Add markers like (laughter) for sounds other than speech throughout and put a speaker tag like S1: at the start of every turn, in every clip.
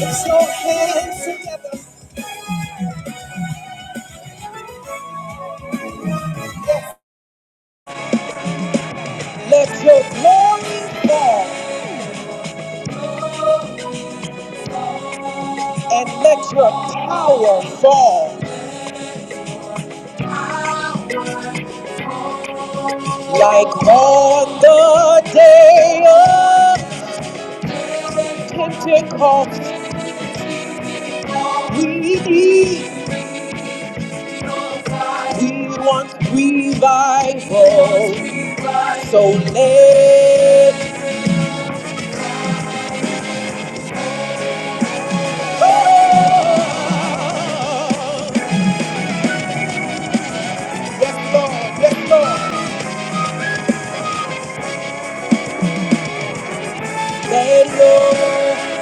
S1: Put your hands together. Let your glory fall and let your power fall like on the day of Pentecost. We need, we want revival. So let, yes Lord, yes Lord, let Lord,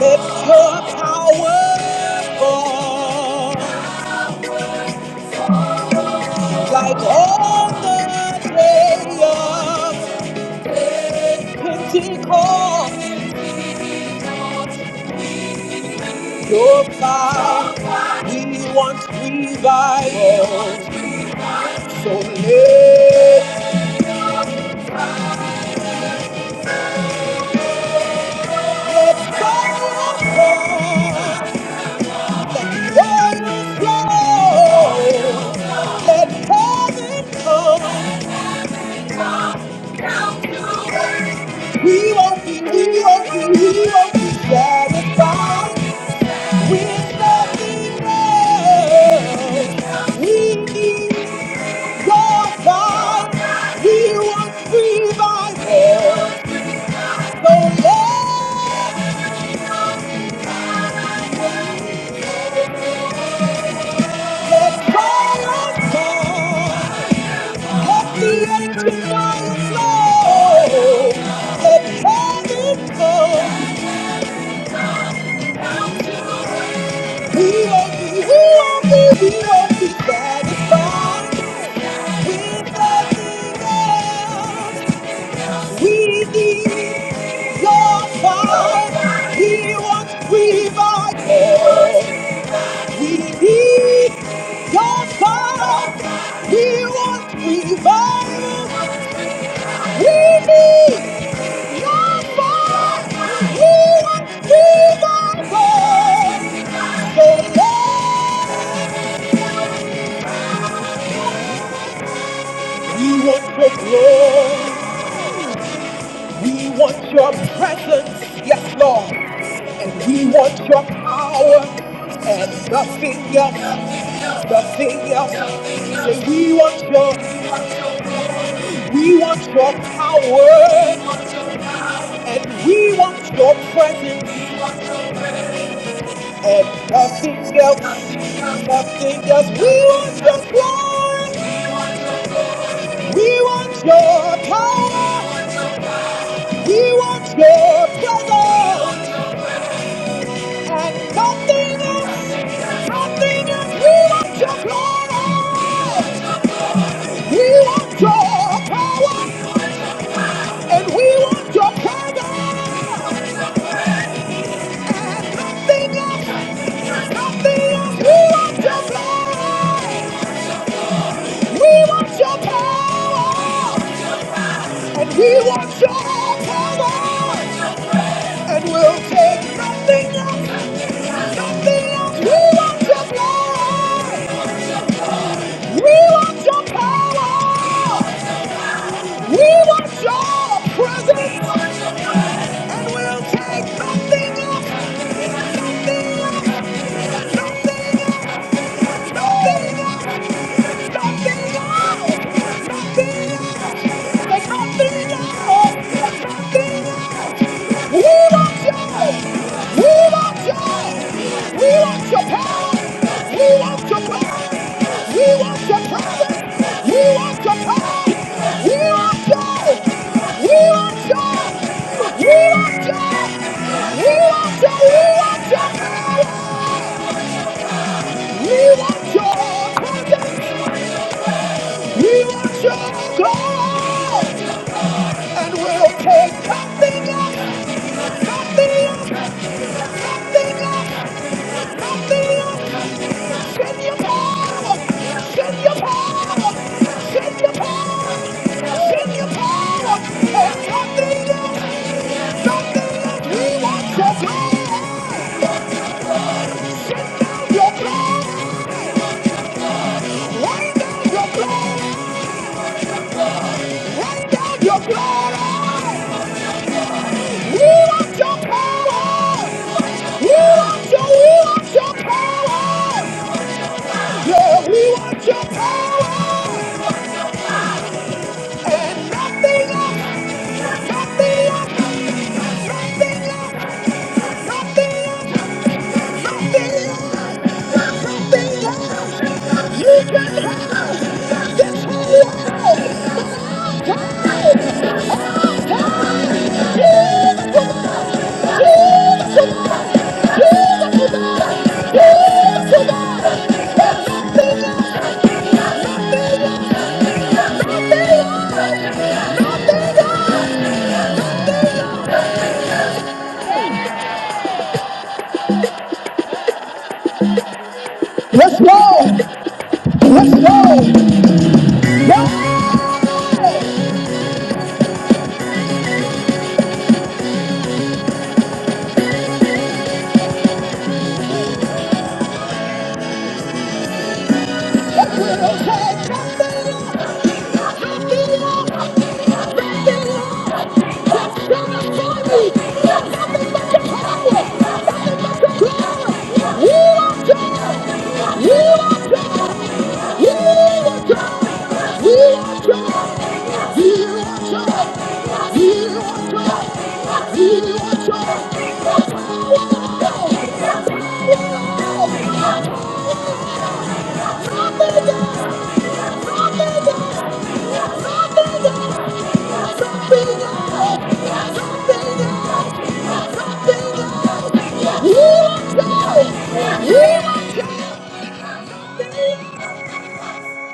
S1: let your power fall. like on the day of Pentecost, your fire, we want revival. So let, let fire fall, let water flow, let heaven come. We won't be, we won't be, we won't be satisfied with nothing else. We need Your God, He by revival. So let's cry out for. Let the ancient lions know. Let heaven come. We won't be, we won't be, we won't be satisfied with nothing else. We need your fire. He wants revival. We need your power. We want revival. We need your power. We want revival. So Lord, we want your glory. We want your presence. Yes, Lord. And we want your power and nothing else, nothing else. Say, we want your, we want your power. And we want your presence and nothing else, nothing else. We want your glory, we want your power, we want your presence and nothing else, nothing else. We want your glory, we want your power, and we want your presence and nothing else, nothing else. We want your glory, we want your power. And he will show power and will take nothing else, nothing else. We want your blood. We want your power. We want your presence. And we'll take nothing else, nothing else, nothing else. Nothing else, nothing else, nothing else. We want you. We want you. We want your power. We want your blood. We want your power. We want your power. We want your. We want your. We want your. We want your. We want your. We want your. We want your God. And we'll take nothing else. Nothing else. Nothing else. Nothing else. Send your power. Send your power. Send your power. Send your power. And nothing else. You can have this whole world. Wow! Let's go! Let's go! Yeah! must must go. You must go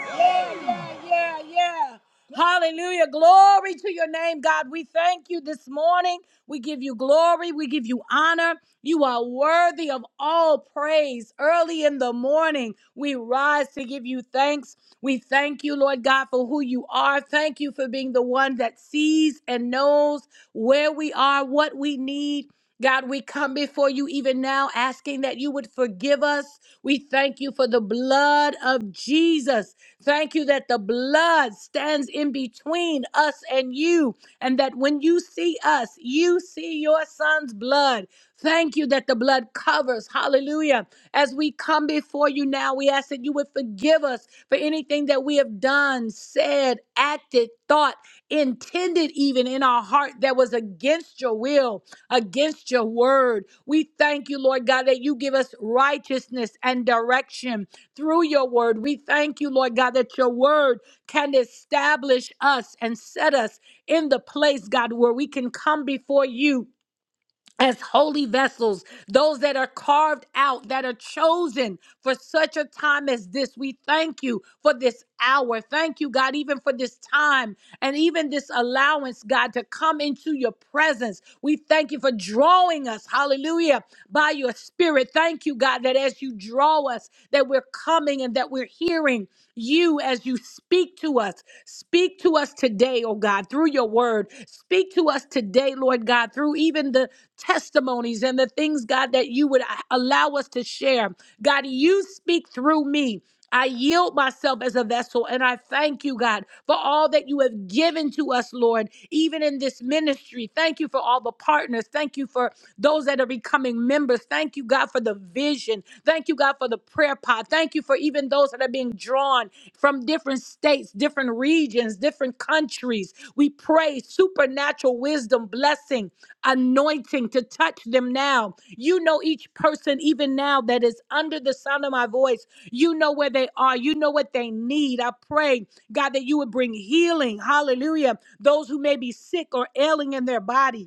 S1: yeah, yeah. yeah. Hallelujah. Glory to your name, God. We thank you this morning. We give you glory. We give you honor. You are worthy of all praise. Early in the morning, we rise to give you thanks. We thank you, Lord God, for who you are. Thank you for being the one that sees and knows where we are, what we need. God, we come before you even now asking that you would forgive us. We thank you for the blood of Jesus. Thank you that the blood stands in between us and you, and that when you see us, you see your son's blood. Thank you that the blood covers. Hallelujah. As we come before you now, we ask that you would forgive us for anything that we have done, said, acted, thought, intended even in our heart that was against your will against your word. We thank you, Lord God, that you give us righteousness and direction through your word. We thank you, Lord God, that your word can establish us and set us in the place, God, where we can come before you as holy vessels, those that are carved out, that are chosen for such a time as this. We thank you for this hour. Thank you, God, even for this time and even this allowance, God, to come into your presence. We thank you for drawing us, hallelujah, by your spirit. Thank you, God, that as you draw us, that we're coming and that we're hearing you as you speak to us. Speak to us today, oh God, through your word. Speak to us today, Lord God, through even the testimonies and the things, God, that you would uh, allow us to share. God, you speak through me. I yield myself as a vessel and I thank you, God, for all that you have given to us, Lord, even in this ministry. Thank you for all the partners. Thank you for those that are becoming members. Thank you, God, for the vision. Thank you, God. God, for the prayer pod. Thank you for even those that are being drawn from different states, different regions, different countries. We pray supernatural wisdom, blessing, anointing to touch them now. You know each person, even now, that is under the sound of my voice. You know where they are. You know what they need. I pray, God, that you would bring healing. Hallelujah. Those who may be sick or ailing in their body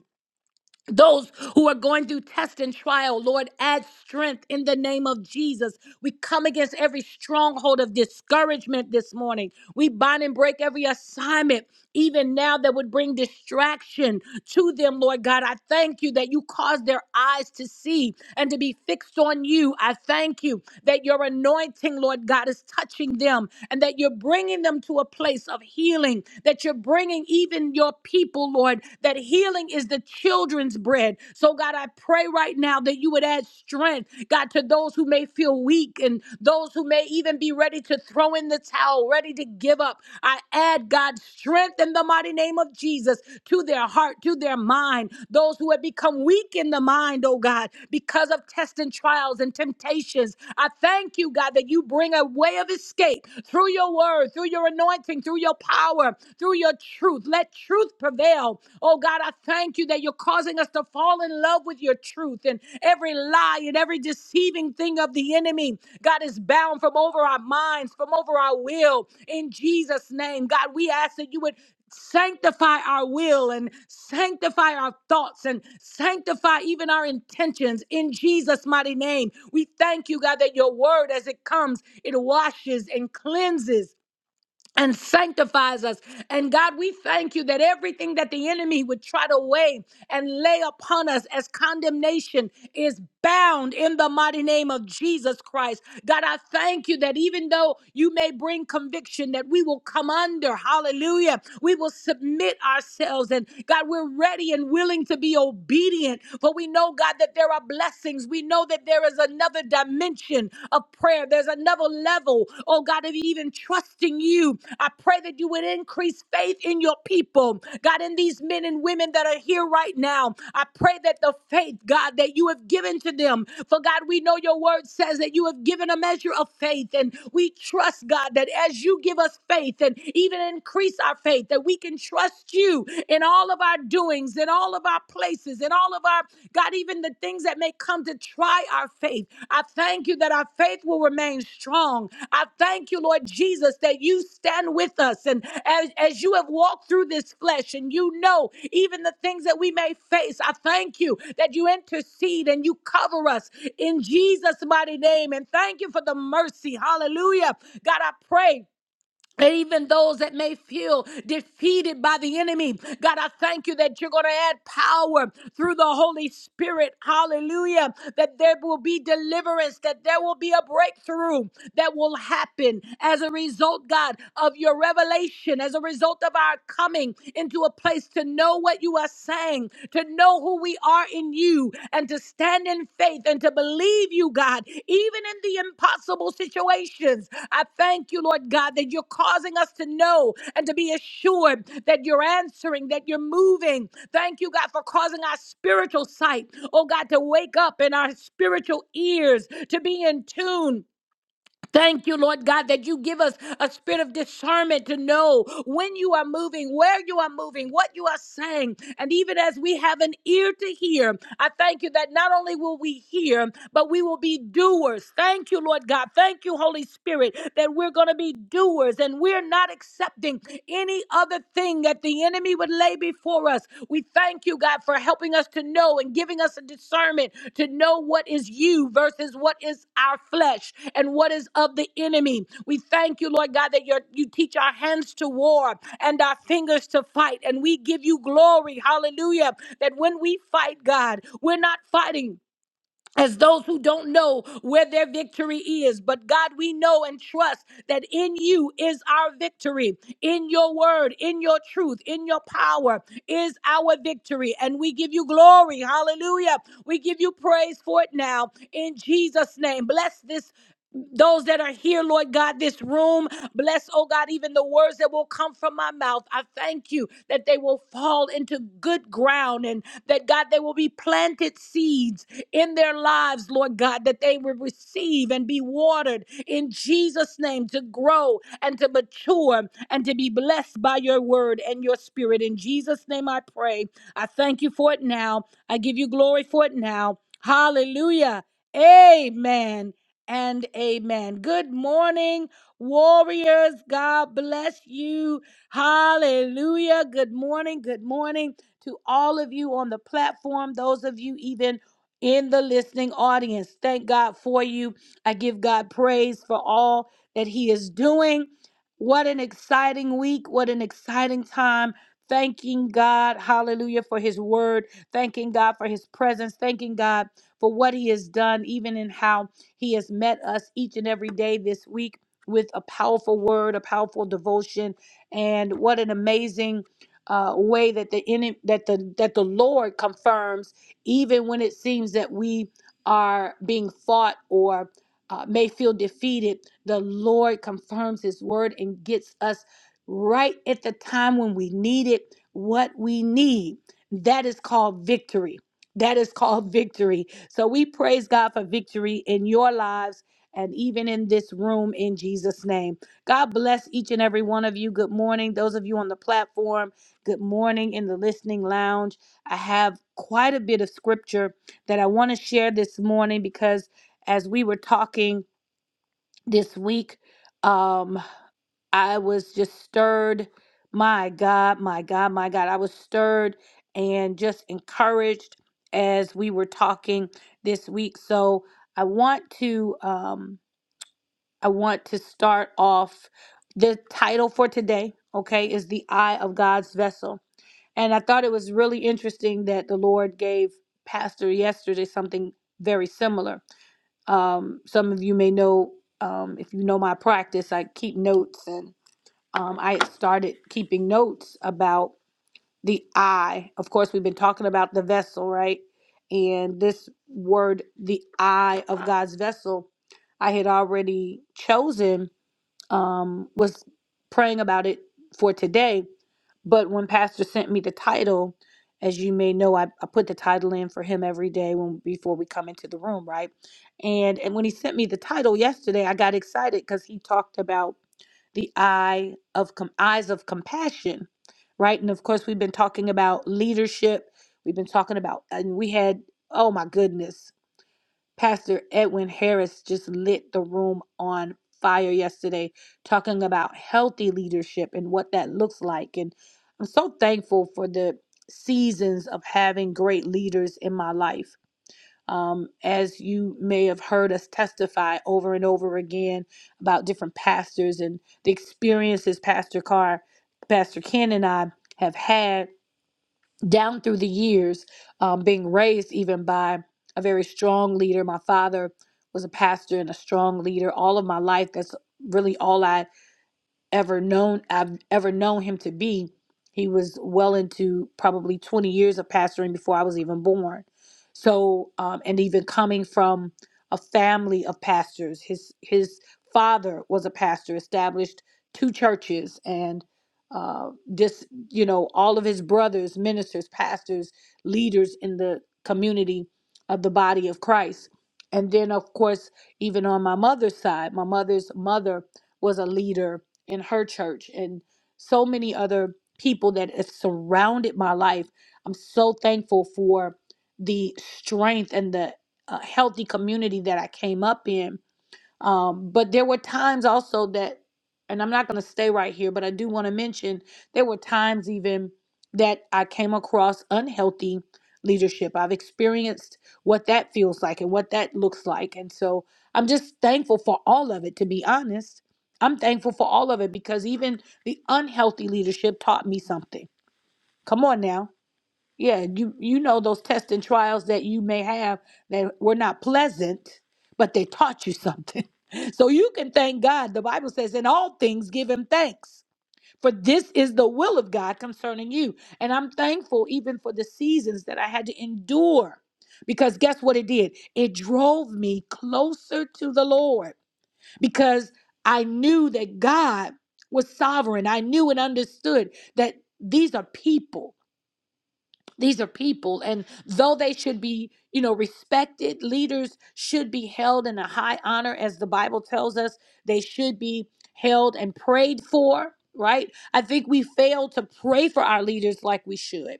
S1: those who are going through test and trial, Lord, add strength in the name of Jesus. We come against every stronghold of discouragement this morning. We bind and break every assignment, even now, that would bring distraction to them, Lord God. I thank you that you cause their eyes to see and to be fixed on you. I thank you that your anointing, Lord God, is touching them and that you're bringing them to a place of healing, that you're bringing even your people, Lord, that healing is the children's bread. So, God, I pray right now that you would add strength, God, to those who may feel weak and those who may even be ready to throw in the towel, ready to give up. I add, God, strength in the mighty name of Jesus to their heart, to their mind. Those who have become weak in the mind, oh God, because of tests and trials and temptations. I thank you, God, that you bring a way of escape through your word, through your anointing, through your power through your truth. Let truth prevail. Oh God, I thank you that you're causing us to fall in love with your truth and every lie and every deceiving thing of the enemy. God is bound from over our minds, from over our will. In Jesus' name, God, we ask that you would sanctify our will and sanctify our thoughts and sanctify even our intentions in Jesus' mighty name. We thank you, God, that your word, as it comes, it washes and cleanses and sanctifies us. And God, we thank you that everything that the enemy would try to weigh and lay upon us as condemnation is bound in the mighty name of Jesus Christ. God, I thank you that even though you may bring conviction, that we will come under. Hallelujah. We will submit ourselves. And God, we're ready and willing to be obedient. For we know, God, that there are blessings. We know that there is another dimension of prayer. There's another level, oh God, of even trusting you. I pray that you would increase faith in your people, God, in these men and women that are here right now. I pray that the faith, God, that you have given to them, for God, we know your word says that you have given a measure of faith, and we trust, God, that as you give us faith and even increase our faith, that we can trust you in all of our doing doings, in all of our places, in all of our, God, even the things that may come to try our faith. I thank you that our faith will remain strong. I thank you, Lord Jesus, that you stand with us. And as, as you have walked through this flesh and you know even the things that we may face, I thank you that you intercede and you cover us in Jesus' mighty name. And thank you for the mercy. Hallelujah. God, I pray. And even those that may feel defeated by the enemy, God, I thank you that you're going to add power through the Holy Spirit. Hallelujah. That there will be deliverance, that there will be a breakthrough that will happen as a result, God, of your revelation, as a result of our coming into a place to know what you are saying, to to know who we are in you and to stand in faith and to believe you, God, even in the impossible situations. I thank you, Lord God, that you're causing us to know and to be assured that you're answering, that you're moving. Thank you, God, for causing our spiritual sight, oh God, to wake up and our spiritual ears to be in tune Thank you, Lord God, that you give us a spirit of discernment to know when you are moving, where you are moving, what you are saying. And even as we have an ear to hear, I thank you that not only will we hear, but we will be doers. Thank you, Lord God. Thank you, Holy Spirit, that we're going to be doers and we're not accepting any other thing at the enemy would lay before us. We thank you, God, for helping us to know and giving us a discernment to know what is you versus what is our flesh and what is of the enemy. We thank you, Lord God, that your, you teach our hands to war and our fingers to fight. And we give you glory, hallelujah, that when we fight, God, we're not fighting as those who don't know where their victory is. But God, we know and trust that in you is our victory. In your word, in your truth, in your power is our victory. And we give you glory. Hallelujah. We give you praise for it now in Jesus' name. Bless this those that are here, Lord God, this room. Bless, oh God, even the words that will come from my mouth. I thank you that they will fall into good ground and that, God, they will be planted seeds in their lives, Lord God, that they will receive and be watered in Jesus' name to grow and to mature and to be blessed by your word and your spirit. In Jesus' name I pray. I thank you for it now. I give you glory for it now. Hallelujah. Amen and amen. Good morning, warriors. God bless you. Hallelujah. Good morning. Good morning to all of you on the platform, those of you even in the listening audience. Thank God for you. I give God praise for all that He is doing. What an exciting week. What an exciting time. Thanking God, hallelujah, for His word. Thanking God for His presence. Thanking God for what He has done, even in how he has met us each and every day this week with a powerful word, a powerful devotion, and what an amazing uh, way that the ene- that the that the Lord confirms, even when it seems that we are being fought or uh, may feel defeated. The Lord confirms His word and gets us right at the time when we need it, what we need. That is called victory. That is called (laughs) victory. So we praise God for victory in your lives and even in this room in Jesus' name. God bless each and every one of you. Good morning. Those of you on the platform, good morning in the listening lounge. I have quite a bit of scripture that I want to share this morning because as we were talking this week, um, I was just stirred. My God, my God, my God. I was stirred and just encouraged as we were talking this week. So I want to um I want to start off the title for today, okay, is the eye of God's vessel. And I thought it was really interesting that the Lord gave Pastor yesterday something very similar. Um, some of you may know, um, if you know my practice, I keep notes um, I had started keeping notes about the eye. Of course, we've been talking about the vessel, right? And this word, the eye of God's vessel, I had already chosen, um, was praying about it for today. But when Pastor sent me the title, as you may know, I, I put the title in for him every day when before we come into the room, right? And and when he sent me the title yesterday, I got excited because he talked about the eye of com- eyes of compassion, right? And of course, we've been talking about leadership. We've been talking about, and we had, oh my goodness, Pastor Edwin Harris just lit the room on fire yesterday, talking about healthy leadership and what that looks like. And I'm so thankful for the seasons of having great leaders in my life. Um, as you may have heard us testify over and over again about different pastors and the experiences Pastor Carr, Pastor Ken, and I have had down through the years, um, being raised even by a very strong leader. My father was a pastor and a strong leader all of my life. That's really all I ever known I've ever known him to be. He was well into probably 20 years of pastoring before I was even born. So, um, and even coming from a family of pastors, his his father was a pastor, established two churches, and uh, just you know all of his brothers, ministers, pastors, leaders in the community of the body of Christ. And then, of course, even on my mother's side, my mother's mother was a leader in her church and so many other people that have surrounded my life. I'm so thankful for the strength and the uh, healthy community that I came up in um, but there were times also that, and I'm not going to stay right here, but I do want to mention there were times even that I came across unhealthy leadership. I've experienced what that feels like and what that looks like. And so I'm just thankful for all of it, to be honest. I'm thankful for all of it because even the unhealthy leadership taught me something. Come on now yeah, you you know those tests and trials that you may have that were not pleasant, but they taught you something. (laughs) So you can thank God. The Bible says, "In all things give him thanks." For this is the will of God concerning you. And I'm thankful even for the seasons that I had to endure. Because guess what it did? It drove me closer to the Lord because I knew that God was sovereign. I knew and understood that these are people these are people, and though they should be, you know, respected, leaders should be held in a high honor, as the Bible tells us, they should be held and prayed for, right? I think we fail to pray for our leaders like we should.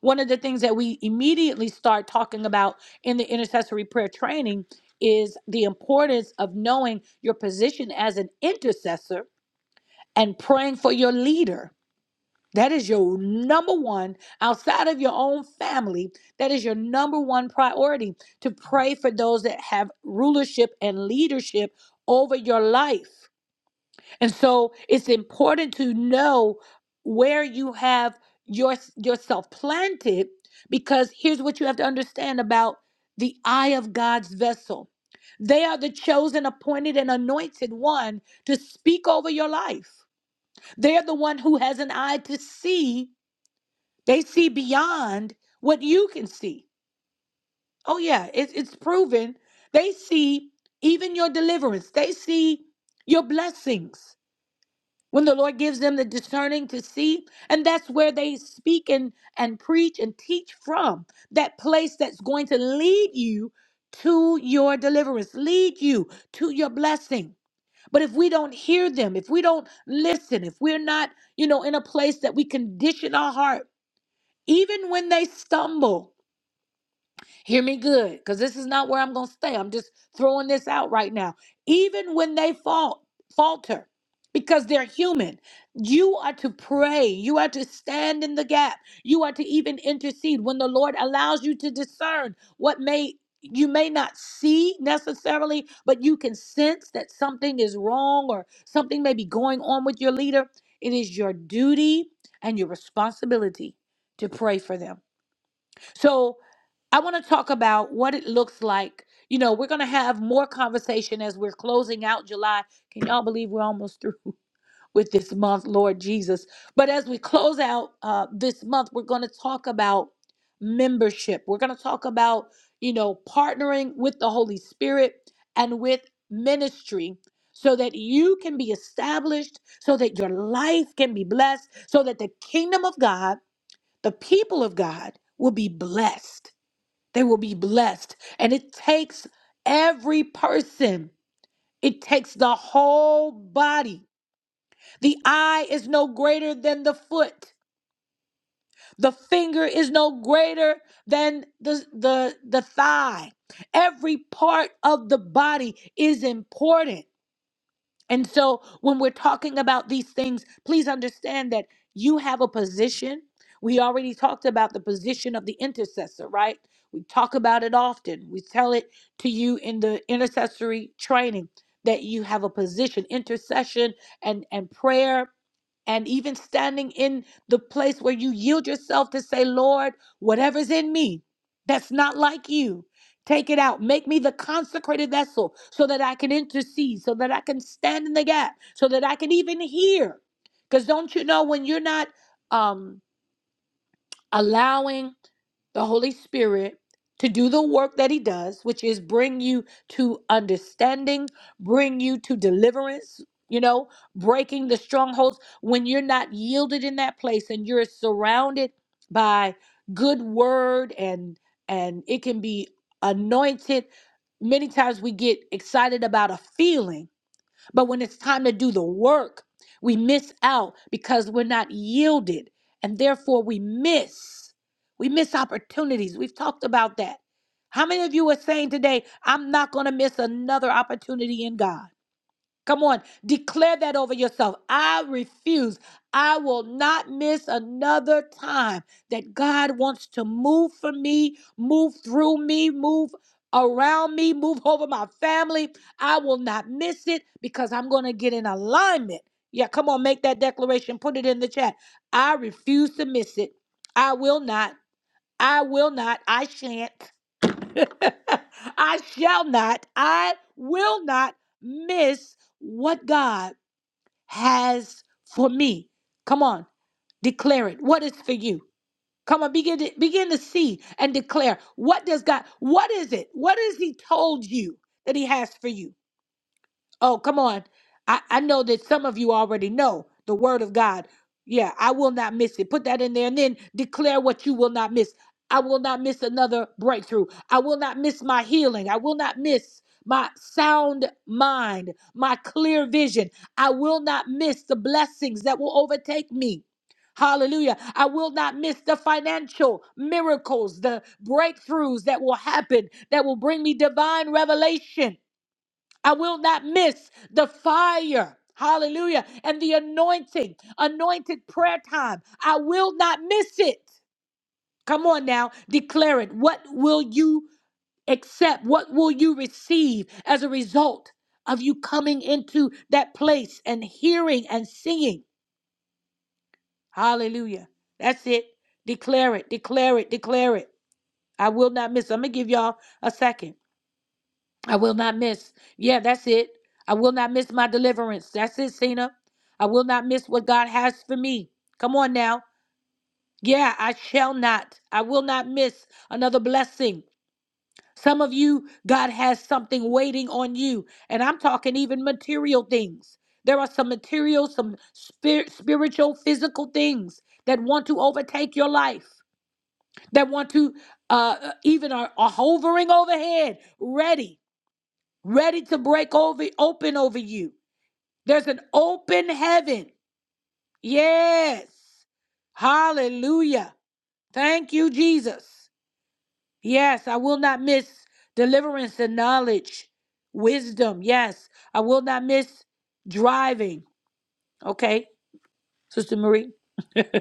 S1: One of the things that we immediately start talking about in the intercessory prayer training is the importance of knowing your position as an intercessor and praying for your leader that is your number one, outside of your own family, that is your number one priority to pray for those that have rulership and leadership over your life. And so it's important to know where you have your, yourself planted because here's what you have to understand about the eye of God's vessel. They are the chosen, appointed, and anointed one to speak over your life. They're the one who has an eye to see they see beyond what you can see. Oh, yeah, it's, it's proven. They see even your deliverance, they see your blessings when the Lord gives them the discerning to see. And that's where they speak and, and preach and teach from that place that's going to lead you to your deliverance, lead you to your blessing. But if we don't hear them, if we don't listen, if we're not, you know, in a place that we condition our heart, even when they stumble, Hear me good, because this is not where I'm going to stay. I'm just throwing this out right now. Even when they fault, falter, because they're human, you are to pray. You are to stand in the gap. You are to even intercede when the Lord allows you to discern what may you may not see necessarily, but you can sense that something is wrong or something may be going on with your leader. It is your duty and your responsibility to pray for them so I want to talk about what it looks like. You know, we're going to have more conversation as we're closing out July. Can y'all believe we're almost through (laughs) with this month, Lord Jesus? But as we close out uh, this month, we're going to talk about membership. We're going to talk about, you know, partnering with the Holy Spirit and with ministry so that you can be established, so that your life can be blessed, so that the kingdom of God the people of God will be blessed. They will be blessed. And it takes every person, it takes the whole body. The eye is no greater than the foot, the finger is no greater than the, the, the thigh. Every part of the body is important. And so when we're talking about these things, please understand that you have a position. We already talked about the position of the intercessor, right? We talk about it often. We tell it to you in the intercessory training that you have a position, intercession and and prayer and even standing in the place where you yield yourself to say, "Lord, whatever's in me that's not like you, Take it out. Make me the consecrated vessel so that I can intercede, so that I can stand in the gap, so that I can even hear. Because don't you know when you're not um allowing the Holy Spirit to do the work that He does, which is bring you to understanding, bring you to deliverance, you know, breaking the strongholds. When you're not yielded in that place and you're surrounded by good word and and it can be anointed many times we get excited about a feeling but when it's time to do the work, we miss out because we're not yielded. And therefore, we miss. We miss opportunities. We've talked about that. How many of you are saying today, I'm not going to miss another opportunity in God? Come on, declare that over yourself. I refuse. I will not miss another time that God wants to move for me, move through me, move around me, move over my family. I will not miss it because I'm going to get in alignment. Yeah, come on, make that declaration. Put it in the chat. I refuse to miss it. I will not. I will not. I shan't. (laughs) I shall not, I will not miss what God has for me. Come on, declare it. What is for you? Come on, begin to begin to see and declare. What does God, what is it? What has He told you that He has for you? Oh, come on. I, I know that some of you already know the word of God. Yeah, I will not miss it. Put that in there and then declare what you will not miss. I will not miss another breakthrough. I will not miss my healing. I will not miss my sound mind, my clear vision. I will not miss the blessings that will overtake me. Hallelujah. I will not miss the financial miracles, the breakthroughs that will happen, that will bring me divine revelation. I will not miss the fire. Hallelujah. And the anointing, anointed prayer time. I will not miss it. Come on now, declare it. What will you accept? What will you receive as a result of you coming into that place and hearing and singing? Hallelujah. That's it. Declare it, declare it, declare it. I will not miss. I'm going to give y'all a second. I will not miss. Yeah, that's it. I will not miss my deliverance. That's it, Cena. I will not miss what God has for me. Come on now. Yeah, I shall not. I will not miss another blessing. Some of you, God has something waiting on you. And I'm talking even material things. There are some material, some spirit, spiritual, physical things that want to overtake your life, that want to uh, uh, even are, are hovering overhead, ready ready to break over open over you. There's an open heaven. Yes. Hallelujah. Thank you, Jesus. Yes, I will not miss deliverance and knowledge, wisdom. Yes, I will not miss driving. Okay. Sister Marie.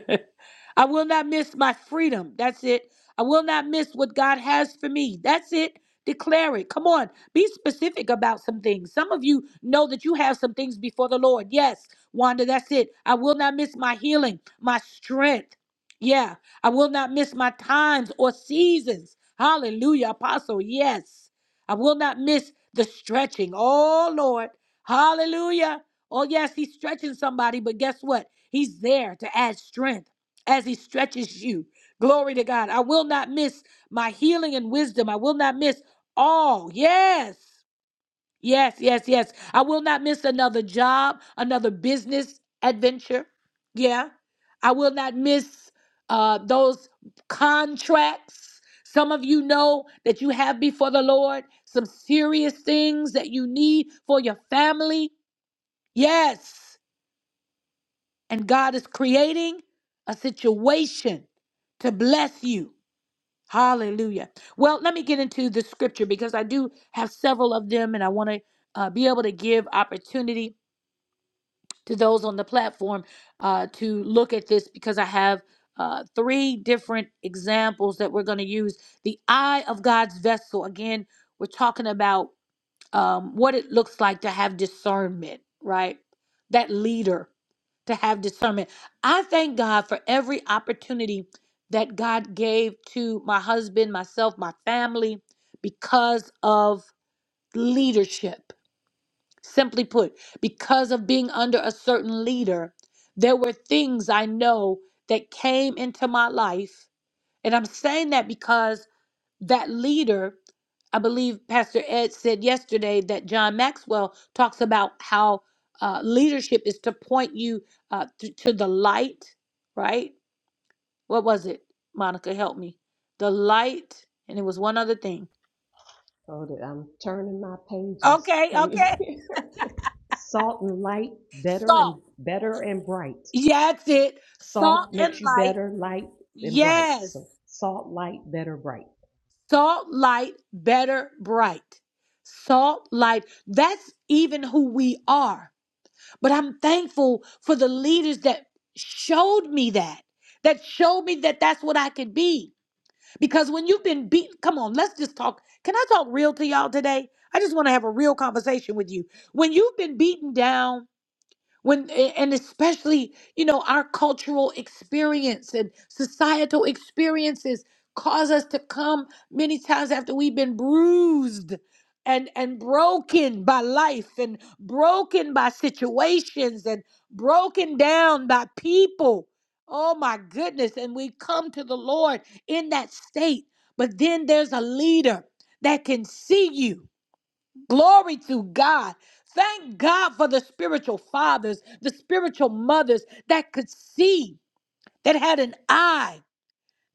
S1: (laughs) I will not miss my freedom. That's it. I will not miss what God has for me. That's it. Declare it. Come on. Be specific about some things. Some of you know that you have some things before the Lord. Yes, Wanda, that's it. I will not miss my healing, my strength. Yeah, I will not miss my times or seasons. Hallelujah, Apostle. Yes, I will not miss the stretching. Oh, Lord. Hallelujah. Oh, yes, he's stretching somebody, but guess what? He's there to add strength as he stretches you. Glory to God. I will not miss my healing and wisdom. I will not miss all. Yes. Yes, yes, yes. I will not miss another job, another business adventure. Yeah. I will not miss uh, those contracts. Some of you know that you have before the Lord some serious things that you need for your family. Yes. And God is creating a situation to bless you. Hallelujah. Well, let me get into the scripture because I do have several of them and I want to uh, be able to give opportunity to those on the platform uh, to look at this because I have uh, three different examples that we're going to use. The eye of God's vessel. Again, we're talking about um, what it looks like to have discernment, right? That leader to have discernment. I thank God for every opportunity that God gave to my husband, myself, my family because of leadership. Simply put, because of being under a certain leader, there were things I know that came into my life. And I'm saying that because that leader i believe pastor ed said yesterday that john maxwell talks about how uh, leadership is to point you uh, th- to the light right what was it monica help me the light and it was one other thing
S2: Hold it. I'm turning my pages.
S1: okay
S2: Can you
S1: okay
S2: hear? (laughs) Salt and light, better and
S1: salt
S2: better and bright.
S1: yeah that's it salt
S2: Salt
S1: and
S2: makes you
S1: light
S2: better, light and bright.
S1: yes
S2: So salt, light, better, bright.
S1: salt light better bright salt light that's even who we are But I'm thankful for the leaders that showed me that, that showed me that that's what I could be. Because when you've been beat, come on, let's just talk. Can I talk real to y'all today? I just want to have a real conversation with you. When you've been beaten down, when and especially you know our cultural experience and societal experiences cause us to come many times after we've been bruised and and broken by life and broken by situations and broken down by people oh my goodness and we come to the lord in that state but then there's a leader that can see you Glory to God. Thank God for the spiritual fathers, the spiritual mothers that could see, that had an eye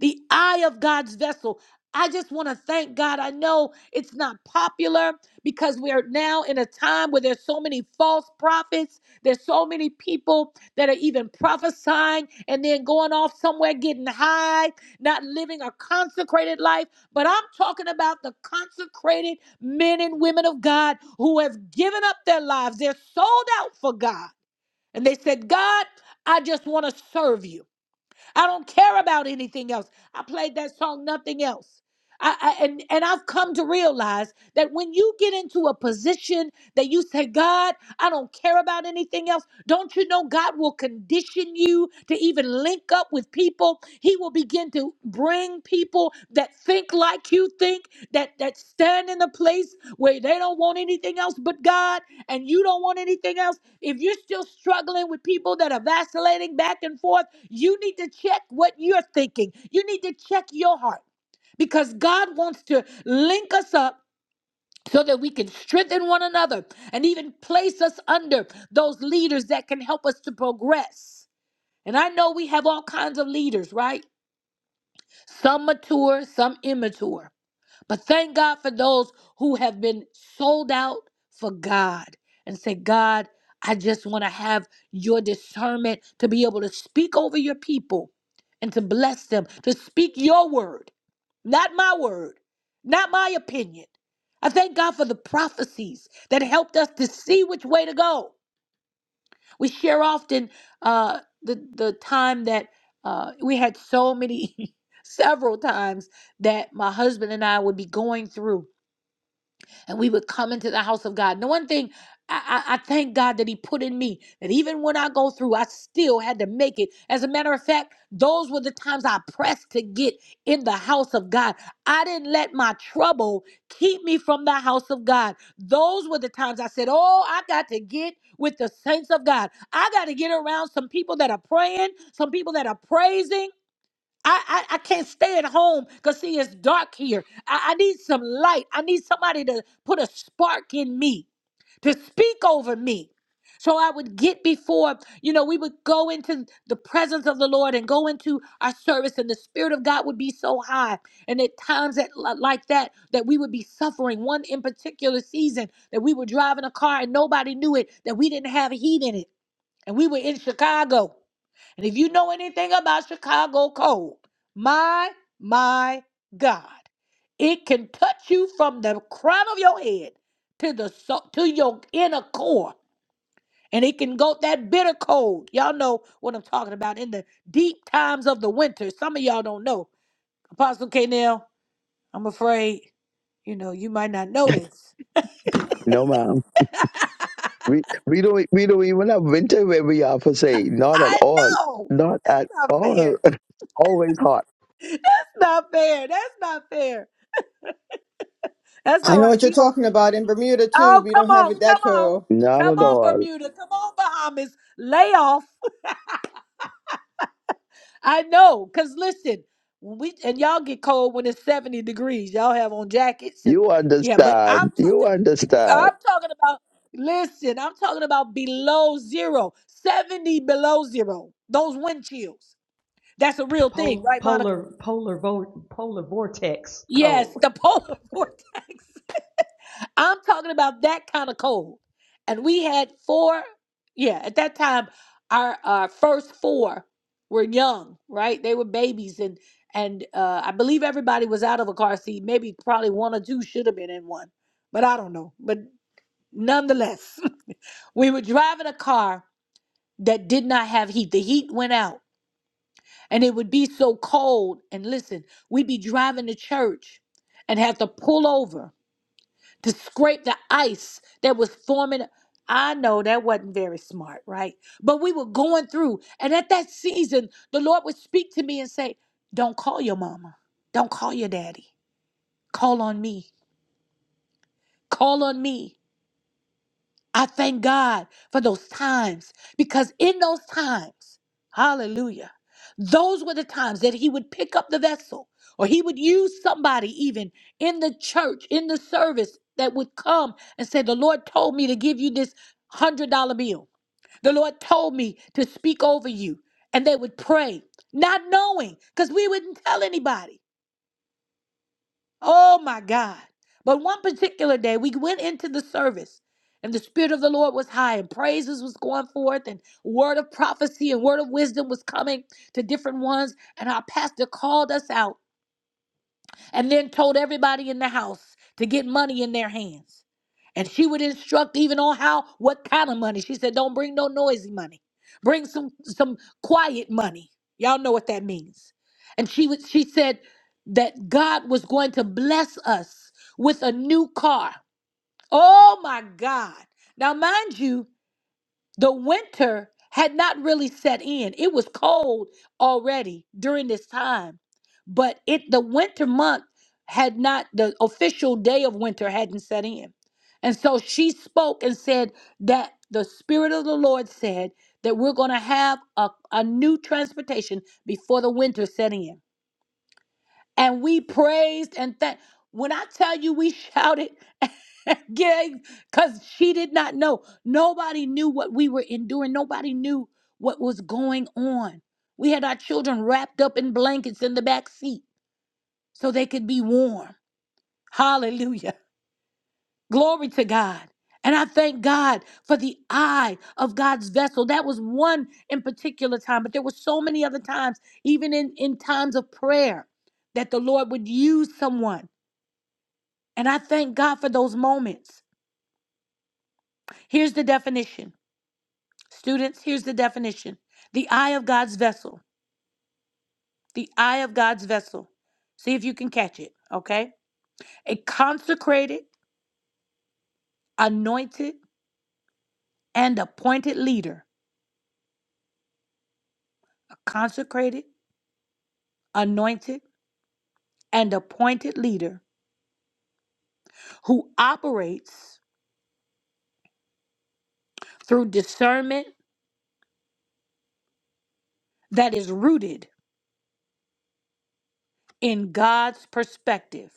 S1: the eye of God's vessel. I just want to thank God. I know it's not popular because we are now in a time where there's so many false prophets. There's so many people that are even prophesying and then going off somewhere getting high, not living a consecrated life. But I'm talking about the consecrated men and women of God who have given up their lives. They're sold out for God. And they said, God, I just want to serve you. I don't care about anything else. I played that song, nothing else. I, I, and, and I've come to realize that when you get into a position that you say, God, I don't care about anything else, don't you know God will condition you to even link up with people? He will begin to bring people that think like you think, that, that stand in a place where they don't want anything else but God, and you don't want anything else. If you're still struggling with people that are vacillating back and forth, you need to check what you're thinking. You need to check your heart because God wants to link us up so that we can strengthen one another and even place us under those leaders that can help us to progress. And I know we have all kinds of leaders, right? Some mature, some immature. But thank God for those who have been sold out for God and say, God, I just want to have your discernment to be able to speak over your people and to bless them, to speak your word, not my word, not my opinion. I thank God for the prophecies that helped us to see which way to go. We share often uh, the, the time that uh, we had so many, (laughs) several times that my husband and I would be going through and we would come into the house of God. And the one thing I, I, I thank God that He put in me that even when I go through, I still had to make it. As a matter of fact, those were the times I pressed to get in the house of God. I didn't let my trouble keep me from the house of God. Those were the times I said, Oh, I got to get with the saints of God. I got to get around some people that are praying, some people that are praising, I, I, I can't stay at home because see it's dark here. I, I need some light. I need somebody to put a spark in me, to speak over me. So I would get before, you know, we would go into the presence of the Lord and go into our service, and the Spirit of God would be so high. And at times that like that, that we would be suffering. One in particular season that we were driving a car and nobody knew it, that we didn't have heat in it. And we were in Chicago. And if you know anything about Chicago cold, my, my God, it can touch you from the crown of your head to the so- to your inner core. And it can go that bitter cold. Y'all know what I'm talking about in the deep times of the winter. Some of y'all don't know. Apostle K. I'm afraid, you know, you might not know this.
S3: No, ma'am. We we don't we don't even have winter where we are for say. Not at
S1: I
S3: all.
S1: know.
S3: Not at
S1: not
S3: all.
S1: fair.
S3: (laughs) Always hot.
S1: not fair. That's not fair. That's
S4: I
S1: all
S4: know
S1: right.
S4: what you're
S1: We are.
S4: talking about in Bermuda too.
S1: Oh,
S4: We
S1: come
S4: don't have
S1: on,
S4: it that
S1: come on.
S4: cold.
S3: Not
S1: Come
S3: at
S1: on,
S3: all.
S1: Bermuda. Come on, Bahamas. Lay off. I know. Cause listen, we and y'all get cold when it's 70 degrees. Y'all have on jackets and
S3: You
S1: yeah, but
S3: understand.
S1: I'm
S3: You
S1: talking
S3: understand.
S1: I'm talking about listen, I'm talking about below zero. 70 below zero. Those wind chills. That's a real thing,
S2: Pol-
S1: right, Monica?
S2: polar, polar, vo- polar vortex
S1: Yes,
S2: cold.
S1: the (laughs) polar vortex. I'm talking about that kind of cold. And we had four, yeah, at that time, our our first four were young, right? They were babies and and uh, I believe everybody was out of a car seat. Maybe probably one or two should have been in one, but I don't know. But nonetheless, (laughs) we were driving a car that did not have heat. The heat went out and it would be so cold. And listen, we'd be driving to church and have to pull over to scrape the ice that was forming. I know that wasn't very smart, right? But we were going through. And at that season, the Lord would speak to me and say, Don't call your mama. Don't call your daddy. Call on me. Call on me. I thank God for those times because in those times, hallelujah, those were the times that he would pick up the vessel or he would use somebody even in the church, in the service that would come and say, The Lord told me to give you this $100 bill. The Lord told me to speak over you. And they would pray, not knowing because we wouldn't tell anybody. Oh my God. But one particular day, we went into the service, and the Spirit of the Lord was high, and praises was going forth, and word of prophecy and word of wisdom was coming to different ones. And our pastor called us out and then told everybody in the house to get money in their hands. And she would instruct even on how, what kind of money. She said, don't bring no noisy money. Bring some some quiet money. Y'all know what that means. And she would she said that God was going to bless us with a new car. Oh my God. Now mind you, the winter had not really set in. It was cold already during this time, but it the winter month had not the official day of winter hadn't set in. And so she spoke and said that the spirit of the Lord said that we're going to have a, a new transportation before the winter set in and we praised and thank. When I tell you, we shouted, (laughs) yeah, because she did not know. Nobody knew what we were enduring. Nobody knew what was going on. We had our children wrapped up in blankets in the back seat so they could be warm. Hallelujah. Glory to God. And I thank God for the eye of God's vessel. That was one in particular time, but there were so many other times, even in, in times of prayer, that the Lord would use someone And I thank God for those moments. Here's the definition. Students, here's the definition the eye of God's vessel. The eye of God's vessel. See if you can catch it, okay? A consecrated, anointed, and appointed leader. A consecrated, anointed, and appointed leader who operates through discernment that is rooted in God's perspective.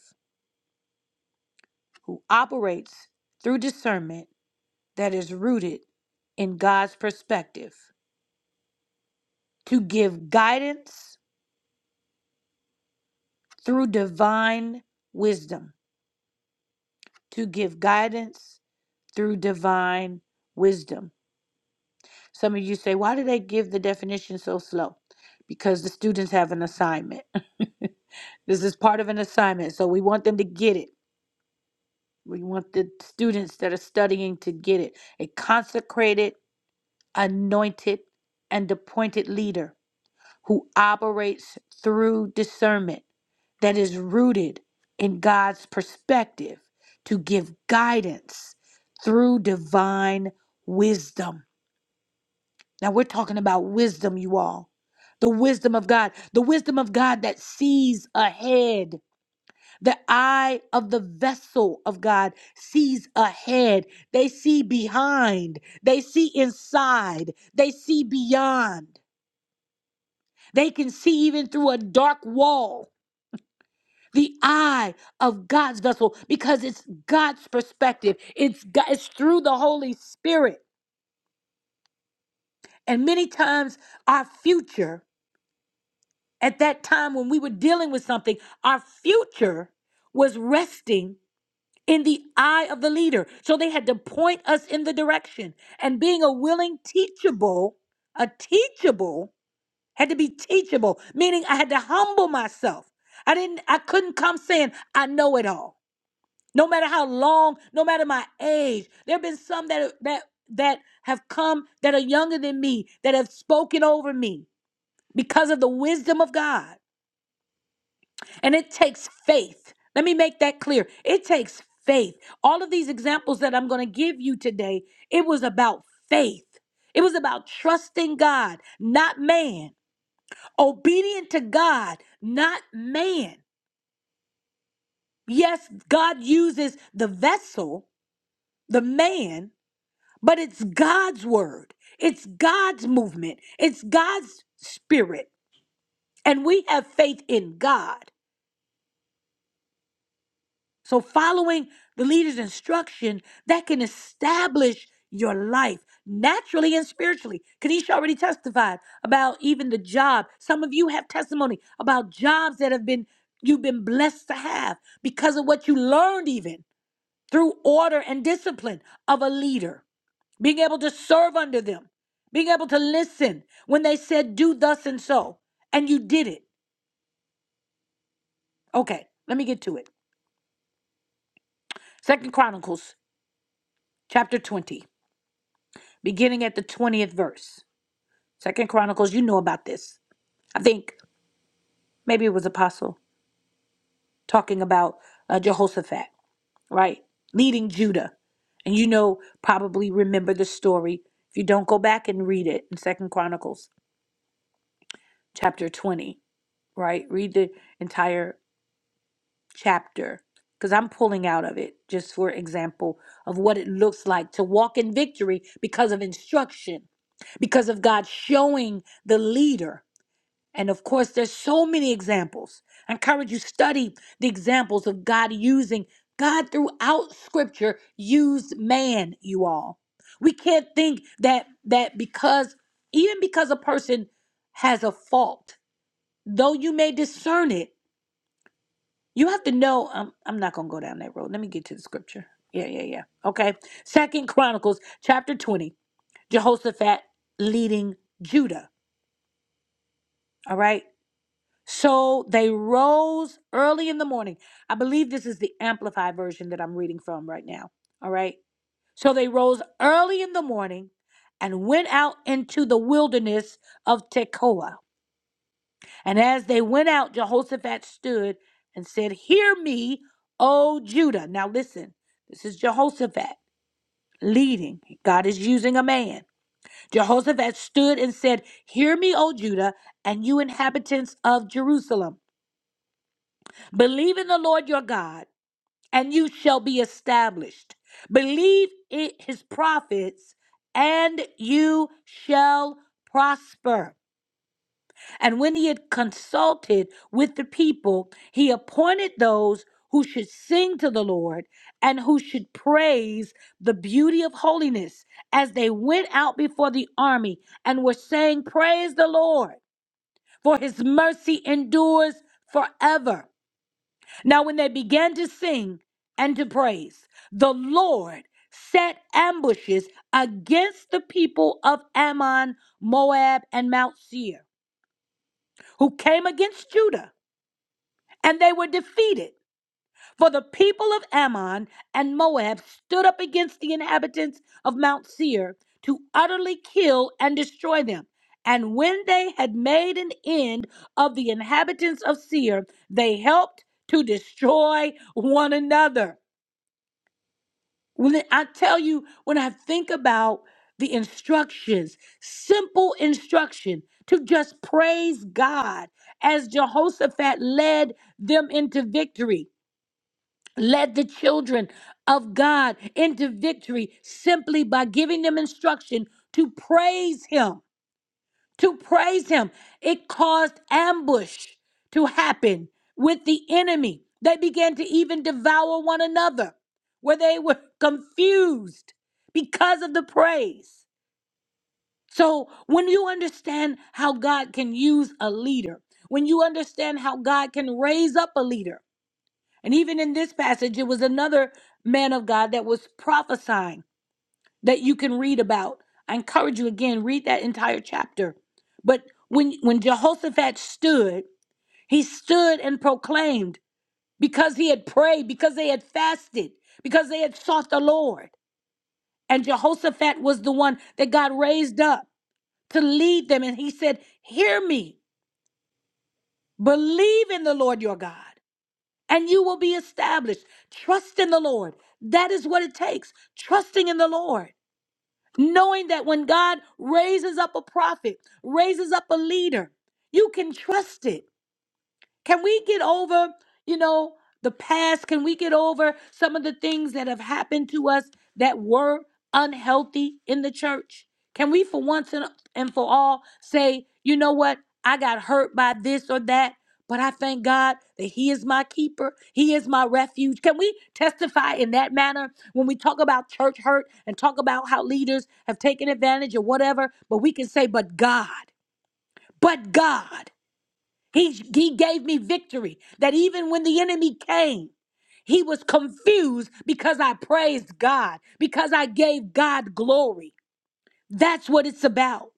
S1: Who operates through discernment that is rooted in God's perspective, to give guidance through divine wisdom, to give guidance through divine wisdom. Some of you say, why do they give the definition so slow? Because the students have an assignment. (laughs) this is part of an assignment, so we want them to get it. We want the students that are studying to get it. A consecrated, anointed, and appointed leader who operates through discernment that is rooted in God's perspective to give guidance through divine wisdom. Now, we're talking about wisdom, you all. The wisdom of God, the wisdom of God that sees ahead. The eye of the vessel of God sees ahead. They see behind. They see inside. They see beyond. They can see even through a dark wall the eye of God's vessel because it's God's perspective. It's God, it's through the Holy Spirit. And many times our future at that time when we were dealing with something, our future was resting in the eye of the leader. So they had to point us in the direction. And being a willing teachable, a teachable had to be teachable, meaning I had to humble myself. I didn't I couldn't come saying I know it all. no matter how long, no matter my age. There have been some that that that have come that are younger than me that have spoken over me because of the wisdom of God. And it takes faith. Let me make that clear. It takes faith. All of these examples that I'm going to give you today, it was about faith. It was about trusting God, not man. Obedient to God, not man. Yes, God uses the vessel, the man, But it's God's word, it's God's movement, it's God's spirit. And we have faith in God. So, following the leader's instruction, that can establish your life naturally and spiritually. Kanisha already testified about even the job. Some of you have testimony about jobs that have been you've been blessed to have because of what you learned even through order and discipline of a leader. being able to serve under them, being able to listen when they said, Do thus and so, and you did it. Okay, let me get to it. Second Chronicles chapter 20, beginning at the 20th verse. Second Chronicles, you know about this. I think maybe it was Apostle talking about uh, Jehoshaphat, right? Leading Judah. And you know, probably remember the story. If you don't go back and read it in Second Chronicles chapter 20, right? Read the entire chapter because I'm pulling out of it just for example of what it looks like to walk in victory because of instruction, because of God showing the leader. And of course, there's so many examples. I encourage you study the examples of God using God throughout Scripture used man. You all, we can't think that that because even because a person has a fault, though you may discern it. You have to know. I'm, I'm not gonna go down that road. Let me get to the scripture. Yeah, yeah, yeah. Okay. Second Chronicles chapter 20. Jehoshaphat leading Judah. All right. So they rose early in the morning. I believe this is the amplified version that I'm reading from right now. All right. So they rose early in the morning and went out into the wilderness of Tekoa And as they went out, Jehoshaphat stood and said, Hear me, O Judah. Now listen, this is Jehoshaphat leading. God is using a man. Jehoshaphat stood and said, Hear me, O Judah, and you inhabitants of Jerusalem. Believe in the Lord your God, and you shall be established. Believe in his prophets, and you shall prosper. And when he had consulted with the people, he appointed those who should sing to the Lord and who should praise the beauty of holiness as they went out before the army and were saying, Praise the Lord, for his mercy endures forever. Now, when they began to sing and to praise, the Lord set ambushes against the people of Ammon, Moab, and Mount Seir, who came against Judah and they were defeated. For the people of Ammon and Moab stood up against the inhabitants of Mount Seir to utterly kill and destroy them. And when they had made an end of the inhabitants of Seir, they helped to destroy one another. When I tell you, when I think about the instructions, simple instruction to just praise God as Jehoshaphat led them into victory. Led the children of God into victory simply by giving them instruction to praise Him. To praise Him. It caused ambush to happen with the enemy. They began to even devour one another, where they were (laughs) confused because of the praise. So, when you understand how God can use a leader, when you understand how God can raise up a leader, and even in this passage, it was another man of God that was prophesying that you can read about. I encourage you again, read that entire chapter. But when, when Jehoshaphat stood, he stood and proclaimed because he had prayed, because they had fasted, because they had sought the Lord. And Jehoshaphat was the one that God raised up to lead them. And he said, Hear me, believe in the Lord your God. and you will be established. Trust in the Lord. That is what it takes. Trusting in the Lord. Knowing that when God raises up a prophet, raises up a leader, you can trust it. Can we get over, you know, the past? Can we get over some of the things that have happened to us that were unhealthy in the church? Can we, for once and and for all, say, you know what? I got hurt by this or that, but I thank God that He is my keeper. He is my refuge. Can we testify in that manner when we talk about church hurt and talk about how leaders have taken advantage or whatever? But we can say, but God, but God. He, he gave me victory that even when the enemy came, he was confused because I praised God, because I gave God glory. That's what it's about.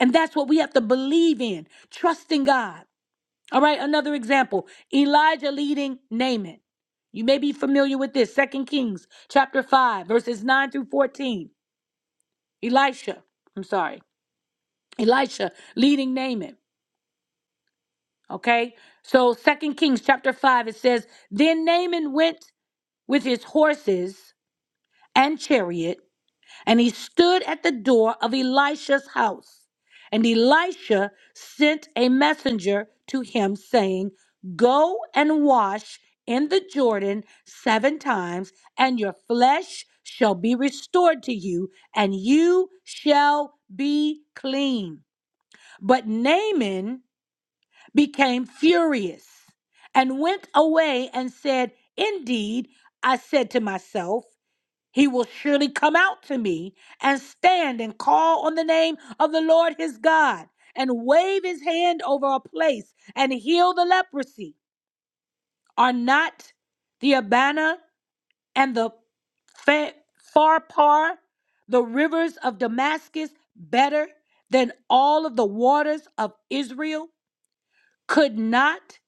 S1: And that's what we have to believe in, trusting God. All right, another example Elijah leading Naaman. You may be familiar with this. Second Kings chapter 5, verses 9 through 14. Elisha, I'm sorry, Elisha leading Naaman. Okay. So Second Kings chapter 5, it says, Then Naaman went with his horses and chariot, and he stood at the door of Elisha's house. And Elisha sent a messenger to him, saying, Go and wash in the Jordan seven times, and your flesh shall be restored to you, and you shall be clean. But Naaman became furious and went away and said, Indeed, I said to myself, he will surely come out to me and stand and call on the name of the Lord his God and wave his hand over a place and heal the leprosy. Are not the Abana and the Fa- Pharpar, the rivers of Damascus, better than all of the waters of Israel? could not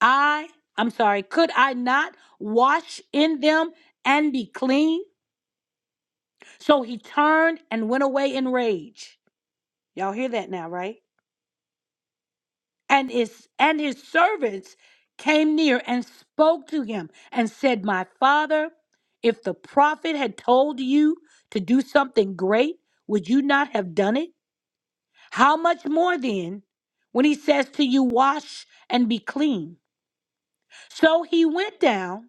S1: I, I'm sorry, could I not wash in them and be clean? So he turned and went away in rage. Y'all hear that now, right? And his and his servants came near and spoke to him and said, "My father, if the prophet had told you to do something great, would you not have done it? How much more then when he says to you, wash and be clean?" So he went down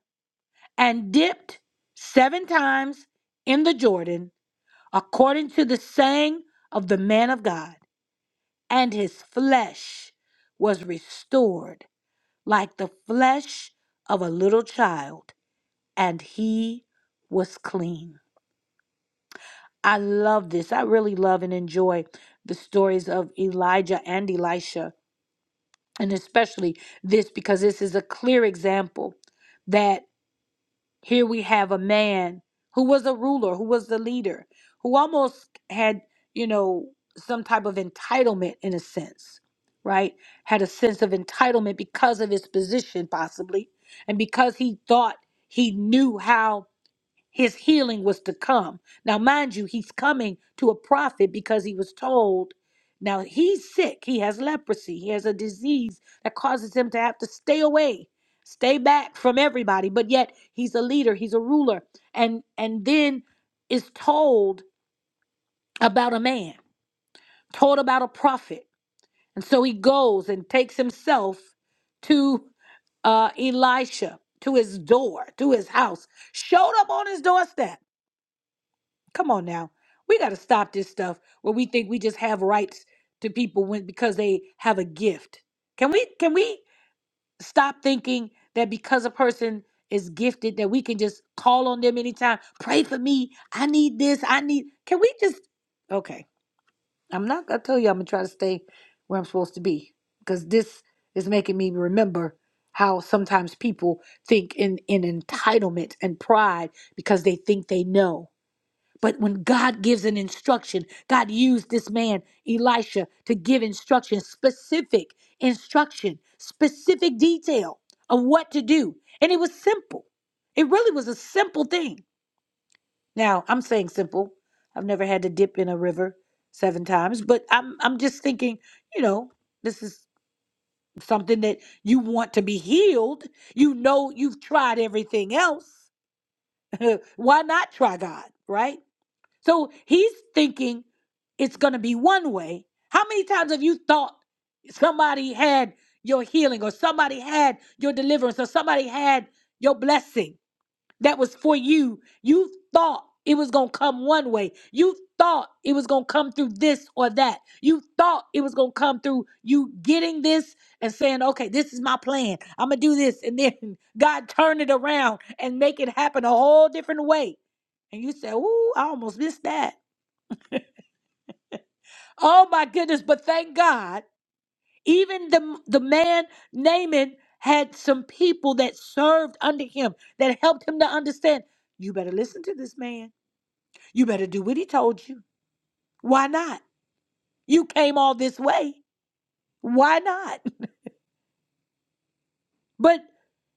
S1: and dipped seven times in the Jordan, according to the saying of the man of God, and his flesh was restored like the flesh of a little child, and he was clean. I love this. I really love and enjoy the stories of Elijah and Elisha, and especially this because this is a clear example that. Here we have a man who was a ruler, who was the leader, who almost had, you know, some type of entitlement in a sense, right? Had a sense of entitlement because of his position, possibly, and because he thought he knew how his healing was to come. Now, mind you, he's coming to a prophet because he was told. Now, he's sick. He has leprosy. He has a disease that causes him to have to stay away, stay back from everybody. But yet, he's a leader, he's a ruler. And, and then is told about a man, told about a prophet. And so he goes and takes himself to uh, Elisha, to his door, to his house, showed up on his doorstep Come on now. We got to stop this stuff where we think we just have rights to people when because they have a gift. Can we can we stop thinking that because a person is gifted that we can just call on them anytime, pray for me, I need this, I need Can we just Okay. I'm not going to tell you I'm going to try to stay where I'm supposed to be because this is making me remember how sometimes people think in in entitlement and pride because they think they know. But when God gives an instruction, God used this man, Elisha, to give instruction, specific instruction, specific detail of what to do. And it was simple. It really was a simple thing. Now, I'm saying simple. I've never had to dip in a river seven times, but I'm I'm just thinking, you know, this is something that you want to be healed. You know you've tried everything else. (laughs) Why not try God, right? So he's thinking it's going to be one way. How many times have you thought somebody had your healing or somebody had your deliverance or somebody had your blessing? that was for you. You thought it was going to come one way. You thought it was going to come through this or that. You thought it was going to come through you getting this and saying, okay, this is my plan. I'm going to do this. And then (laughs) God turned it around and make it happen a whole different way. And you say, ooh, I almost missed that. Oh my goodness. But thank God, even the, the man Naaman had some people that served under him that helped him to understand. You better listen to this man You better do what he told you. Why not? You came all this way. Why not? (laughs) But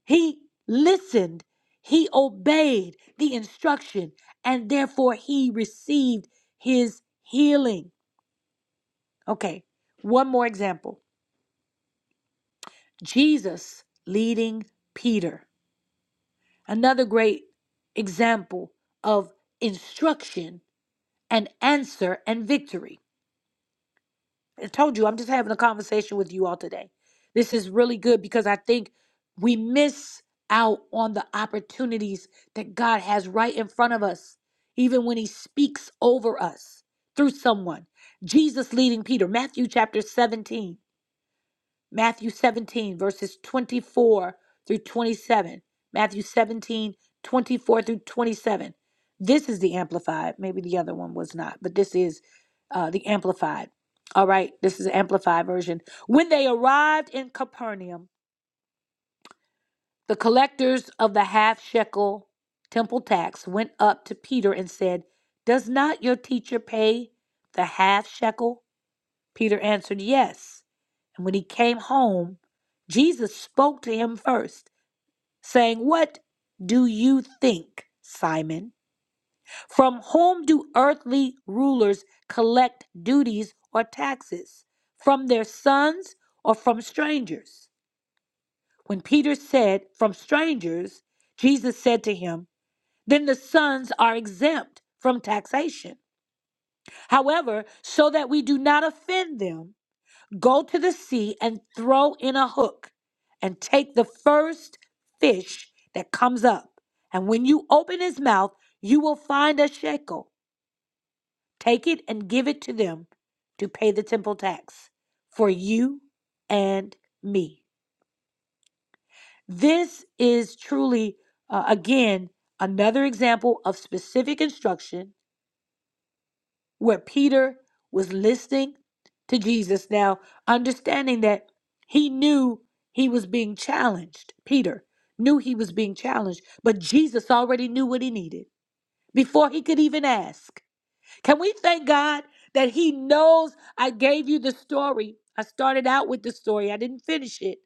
S1: he listened, he obeyed the instruction, and therefore he received his healing. Okay, one more example Jesus leading Peter. Another great example of instruction and answer and victory. I told you, I'm just having a conversation with you all today. This is really good because I think we miss out on the opportunities that God has right in front of us, even when He speaks over us through someone. Jesus leading Peter, Matthew chapter 17. Matthew 17, verses 24 through 27. Matthew 17 24 through 27. This is the Amplified. Maybe the other one was not, but this is uh, the Amplified. All right, this is the Amplified version. When they arrived in Capernaum, the collectors of the half shekel temple tax went up to Peter and said, Does not your teacher pay the half shekel? Peter answered, Yes. And when he came home, Jesus spoke to him first, saying, What do you think, Simon? From whom do earthly rulers collect duties or taxes? From their sons or from strangers? When Peter said, From strangers, Jesus said to him, Then the sons are exempt from taxation. However, so that we do not offend them, Go to the sea and throw in a hook and take the first fish that comes up. And when you open his mouth, you will find a shekel. Take it and give it to them to pay the temple tax for you and me. This is truly, uh, again, another example of specific instruction where Peter was listening to Jesus now, understanding that he knew he was being challenged. Peter knew he was being challenged, but Jesus already knew what he needed before he could even ask. Can we thank God that He knows I gave you the story? I started out with the story, I didn't finish it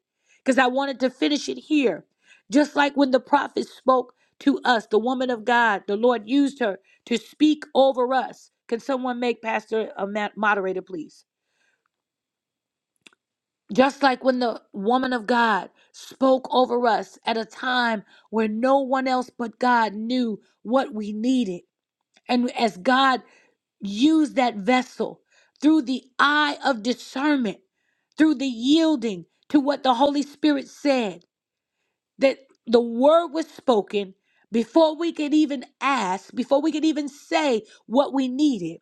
S1: because I wanted to finish it here. Just like when the prophet spoke to us, the woman of God, the Lord used her to speak over us. Can someone make Pastor a ma- moderator, please? Just like when the woman of God spoke over us at a time where no one else but God knew what we needed. And as God Use that vessel through the eye of discernment, through the yielding to what the Holy Spirit said, that the word was spoken before we could even ask, before we could even say what we needed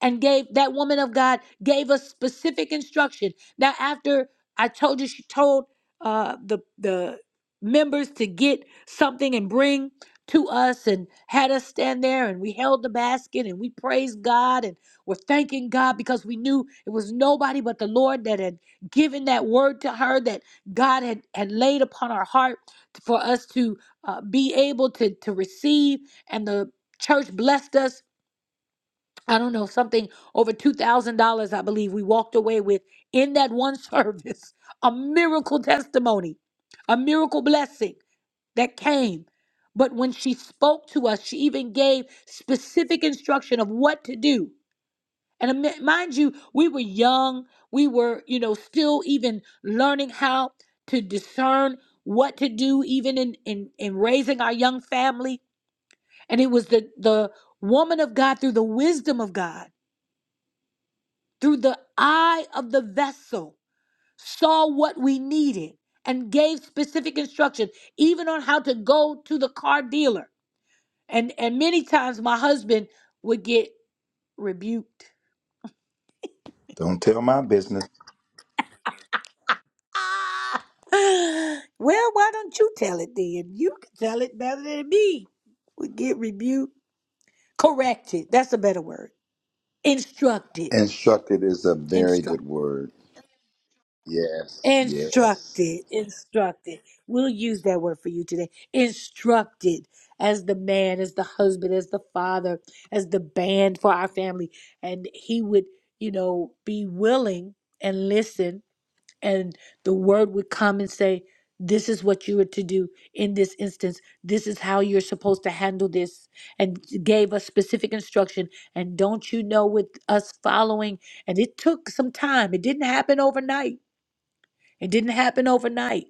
S1: and gave that woman of God gave us specific instruction. Now, after I told you, she told uh, the the members to get something and bring to us, and had us stand there, and we held the basket, and we praised God, and we're thanking God because we knew it was nobody but the Lord that had given that word to her that God had had laid upon our heart for us to uh, be able to to receive, and the church blessed us I don't know, something over $2,000, I believe we walked away with in that one (laughs) service. A miracle testimony, a miracle blessing that came. But when she spoke to us, she even gave specific instruction of what to do. And ami- mind you, we were young. We were, you know, still even learning how to discern what to do, even in, in, in raising our young family. And it was the, the woman of God through the wisdom of God through the eye of the vessel, saw what we needed, and gave specific instruction, even on how to go to the car dealer. And and many times my husband would get rebuked. (gasps)
S5: Don't tell my business.
S1: (sighs) well, why don't you tell it then? You can tell it better than me. Would get rebuked, corrected. That's a better word. Instructed,
S5: Instructed is a very good
S1: instructed.
S5: word. Yes, yes.
S1: Instructed, instructed. We'll use that word for you today. Instructed as the man, as the husband, as the father, as the band for our family. And he would, you know, be willing and listen. And the word would come and say, This is what you are to do in this instance. This is how you're supposed to handle this. And gave us specific instruction. And don't you know, with us following, and it took some time, it didn't happen overnight it didn't happen overnight.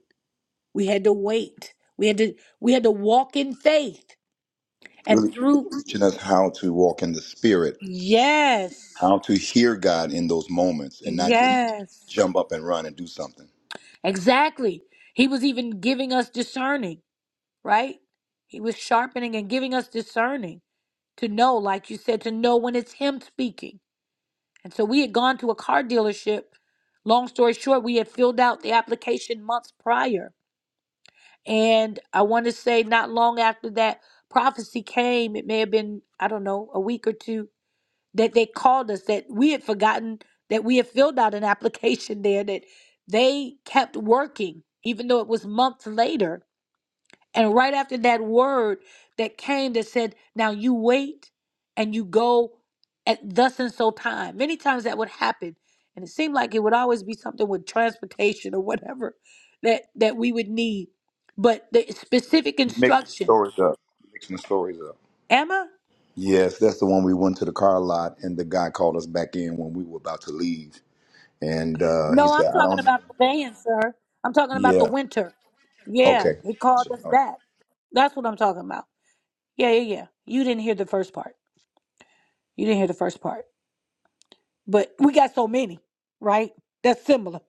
S1: We had to wait. We had to we had to walk in faith and
S5: Really really
S1: through
S5: teaching us how to walk in the spirit,
S1: yes.
S5: how to hear God in those moments and not just
S1: Yes.
S5: jump up and run and do something.
S1: Exactly. He was even giving us discerning, right? He was sharpening and giving us discerning to know, like you said, to know when it's him speaking. And so we had gone to a car dealership. Long story short, we had filled out the application months prior And I want to say not long after that prophecy came, it may have been, I don't know, a week or two, that they called us that we had forgotten that we had filled out an (laughs) application there that they kept working, even though it was months later and right after that word that came that said, Now you wait and you go at thus and so time. Many times that would happen. And it seemed like it would always be something with transportation or whatever that, that we would need. But the specific
S5: You're making the
S1: instruction,
S5: stories up. You're making the stories up.
S1: Emma?
S5: Yes, that's the one we went to the car lot and the guy called us back in when we were about to leave. And uh, he
S1: No, I'm
S5: said, I
S1: talking
S5: don't know.
S1: about the van, sir. I'm talking about the
S5: Yeah.
S1: winter. Yeah,
S5: Okay.
S1: he called us
S5: Oh,
S1: back. That's what I'm talking about. Yeah, yeah, yeah. You didn't hear the first part. You didn't hear the first part. but we got so many, right? That's similar.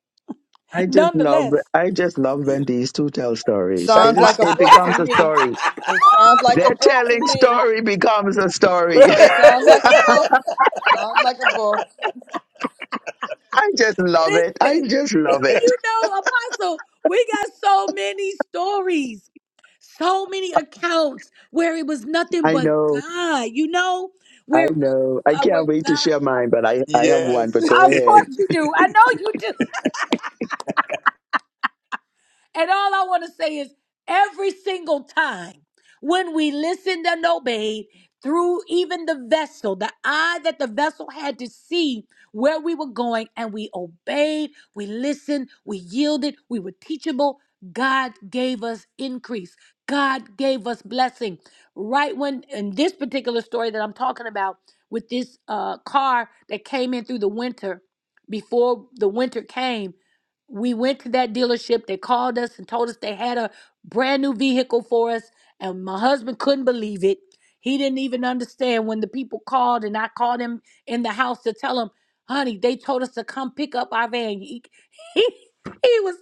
S1: (laughs)
S3: I just love
S1: Nonetheless,
S3: I just love when
S5: yeah.
S3: these two tell stories. It
S4: Sounds
S3: is
S4: like a
S3: it
S4: book to
S3: becomes a
S4: me.
S3: story.
S4: It sounds like a
S3: Their
S4: book to
S3: telling
S4: me.
S3: story becomes a story. (laughs)
S4: It sounds like a
S1: listen,
S4: book. Sounds like a book.
S3: I just love it. I just love it.
S1: you know, Apostle, we got so many stories, so many accounts where it was nothing
S3: I
S1: but
S3: know.
S1: God, you know,
S3: I
S1: where, where,
S3: know. I
S1: uh, where
S3: can't wait to
S1: God.
S3: share mine, but I,
S5: (laughs)
S3: I have one, but
S5: yes.
S3: go
S5: (laughs)
S1: Of
S3: ahead.
S1: course you do. I know you do. And all I want to say is every single time when we listened and obeyed through even the vessel, the eye that the vessel had to see where we were going, and we obeyed, we listened, we yielded, we were teachable. God gave us increase. God gave us blessing. Right when in this particular story that I'm talking about with this uh, car that came in through the winter, before the winter came, we went to that dealership. They called us and told us they had a brand new vehicle for us. And my husband couldn't believe it. He didn't even understand when the people called and I called him in the house to tell him, honey, they told us to come pick up our van. He, (laughs) he, he was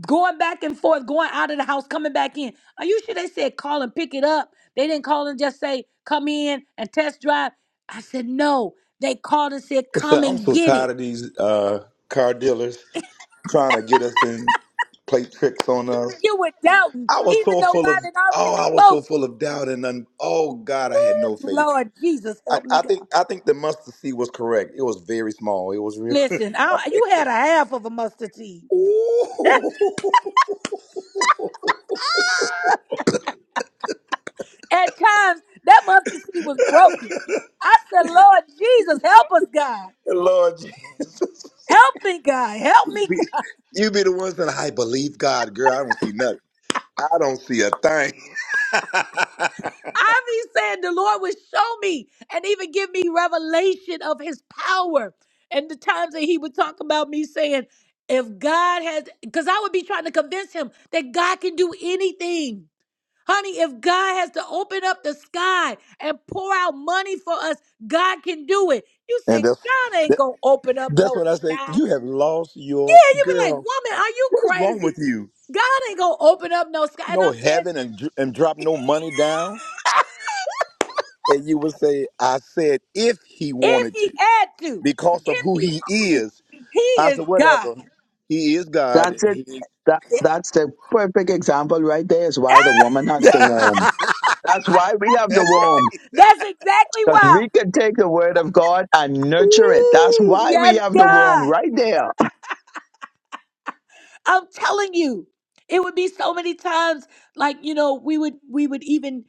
S1: going back and forth, going out of the house, coming back in. Are you sure they said call and pick it up? They didn't call and just say come in and test drive. I said, no. They called and said,
S5: (laughs)
S1: come
S5: So I'm
S1: and
S5: so
S1: get it.
S5: tired of these uh, car dealers trying to get us and play tricks on us.
S1: You were doubting,
S5: I was
S1: even
S5: so
S1: though
S5: full
S1: God
S5: of
S1: had
S5: oh,
S1: already
S5: I was so
S1: spoken.
S5: full of doubt and un- oh God, I had no
S1: Ooh,
S5: faith.
S1: Lord Jesus,
S5: I,
S1: help me,
S5: I think
S1: God.
S5: I think the mustard seed was correct. It was very small. It was real. (laughs)
S1: Listen, I, you had a half of a mustard seed.
S5: Ooh.
S1: At times, that mustard seed was broken. I said, Lord Jesus, help us, God.
S5: Lord Jesus,
S1: Help me, God. Help
S5: you
S1: me,
S5: be
S1: God. (laughs)
S5: you be the ones that I believe God, girl. I don't see nothing. I don't see a thing. (laughs)
S1: I be saying the Lord would show me and even give me revelation of his power. And the times that he would talk about me saying, if God has, because I would be trying to convince him that God can do anything. Honey, if God has to open up the sky and pour out money for us, God can do it. You say,
S5: and that's
S1: God ain't gonna open up
S5: That's
S1: no
S5: what I say.
S1: sky.
S5: You have lost your
S1: Yeah, you be like,
S5: girl.
S1: woman, are you
S5: What is wrong with
S1: crazy?
S5: you?
S1: God ain't gonna open up no sky. And
S5: No
S1: I'm saying,
S5: heaven and, dr- and drop no money down. And you would say, I said if he
S1: if
S5: wanted
S1: he
S5: to
S1: had to,
S5: because of
S1: if
S5: who
S1: he
S5: he
S1: wanted to,
S5: is.
S1: he
S5: I
S1: is
S5: said,
S1: God.
S5: whatever. He is God.
S3: That's it.
S5: he-
S3: That that's the perfect example right there is why the woman
S5: (laughs)
S3: has the
S5: That's
S3: womb. That's why we have the womb.
S5: right.
S1: That's exactly
S3: Because
S1: why.
S3: we can take the word of God and nurture it. That's
S5: Woo!
S3: why we
S1: Yes,
S3: have the womb
S1: God.
S3: right there.
S1: I'm telling you, it would be so many times like you know we would we would even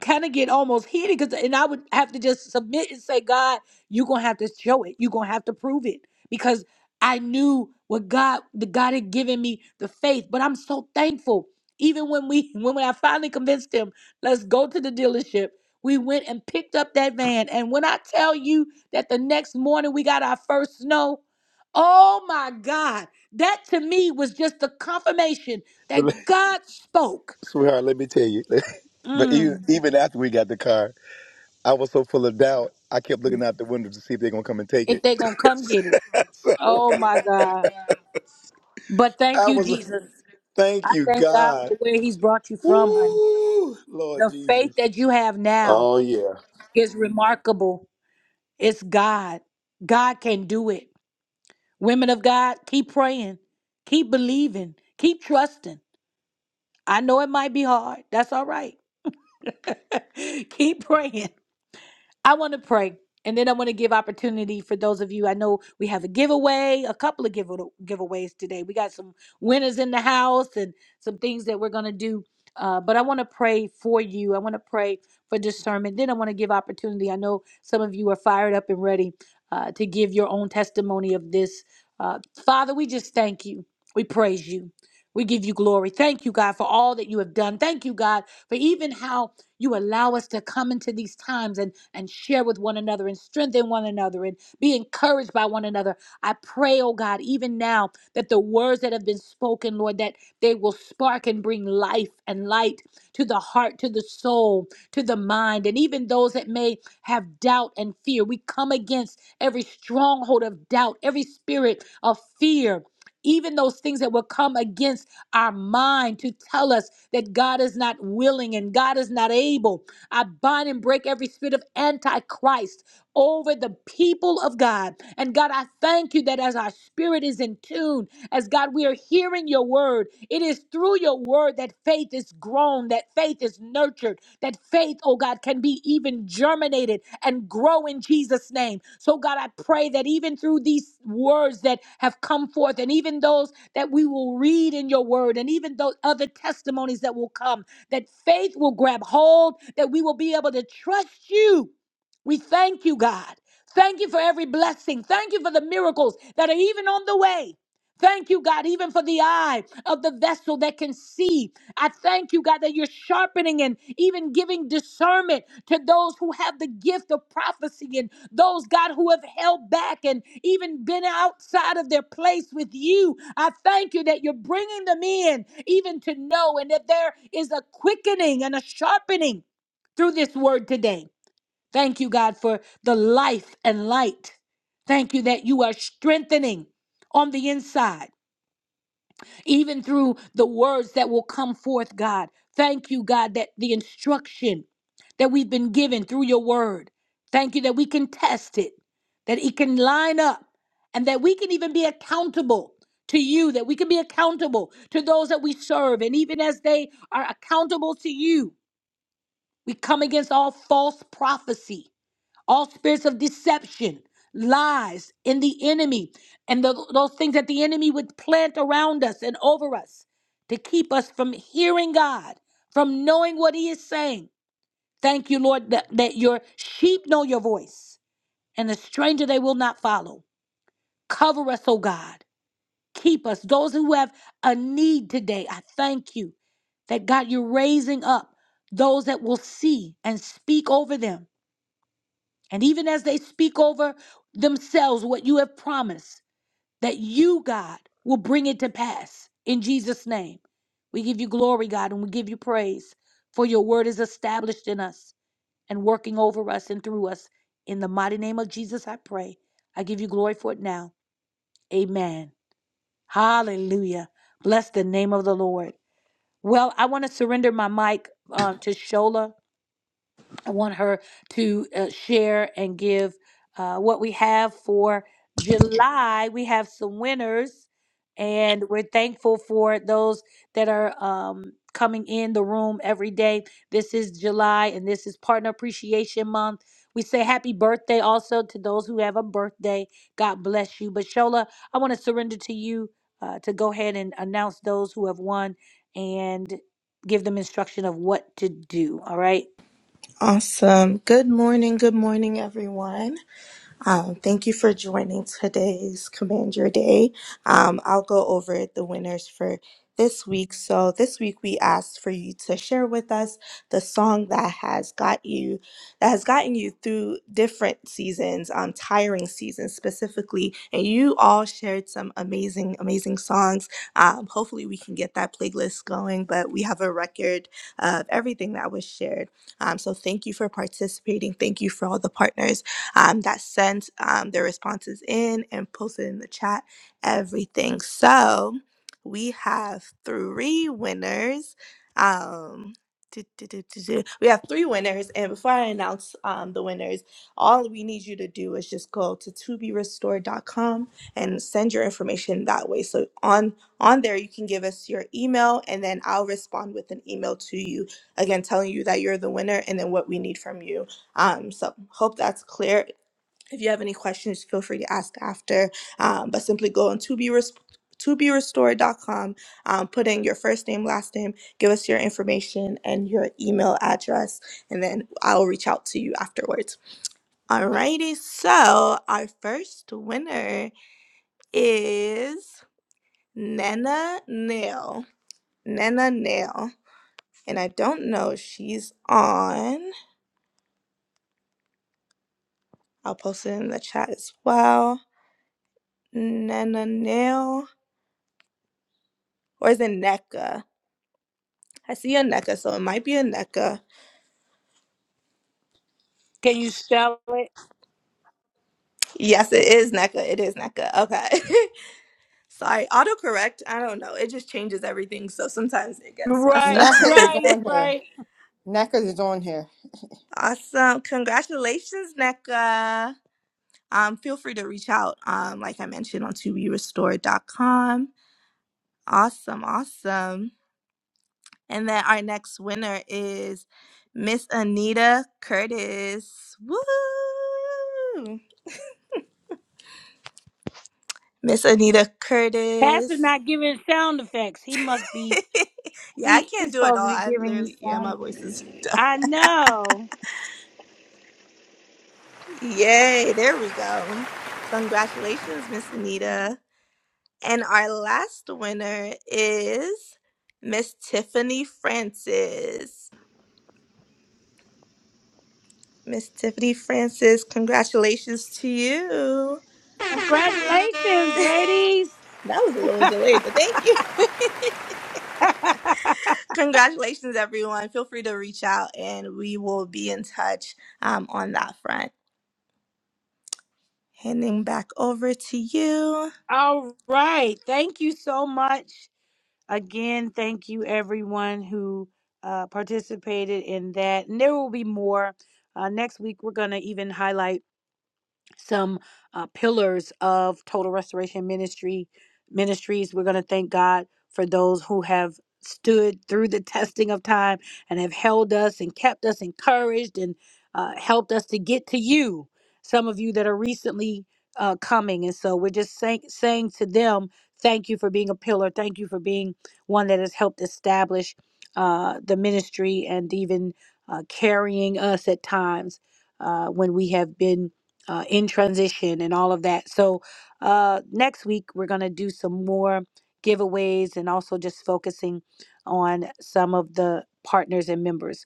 S1: kind of get almost heated because and I would have to just submit and say, God, you're gonna have to show it. You're gonna have to prove it because I knew what God the God had given me the faith. But I'm so thankful. Even when we (laughs) when I finally convinced him, let's go to the dealership. We went and picked up that van. And when I tell you that the next morning we got our first snow, oh my God. That to me was just the confirmation
S5: But let-
S1: that God spoke.
S5: (laughs) Sweetheart, let me tell you. (laughs) But even,
S1: Mm,
S5: even after we got the car, I was so full of doubt. I kept looking out the window to see if they're going to come and take
S1: if
S5: it.
S1: they're going to come get it.
S5: (laughs) So,
S1: Oh my God. But thank
S5: I
S1: you,
S5: was.
S1: Jesus.
S5: Thank
S1: I
S5: you,
S1: thank God
S5: God.
S1: for where He's brought you from, honey.
S5: Woo! Lord
S1: The faith
S5: Jesus.
S1: that you have now
S5: Oh, yeah.
S1: is remarkable. It's God. God can do it. Women of God, keep praying, keep believing, keep trusting. I know it might be hard. That's all right. (laughs) keep praying I want to pray. And then I want to give opportunity for those of you. I know we have a giveaway, a couple of give, giveaways today. We got some winners in the house and some things that we're going to do. Uh, but I want to pray for you. I want to pray for discernment. Then I want to give opportunity. I know some of you are fired up and ready uh, to give your own testimony of this. Uh, Father, we just thank you. We praise you. We give you glory. Thank you, God, for all that you have done. Thank you, God, for even how you allow us to come into these times and, and share with one another and strengthen one another and be encouraged by one another. I pray, oh God, even now that the words that have been spoken, Lord, that they will spark and bring life and light to the heart, to the soul, to the mind, and even those that may have doubt and fear. We come against every stronghold of doubt, every spirit of fear. Even those things that will come against our mind to tell us that God is not willing and God is not able. I bind and break every spirit of antichrist over the people of God. And God, I thank you that as our spirit is in tune, as God, we are hearing your word. It is through your word that faith is grown, that faith is nurtured that faith, oh God, can be even germinated and grow in Jesus' name. So, God, I pray that even through these words that have come forth, and even those that we will read in your word, and even those other testimonies that will come, that faith will grab hold, that we will be able to trust you. We thank you, God. Thank you for every blessing. Thank you for the miracles that are even on the way. Thank you, God, even for the eye of the vessel that can see. I thank you, God, that you're sharpening and even giving discernment to those who have the gift of prophecy and those, God, who have held back and even been outside of their place with you. I thank you that you're bringing them in, even to know, and that there is a quickening and a sharpening through this word today. Thank you, God, for the life and light. Thank you that you are strengthening on the inside even through the words that will come forth, God. Thank you, God, that the instruction that we've been given through your word, thank you that we can test it, that it can line up, and that we can even be accountable to you, that we can be accountable to those that we serve. And even as they are accountable to you, we come against all false prophecy all spirits of deception, lies in the enemy, and tho- those things that the enemy would plant around us and over us to keep us from hearing God, from knowing what He is saying. Thank you, Lord, that, that your sheep know your voice, and the stranger they will not follow. Cover us, oh God. Keep us. Those who have a need today, I thank you that God, you're raising up those that will see and speak over them and even as they speak over themselves what you have promised, that you, God, will bring it to pass in Jesus' name. We give you glory, God, and we give you praise, for your word is established in us and working over us and through us. In the mighty name of Jesus, I pray. I give you glory for it now. Amen. Hallelujah. Bless the name of the Lord. Well, I want to surrender my mic uh, to Shola. I want her to uh, share and give uh, what we have for July. We have some winners, and we're thankful for those that are um, coming in the room every day. This is July, and this is Partner Appreciation Month. We say happy birthday also to those who have a birthday. God bless you. But Shola, I want to surrender to you uh, to go ahead and announce those who have won and give them instruction of what to do. All right.
S6: Awesome. Good morning. Good morning, everyone. Um, thank you for joining today's Command Your Day. Um, I'll go over the winners for this week. So, this week we asked for you to share with us the song that has got you, that has gotten you through different seasons, um, tiring seasons specifically. And you all shared some amazing, amazing songs. Um, hopefully, we can get that playlist going, but we have a record of everything that was shared. Um, so, thank you for participating. Thank you for all the partners um, that sent um, their responses in and posted in the chat everything. So we have three winners. Um, do, do, do, do, do. We have three winners, and before I announce um, the winners, all we need you to do is just go to toberestored.com and send your information that way. So on on there, you can give us your email, and then I'll respond with an email to you again, telling you that you're the winner and then what we need from you. Um, so hope that's clear. If you have any questions, feel free to ask after. Um, but simply go on to be res- to be restored.com, um, put in your first name, last name, give us your information and your email address, and then I'll reach out to you afterwards. Alrighty, so our first winner is Nana Nail. Nana Nail. And I don't know if she's on. I'll post it in the chat as well. Nananel, or is it NECA? I see a NECA, so it might be a NECA.
S1: Can you spell it?
S6: Yes, it is NECA. It is NECA. Okay. (laughs) Sorry, autocorrect. I don't know. It just changes everything, so sometimes it gets messed up.
S1: Right,
S4: NACA is
S1: right,
S6: (laughs)
S4: on here.
S1: right.
S4: NACA is on here.
S6: awesome. Congratulations, NECA. Um, feel free to reach out, um, like I mentioned, on to be restored dot com. Awesome, awesome. And then our next winner is Miss Anita Curtis. Woo! Miss Anita
S1: Pastor's
S6: Curtis.
S1: not giving sound effects. He must be.
S6: (laughs) yeah, I
S1: He,
S6: can't
S1: he's
S6: do it
S1: supposed
S6: all.
S1: to be
S6: I
S1: giving you
S6: literally, yeah,
S1: sound.
S6: my
S1: e,
S6: voice is (laughs) done.
S1: I know.
S6: Yay, there we go. Congratulations, Miss Anita. And our last winner is Miss Tiffany Francis. Miss Tiffany Francis, congratulations to you.
S1: Congratulations,
S6: (laughs)
S1: ladies.
S6: That was a little delayed, but thank you. (laughs) Congratulations, everyone. Feel free to reach out and we will be in touch um, on that front. Handing back over to you.
S1: All right. Thank you so much again. Thank you everyone who uh, participated in that, and there will be more. Uh, next week, we're gonna even highlight. some uh, pillars of total restoration ministry ministries we're going to thank god for those who have stood through the (laughs) testing of time and have held us and kept us encouraged and uh, helped us to get to you some of you that are recently uh, coming and so we're just saying saying to them thank you for being a pillar thank you for being one that has helped establish uh, the ministry and even uh, carrying us at times uh, when we have been uh, in transition and all of that. So uh, next week we're gonna do some more giveaways and also just focusing on some of the partners and members.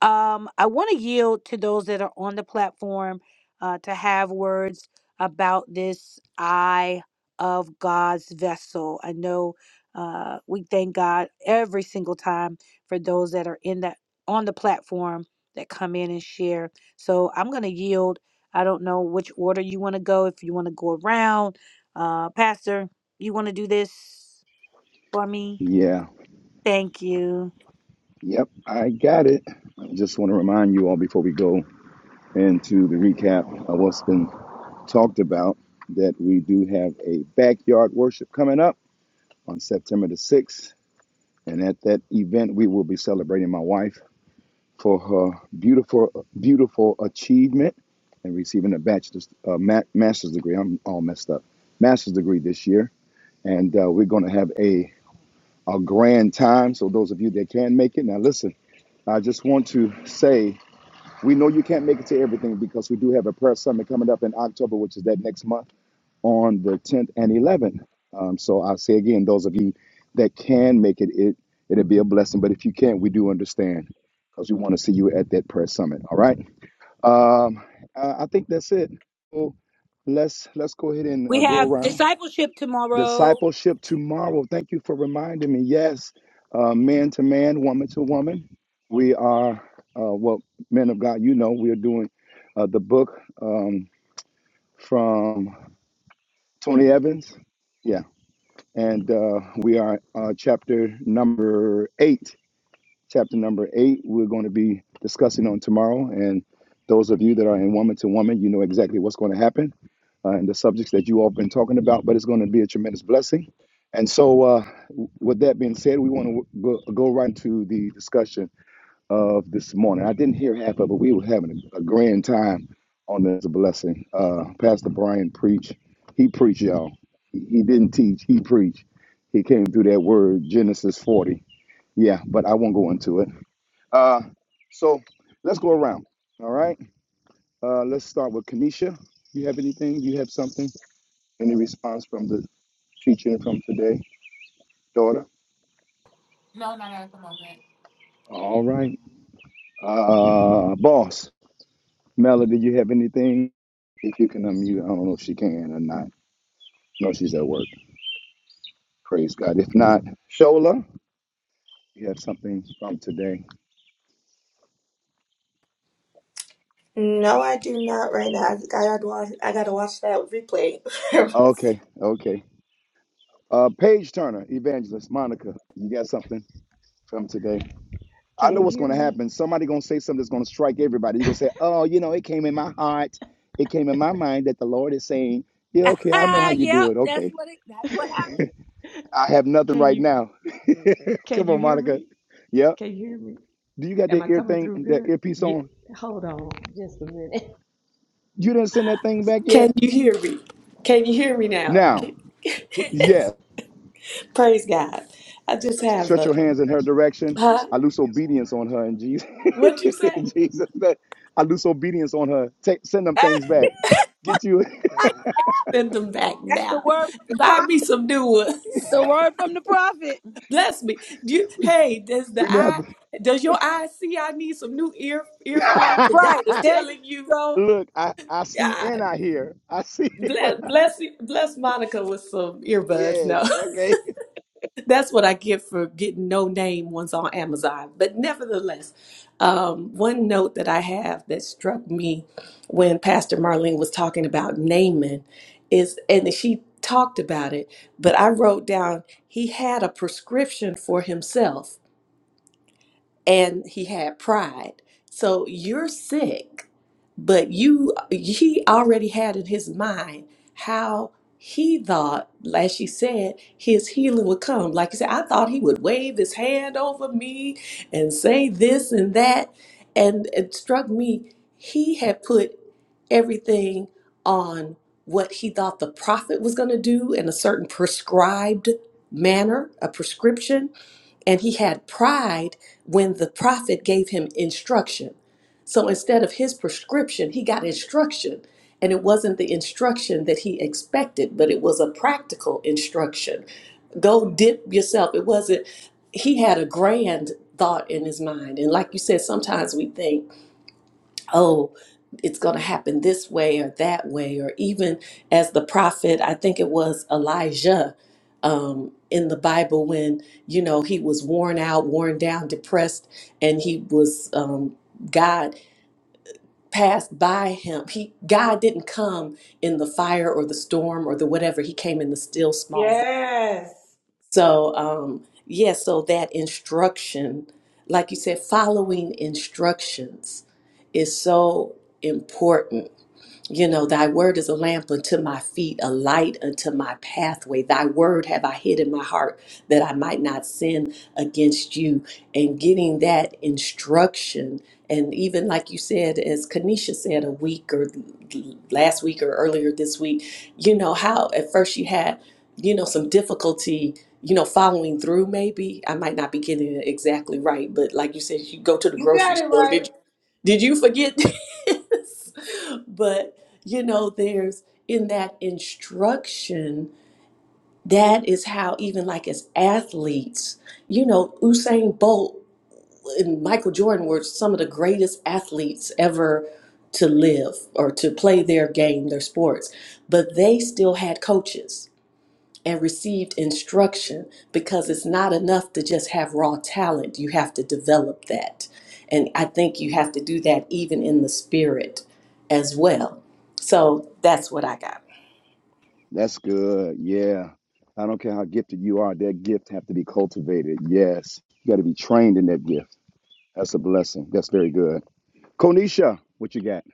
S1: Um, I want to yield to those that are on the platform uh, to have words about this eye of God's vessel. I know uh, we thank God every single time for those that are in that on the platform that come in and share. So I'm going to yield. I don't know which order you want to go. If you want to go around, uh, Pastor, you want to do this for me?
S5: Yeah,
S1: Thank you.
S5: yep, I got it. Just want to remind you all before we go into the recap of what's been talked about that we do have a backyard worship coming up on September the 6th. And at that event, we will be celebrating my wife for her beautiful, beautiful achievement and receiving a bachelor's, uh, ma- master's degree. I'm all messed up. Master's degree this year. And uh, we're going to have a a grand time. So those of you that can make it, now listen, I just want to say we know you can't make it to everything because we do have a prayer summit coming up in October, which is that next month on the 10th and 11th. Um, so I say again, those of you that can make it, it it'll be a blessing. But if you can't, we do understand because we want to see you at that prayer summit. All right. Um, I I think that's it. So let's let's go ahead and uh,
S1: We
S5: go
S1: have
S5: around.
S1: discipleship tomorrow.
S5: Discipleship tomorrow. Thank you for reminding me. Yes, uh, man to man, woman to woman. We are, uh, well, men of God, you know, we are doing uh, the book um, from Tony Evans. Yeah. And uh, we are uh, chapter number eight chapter number eight, we're going to be discussing on tomorrow. And those of you that are in woman to woman, you know exactly what's going to happen uh, and the subjects that you all have been talking about, but it's going to be a tremendous blessing. And so, uh, with that being said, we want to go, go right into the discussion of this morning. I didn't hear half of it. We were having a, grand time on this blessing. Uh, Pastor Brian preached. He preached, y'all. He, he didn't teach. He preached. He came through that word, Genesis 40. Yeah, but I won't go into it. Uh, so let's go around. All right. Uh, let's start with Kanisha. You have anything? You have something? Any response from the teaching from today, daughter?
S7: No, not at the moment.
S5: All right. Uh, boss, Melody, you have anything? If you can unmute, I don't know if she can or not. No, she's at work. Praise God. If not, Shola, you have something from today.
S6: No, I do not right now. I gotta watch, I gotta watch that replay. (laughs)
S5: Okay. Okay. Uh, Paige Turner, evangelist, Monica, you got something from today? I know
S2: Can you
S5: what's
S2: hear
S5: going to happen.
S2: me?
S5: Somebody going to say something that's going to strike everybody. You're going to say, oh, you know, it came in my heart. It came in my mind that the Lord is saying,
S1: (laughs)
S5: yeah, okay, I know how you
S1: yep,
S5: do it.
S1: that's
S5: Okay.
S1: what it. That's what happened.
S5: I have
S2: (laughs)
S5: nothing
S2: Can
S5: right
S2: you
S5: now. (laughs)
S2: can
S5: Come
S2: you
S5: on,
S2: hear
S5: Monica.
S2: me?
S5: Yep.
S2: Can you hear me?
S5: Do you got
S2: Am
S5: that
S2: I
S5: ear
S2: coming
S5: thing,
S2: through
S5: that
S2: good?
S5: earpiece
S2: Yeah.
S5: on?
S2: Hold on, just a minute.
S5: You didn't send that thing back
S2: Can
S5: yet?
S2: you hear me? Can you hear me now?
S5: Now,
S2: (laughs)
S5: yes.
S2: Praise God. I just have
S5: Stretch your
S2: a
S5: hands in her direction.
S2: huh?
S5: I loose obedience on her in Jesus.
S2: What'd you
S5: (laughs)
S2: say?
S5: in Jesus. name. I loose obedience on her. Take, send them things back. Get you.
S2: I send them back
S1: That's the
S2: now.
S1: word from the
S2: Buy me
S1: prophet.
S2: some new ones.
S1: The word from the prophet.
S2: (laughs) Bless me. Do you, hey, does
S5: (laughs) we
S2: the
S5: may have
S2: eye does your eye see I need some new ear earphones? The
S5: to.
S2: God
S1: Right
S5: (laughs)
S2: is
S1: there, you
S2: telling you,
S1: go.
S5: Look, I, I see
S2: God
S5: and I hear. I see (laughs)
S2: bless bless bless Monica with some earbuds. No. (laughs)
S5: this. Okay.
S2: That's what I get for getting no name ones on Amazon. But nevertheless, um, one note that I have that struck me when Pastor Marlene was talking about Naaman is, and she talked about it, but I wrote down he had a prescription for himself and he had pride. So you're sick, but you he already had in his mind how he thought, like she said, his healing would come. Like he said, I thought he would wave his hand over me and say this and that. And it struck me, he had put everything on what he thought the prophet was going to do in a certain prescribed manner, a prescription and he had pride when the prophet gave him instruction. So instead of his prescription, he got instruction. And it wasn't the instruction that he expected, but it was a practical instruction. Go dip yourself. It wasn't, he had a grand thought in his mind. And like you said, sometimes we think, oh, it's going to happen this way or that way, or even as the prophet, I think it was Elijah um, in the Bible when, you know, he was worn out, worn down, depressed, and he was, um, God passed by him. He, God didn't come in the fire or the storm or the whatever, he came in the still small voice. So, um, yeah, so that instruction, like you said, following instructions is so important you know, thy word is a lamp unto my feet, a light unto my pathway. Thy word have I hid in my heart that I might not sin against you. And getting that instruction, and even like you said, as Kanisha said a week or last week or earlier this week, you know, how at first you had, you know, some difficulty. You know, following through, maybe I might not be getting it exactly right, but like you said, you go to the grocery store. Did you did you forget (laughs) this? But you know there's in that instruction that is how even like as athletes you know usain bolt and michael jordan were some of the greatest athletes ever to live or to play their game their sports but they still had coaches and received instruction because it's not enough to just have raw talent you have to develop that and i think you have to do that even in the spirit as well so that's what i got
S5: That's good. Yeah. I don't care how gifted you are, that gift have to be cultivated. Yes. You gotta be trained in that gift. That's a blessing. That's very good. Konisha, what you got?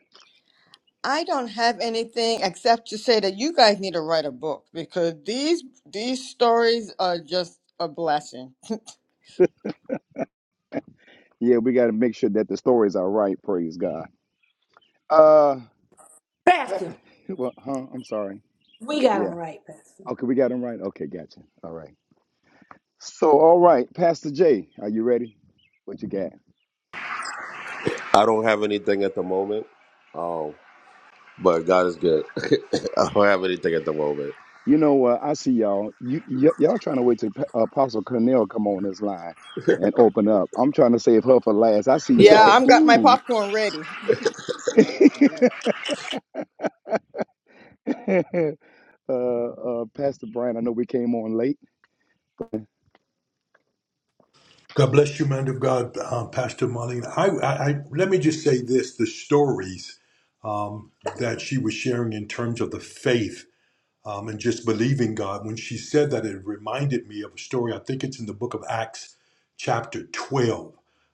S4: I don't have anything except to say that you guys need to write a book because these these stories are just a blessing.
S5: Yeah, we gotta make sure that the stories are right, praise God. Uh Pat, (laughs) well, huh? I'm sorry. Yeah. Okay, we got them right. Okay, gotcha. All right. So all right, Pastor Jay, are you ready? What you got?
S8: I don't have anything at the moment. Um, but God is good. (laughs) I don't have anything at the moment.
S5: You know what? I see y'all. You y- y'all trying to wait till Pa- uh, Apostle Cornell come on this line and open up. I'm trying to save her for last. I see
S4: Yeah,
S5: y'all.
S4: I'm got my
S5: Ooh.
S4: popcorn ready.
S5: (laughs) uh, uh, Pastor Brian, I know we came on late.
S9: God bless you, man of God, um, Pastor Marlene. I, I, I let me just say this: the stories um, that she was sharing in terms of the faith um, and just believing God. When she said that, it reminded me of a story. I think it's in the book of Acts, chapter 12.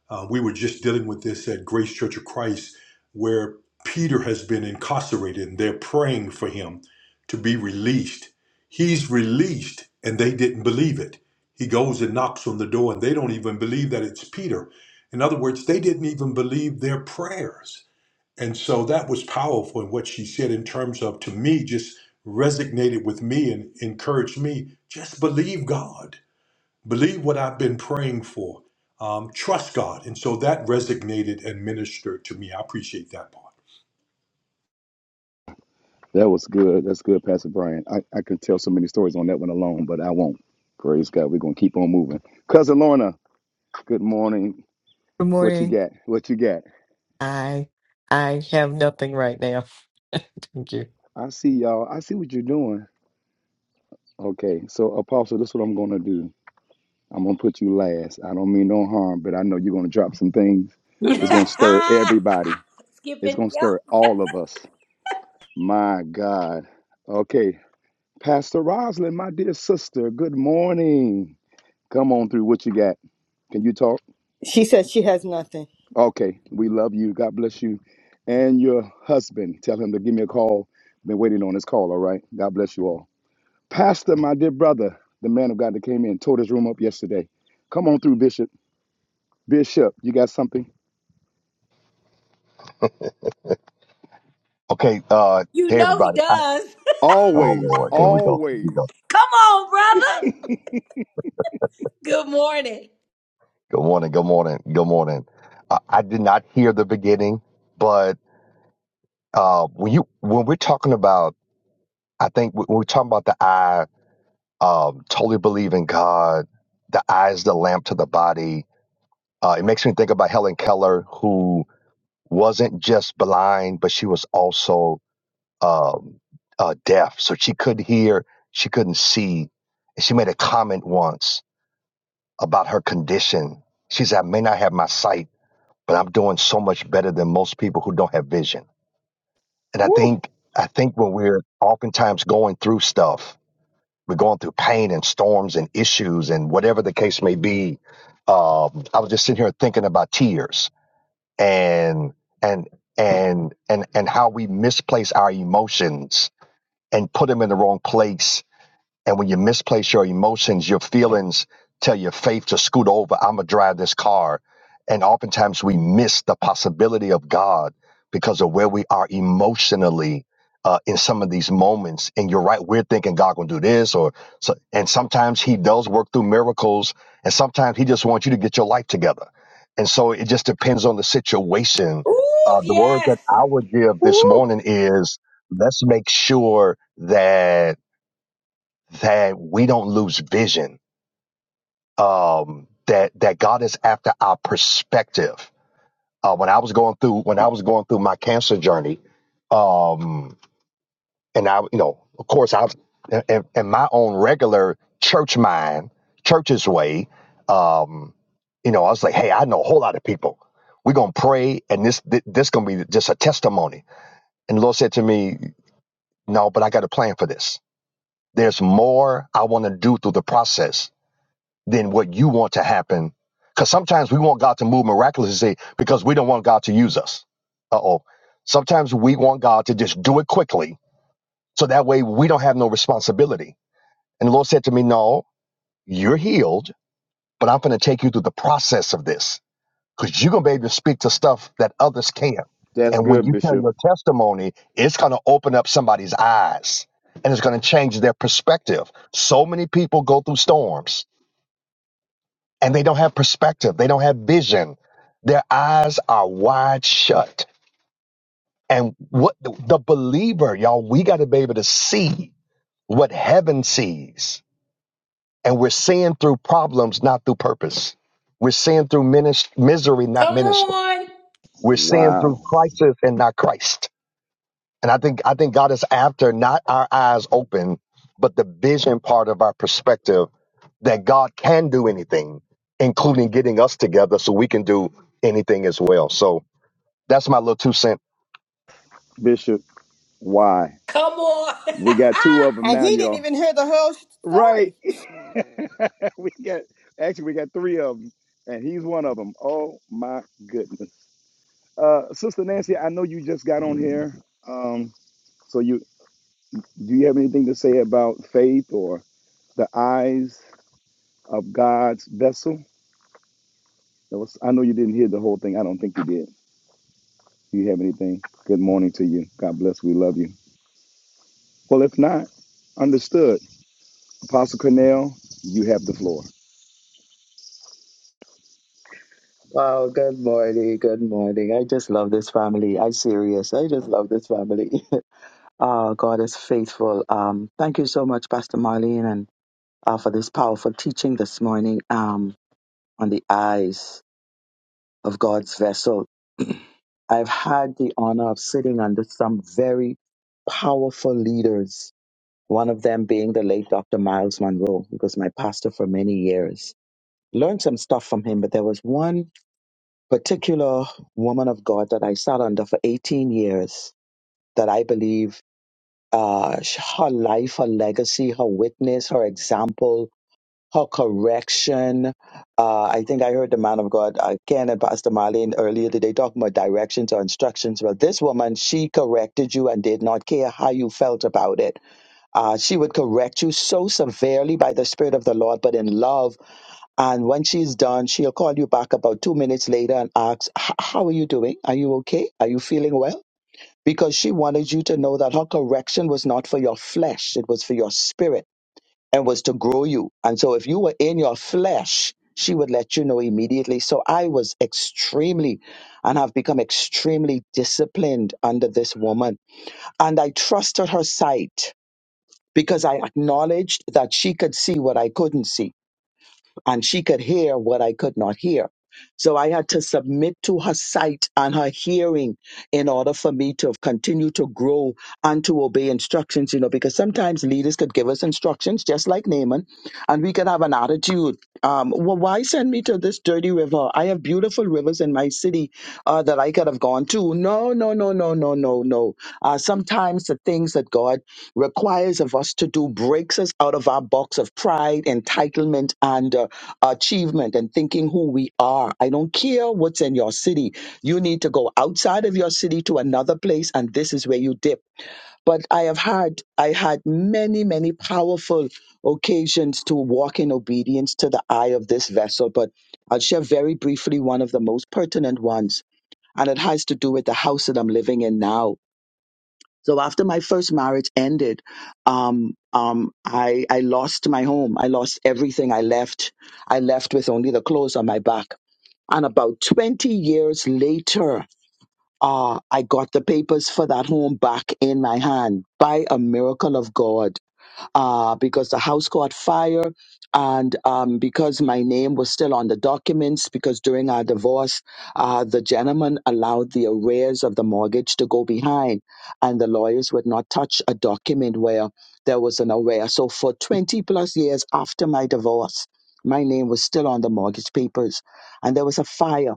S9: Uh, we were just dealing with this at Grace Church of Christ, where Peter has been incarcerated and they're praying for him to be released. He's released and they didn't believe it. He goes and knocks on the door and they don't even believe that it's Peter. In other words, they didn't even believe their prayers. And so that was powerful in what she said in terms of, to me, just resonated with me and encouraged me. Just believe God, believe what I've been praying for, um, trust God. And so that resonated and ministered to me. I appreciate that part.
S5: That was good. That's good, Pastor Brian. I, I could tell so many stories on that one alone, but I won't. Praise God. We're gonna keep on moving. Cousin Lorna, good morning.
S10: Good
S5: What you
S10: morning.
S5: got? What you got?
S10: I I have nothing right now. Thank you.
S5: I see y'all. I see what you're doing. Okay, so Apostle, this is what I'm gonna do. I'm gonna put you last. I don't mean no harm, but I know you're gonna drop some things. It's gonna stir everybody. It's gonna stir all of us. My God. Okay, Pastor Rosalind, my dear sister. Good morning. Come on through. What you got? Can you talk?
S4: She said she has nothing.
S5: Okay. We love you. God bless you, and your husband. Tell him to give me a call. Been waiting on this call. All right. God bless you all. Pastor, my dear brother, the man of God that came in, tore this room up yesterday. Come on through, Bishop. Bishop, you got something?
S11: Okay, uh,
S1: You
S11: hey
S1: know he
S11: everybody. I,
S1: does.
S11: oh
S5: Always,
S11: Lord, here we go. Here we
S5: always.
S11: go.
S1: (laughs) Come, on.
S5: (laughs)
S1: Good morning.
S11: Good morning. Good morning. Good morning. Uh, I did not hear the beginning, but uh, when you when we're talking about, I think when we're talking about the eye, um, totally believe in God. The eye is the lamp to the body. Uh, it makes me think about Helen Keller, who wasn't just blind, but she was also um, uh, deaf, so she couldn't hear, she couldn't see. And she made a comment once about her condition. She said, I may not have my sight, but I'm doing so much better than most people who don't have vision. And I
S5: Woo,
S11: think I think when we're oftentimes going through stuff, we're going through pain and storms and issues and whatever the case may be. Um, I was just sitting here thinking about tears and and and and and how we misplace our emotions and put them in the wrong place and when you misplace your emotions, your feelings tell your faith to scoot over. I'm going to drive this car. And oftentimes we miss the possibility of God because of where we are emotionally uh, in some of these moments. And you're right, we're thinking God going to do this. or so, And sometimes He does work through miracles. And sometimes He just wants you to get your life together. And so it just depends on the situation.
S1: Ooh,
S11: Uh, the word that
S1: yes,
S11: I would give this
S5: woo.
S11: morning is let's make sure that that we don't lose vision. Um, that that God is after our perspective. Uh, when I was going through when I was going through my cancer journey, um, and I, you know, of course, I, was in, in my own regular church mind, church's way, um, you know, I was like, hey, I know a whole lot of people. We're gonna pray, and this thi- this gonna be just a testimony. And the Lord said to me, no, but I got a plan for this. There's more I want to do through the process than what you want to happen. Because sometimes we want God to move miraculously because we don't want God to use us. Uh oh. Sometimes we want God to just do it quickly so that way we don't have no responsibility. And the Lord said to me, No, you're healed, but I'm going to take you through the process of this because you're going to be able to speak to stuff that others can't.
S5: That's
S11: And when
S5: good,
S11: you tell
S5: Bishop.
S11: your testimony, it's going to open up somebody's eyes and it's going to change their perspective. So many people go through storms and they don't have perspective. They don't have vision. Their eyes are wide shut. And what the believer, y'all, we got to be able to see what heaven sees. And we're seeing through problems, not through purpose. We're seeing through minis- misery, not ministry. We're seeing through
S5: Wow.
S11: crisis and not Christ. And I think I think God is after not our eyes open, but the vision part of our perspective that God can do anything, including getting us together so we can do anything as well. So that's my little two cent.
S5: Bishop, why? We got two of them
S4: And
S5: now,
S4: he didn't
S5: y'all.
S4: even hear the whole
S5: Right.
S4: story.
S5: (laughs) we got, actually, we got three of them, and he's one of them. Oh, my goodness. Uh, Sister Nancy, I know you just got on here. Um, so you, do you have anything to say about faith or the eyes of God's vessel? That was, I know you didn't hear the whole thing. I don't think you did. Do you have anything? Good morning to you. God bless. We love you. Well, if not, understood. Apostle Cornell, you have the floor.
S3: Oh, good morning. Good morning. I just love this family. I serious. I just love this family. (laughs) oh, God is faithful. Um, thank you so much, Pastor Marlene, and uh, for this powerful teaching this morning um, on the eyes. of God's vessel. (clears throat) I've had the honor of sitting under some very powerful leaders, one of them being the late Dr. Miles Monroe, who was my pastor for many years. Learned some stuff from him, but there was one particular woman of God that I sat under for 18 years that I believe uh, sh- her life, her legacy, her witness, her example her correction. Uh, I think I heard the man of God, uh, Ken and Pastor Marlene earlier today talking about directions or instructions. Well, this woman, she corrected you and did not care how you felt about it. Uh, she would correct you so severely by the Spirit of the Lord, but in love. And when she's done, she'll call you back about two minutes later and ask, "H- How are you doing? Are you okay? Are you feeling well? Because she wanted you to know that her correction was not for your flesh, it was for your spirit and was to grow you. And so if you were in your flesh, she would let you know immediately. So I was extremely and have become extremely disciplined under this woman. And I trusted her sight because I acknowledged that she could see what I couldn't see and she could hear what I could not hear. So I had to submit to her sight and her hearing in order for me to continue to grow and to obey instructions, you know, because sometimes leaders could give us instructions, just like Naaman, and we could have an attitude. Um, well, why send me to this dirty river? I have beautiful rivers in my city uh, that I could have gone to. No, no, no, no, no, no. No, Uh, sometimes the things that God requires of us to do breaks us out of our box of pride, entitlement, and uh, achievement and thinking who we are. I don't care what's in your city. You need to go outside of your city to another place, and this is where you dip. But I have had, I had many, many powerful occasions to walk in obedience to the eye of this vessel. But I'll share very briefly one of the most pertinent ones, and it has to do with the house that I'm living in now so after my first marriage ended, um, um, I I lost my home. I lost everything. I left. I left with only the clothes on my back. And about twenty years later, uh, I got the papers for that home back in my hand by a miracle of God uh, because the house caught fire and um, because my name was still on the documents because during our divorce uh, the gentleman allowed the arrears of the mortgage to go behind and the lawyers would not touch a document where there was an arrear so for 20 plus years after my divorce my name was still on the mortgage papers and there was a fire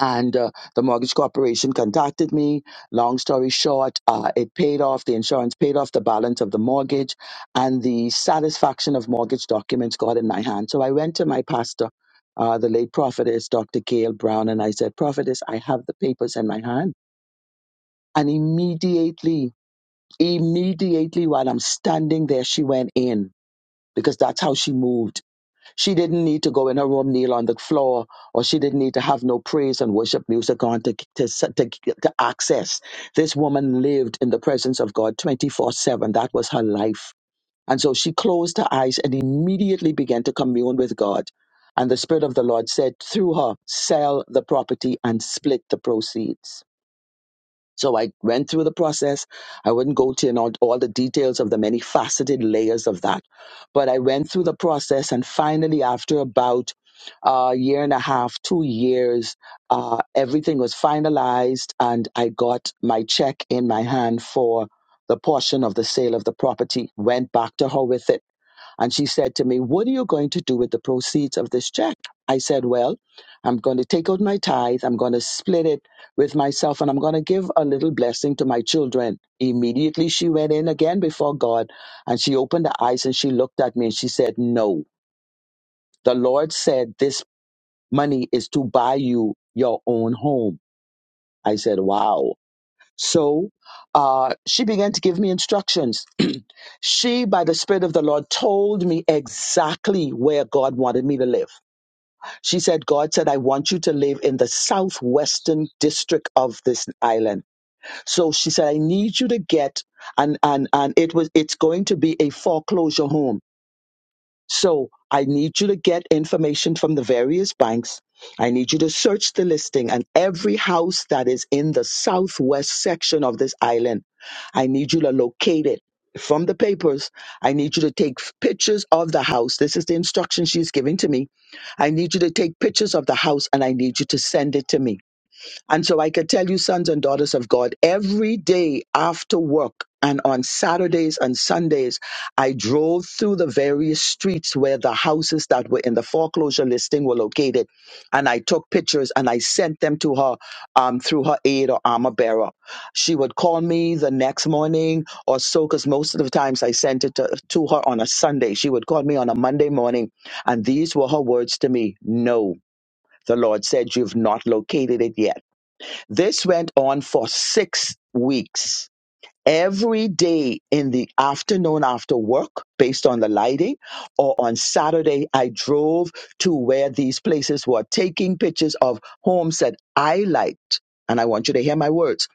S3: and uh, the mortgage corporation contacted me. Long story short, uh, it paid off, the insurance paid off the balance of the mortgage, and the satisfaction of mortgage documents got in my hand. So I went to my pastor, uh, the late prophetess, Dr. Gail Brown, and I said, Prophetess, I have the papers in my hand. And immediately, immediately while I'm standing there, she went in because that's how she moved she didn't need to go in her room, kneel on the floor, or she didn't need to have no praise and worship music on to, to, to, to access. This woman lived in the presence of God 24 7. That was her life. And so she closed her eyes and immediately began to commune with God. And the Spirit of the Lord said through her, Sell the property and split the proceeds. So I went through the process. I wouldn't go into all, all the details of the many faceted layers of that, but I went through the process, and finally, after about a year and a half, two years, uh, everything was finalized, and I got my check in my hand for the portion of the sale of the property. Went back to her with it and she said to me, What are you going to do with the proceeds of this check? I said, Well, I'm going to take out my tithe. I'm going to split it with myself and I'm going to give a little blessing to my children. Immediately she went in again before God and she opened her eyes and she looked at me and she said, No, the Lord said this money is to buy you your own home. I said, Wow. So uh, she began to give me instructions she, by the Spirit of the Lord, told me exactly where God wanted me to live. She said, God said, I want you to live in the southwestern district of this island. So she said, I need you to get and and and it was it's going to be a foreclosure home so I need you to get information from the various banks. I need you to search the listing and every house that is in the southwest section of this island. I need you to locate it from the papers. I need you to take pictures of the house. This is the instruction she's giving to me. I need you to take pictures of the house and I need you to send it to me. And so I could tell you, sons and daughters of God, every day after work and on Saturdays and Sundays, I drove through the various streets where the houses that were in the foreclosure listing were located. And I took pictures and I sent them to her um, through her aide or armor bearer. She would call me the next morning or so, because most of the times I sent it to, to her on a Sunday. She would call me on a Monday morning. And these were her words to me No, the Lord said, You've not located it yet. This went on for six weeks. Every day in the afternoon after work, based on the lighting, or on Saturday, I drove to where these places were taking pictures of homes that I liked. And I want you to hear my words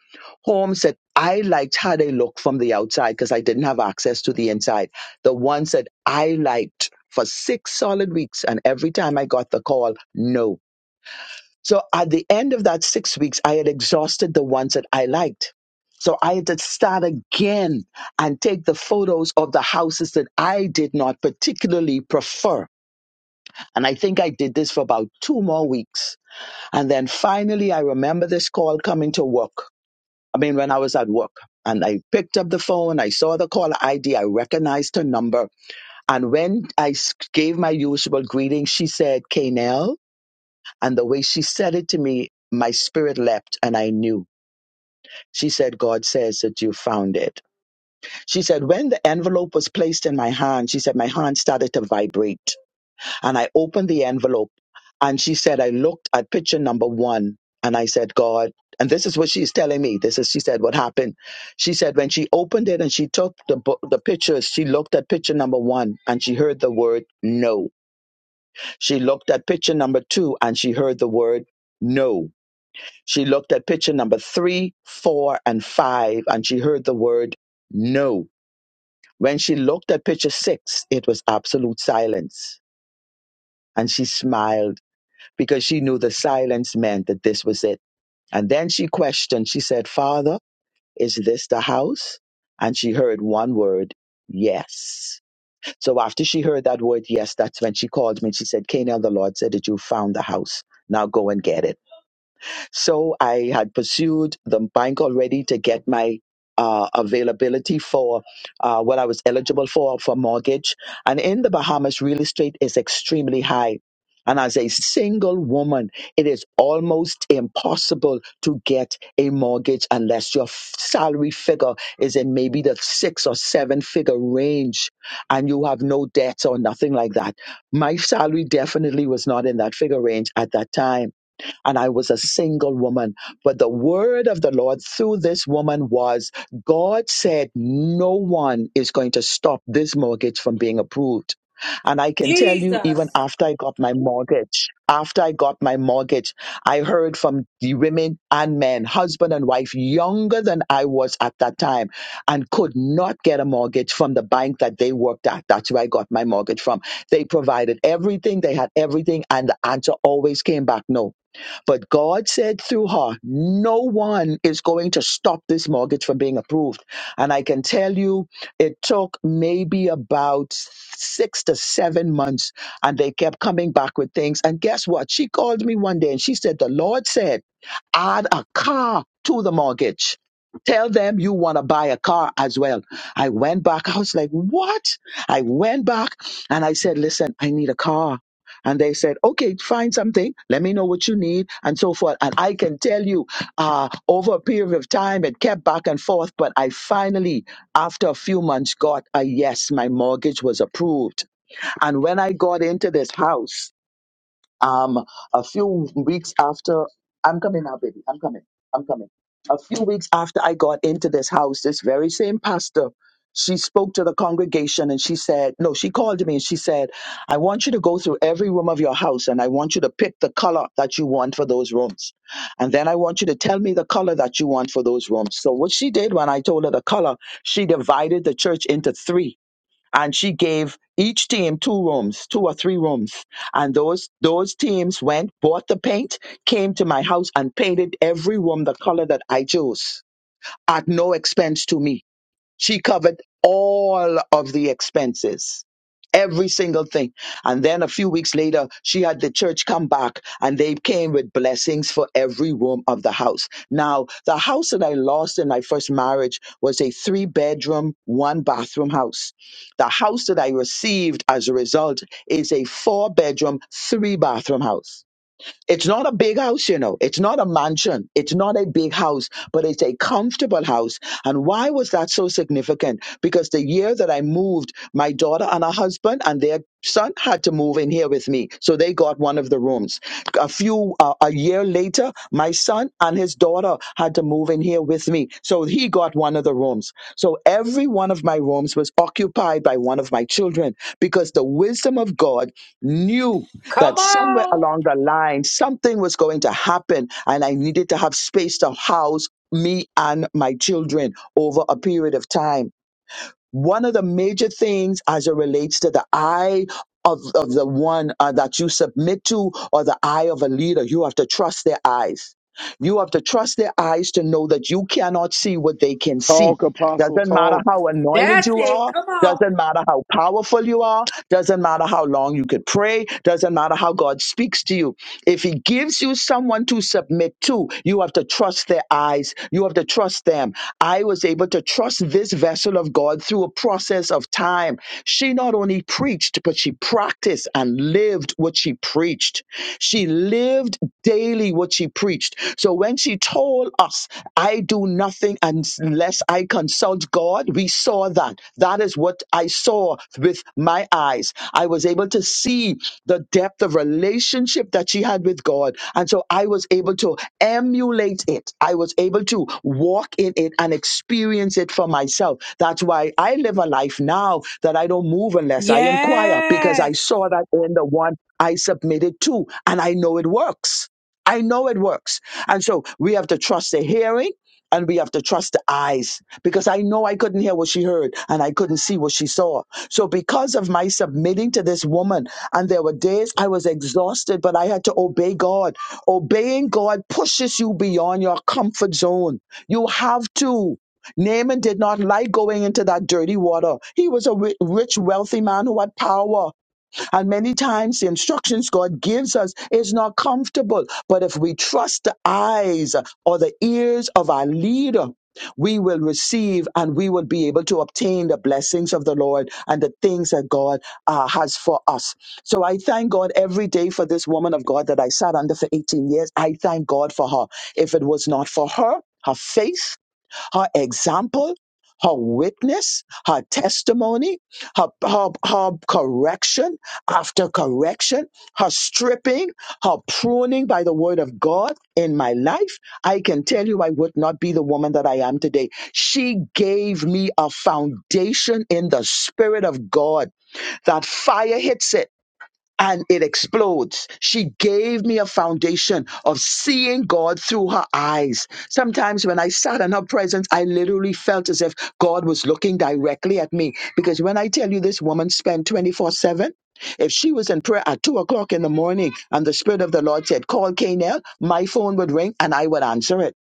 S3: homes that I liked how they looked from the outside because I didn't have access to the inside. The ones that I liked for six solid weeks. And every time I got the call, no so at the end of that six weeks, I had exhausted the ones that I liked. So I had to start again and take the photos of the houses that I did not particularly prefer. And I think I did this for about two more weeks. And then finally, I remember this call coming to work. I mean, when I was at work and I picked up the phone, I saw the caller ID, I recognized her number. And when I s- gave my usual greeting, she said, Kanel. And the way she said it to me, my spirit leapt and I knew. She said, God says that you found it. She said, when the envelope was placed in my hand, she said, my hand started to vibrate. And I opened the envelope and she said, I looked at picture number one and I said, God, and this is what she's telling me. This is, she said, what happened. She said, when she opened it and she took the, bo- the pictures, she looked at picture number one and she heard the word no. She looked at picture number two and she heard the word no. She looked at picture number three, four, and five, and she heard the word no. When she looked at picture six, it was absolute silence. And she smiled because she knew the silence meant that this was it. And then she questioned, she said, Father, is this the house? And she heard one word, yes. So after she heard that word, yes, that's when she called me. She said, Canaan, the Lord said that you found the house. Now go and get it. So I had pursued the bank already to get my uh, availability for uh, what I was eligible for for mortgage. And in the Bahamas, real estate is extremely high. And as a single woman, it is almost impossible to get a mortgage unless your f- salary figure is in maybe the six or seven figure range and you have no debts or nothing like that. My salary definitely was not in that figure range at that time and I was a single woman. But the word of the Lord through this woman was God said, No one is going to stop this mortgage from being approved. And I can tell you, even after I got my mortgage, after I got my mortgage, I heard from the women and men, husband and wife, younger than I was at that time, and could not get a mortgage from the bank that they worked at. That's where I got my mortgage from. They provided everything, they had everything, and the answer always came back no but God said through her, no one is going to stop this mortgage from being approved. And I can tell you, it took maybe about six to seven months, and they kept coming back with things. And guess what? She called me one day and she said, The Lord said, add a car to the mortgage. Tell them you want to buy a car as well. I went back. I was like, what? I went back and I said, listen, I need a car. And they said, okay, find something. Let me know what you need and so forth. And I can tell you, uh, over a period of time, it kept back and forth. But I finally, after a few months, got a yes. My mortgage was approved. And when I got into this house, um, a few weeks after, I'm coming now, baby. I'm coming. I'm coming. A few weeks after I got into this house, this very same pastor, she spoke to the congregation and she said, No, she called me and she said, I want you to go through every room of your house and I want you to pick the color that you want for those rooms. And then I want you to tell me the color that you want for those rooms. So, what she did when I told her the color, she divided the church into three and she gave each team two rooms, two or three rooms. And those those teams went, bought the paint, came to my house and painted every room the color that I chose at no expense to me she covered all of the expenses, every single thing. And then a few weeks later, she had the church come back and they came with blessings for every room of the house. Now, the house that I lost in my first marriage was a three bedroom, one bathroom house. The house that I received as a result is a four bedroom, three bathroom house. It's not a big house, you know. It's not a mansion. It's not a big house, but it's a comfortable house. And why was that so significant? Because the year that I moved, my daughter and her husband and their son had to move in here with me. So they got one of the rooms. A few, uh, a year later, my son and his daughter had to move in here with me. So he got one of the rooms. So every one of my rooms was occupied by one of my children because the wisdom of God knew that somewhere along the line, something was going to happen and I needed to have space to house me and my children over a period of time one of the major things as it relates to the eye of, of the one uh, that you submit to or the eye of a leader, you have to trust their eyes. You have to trust their eyes to know that you cannot see what they can see.
S5: Talk, Apostle,
S3: Doesn't matter
S5: talk.
S3: how anointed you are. Doesn't matter how powerful you are. Doesn't matter how long you could pray. Doesn't matter how God speaks to you if he gives you someone to submit to, you have to trust their eyes. You have to trust them. I was able to trust this vessel of God through a process of time. She not only preached, but she practiced and lived what she preached. She lived daily what she preached. So when she told us, I do nothing unless I consult consult God, we saw that. That is what I saw with my eyes. I was able to see the depth of relationship that she had with God. And so I was able to emulate it. I was able to walk in it and experience it for myself. That's why I live a life now that I don't move unless I inquire because I
S1: yes.
S3: saw that in the one I submitted to and I know it works. I know it works. And so we have to trust the hearing and we have to trust the eyes because I know I couldn't hear what she heard and I couldn't see what she saw. So, because of my submitting to this woman, and there were days I was exhausted, but I had to obey God. Obeying God pushes you beyond your comfort zone. You have to. Naaman did not like going into that dirty water. He was a ri- rich, wealthy man who had power. And many times the instructions God gives us is not comfortable. But if we trust the eyes or the ears of our leader, we will receive and we will be able to obtain the blessings of the Lord and the things that God uh, has for us. So I thank God every day for this woman of God that I sat under for 18 years. I thank God for her. If it was not for her, her faith, her example, her witness, her testimony, her, her, her correction after correction, her stripping, her pruning by the word of God in my life, I can tell you I would not be the woman that I am today. She gave me a foundation in the Spirit of God. That fire hits it and it explodes. She gave me a foundation of seeing God through her eyes. Sometimes when I sat in her presence, I literally felt as if God was looking directly at me. Because when I tell you this woman spent 24 7, if she was in prayer at 2 o'clock in the morning and the Spirit of the Lord said, Call Canel, my phone would ring and I would answer it.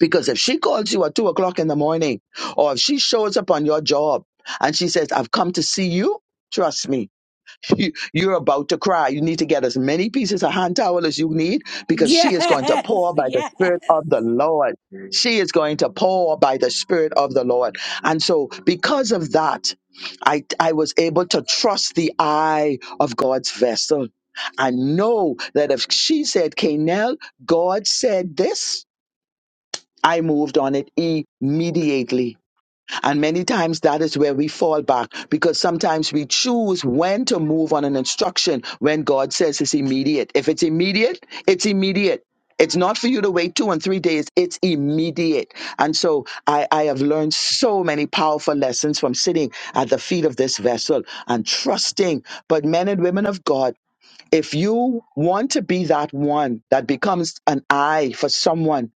S3: Because if she calls you at 2 o'clock in the morning or if she shows up on your job and she says, I've come to see you, trust me, (laughs) You- You're about to cry. You need to get as many pieces of hand towel as you need because she is going to pour by the Spirit of the Lord. She is going to pour by the Spirit of the Lord. And so, because of that, I, I was able to trust the eye of God's vessel. I know that if she said, Canel, God said this, I moved on it immediately and many times that is where we fall back because sometimes we choose when to move on an instruction when God says it's immediate. If it's immediate, it's immediate. It's not for you to wait two and three days. It's immediate. And so I, I have learned so many powerful lessons from sitting at the feet of this vessel and trusting. But men and women of God, if you want to be that one that becomes an eye for someone,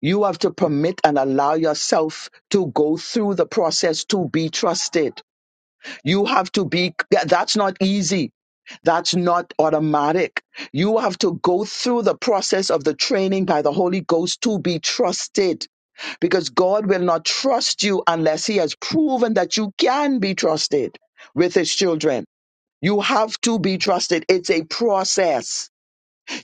S3: you have to permit and allow yourself to go through the process to be trusted. You have to be, yeah, that's not easy. That's not automatic. You have to go through the process of the training by the Holy Ghost to be trusted because God will not trust you unless He has proven that you can be trusted with His children. You have to be trusted. It's a process.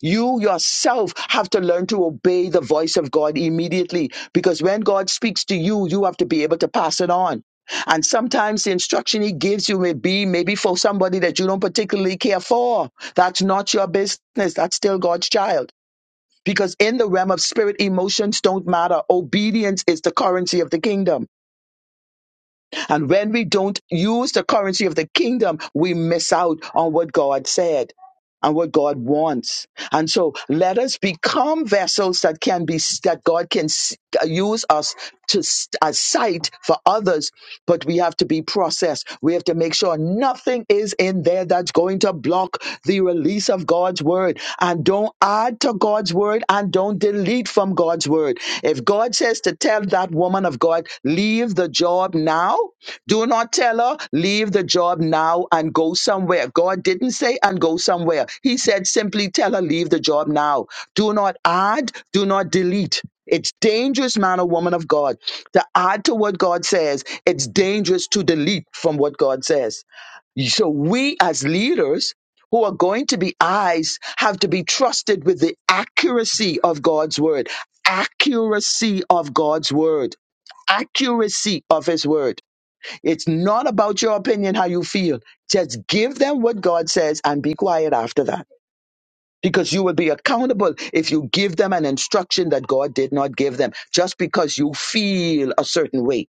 S3: You yourself have to learn to obey the voice of God immediately because when God speaks to you, you have to be able to pass it on. And sometimes the instruction he gives you may be maybe for somebody that you don't particularly care for. That's not your business. That's still God's child. Because in the realm of spirit, emotions don't matter. Obedience is the currency of the kingdom. And when we don't use the currency of the kingdom, we miss out on what God said and what God wants. And so let us become vessels that can be, that God can s- use us to s- as sight for others, but we have to be processed. We have to make sure nothing is in there that's going to block the release of God's word. And don't add to God's word and don't delete from God's word. If God says to tell that woman of God, leave the job now, do not tell her, leave the job now and go somewhere. God didn't say and go somewhere. He said simply tell her, leave the job now. Do not add, do not delete. It's dangerous, man or woman of God, to add to what God says. It's dangerous to delete from what God says. So we as leaders who are going to be eyes have to be trusted with the accuracy of God's word. Accuracy of God's word. Accuracy of his word. It's not about your opinion, how you feel. Just give them what God says and be quiet after that. Because you will be accountable if you give them an instruction that God did not give them just because you feel a certain way.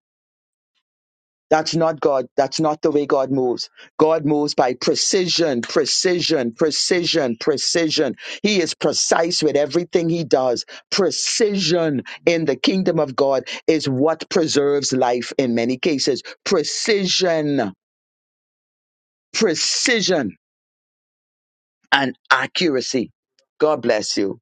S3: That's not God. That's not the way God moves. God moves by precision, precision, precision, precision. He is precise with everything he does. Precision in the kingdom of God is what preserves life in many cases. Precision precision and accuracy. God bless you.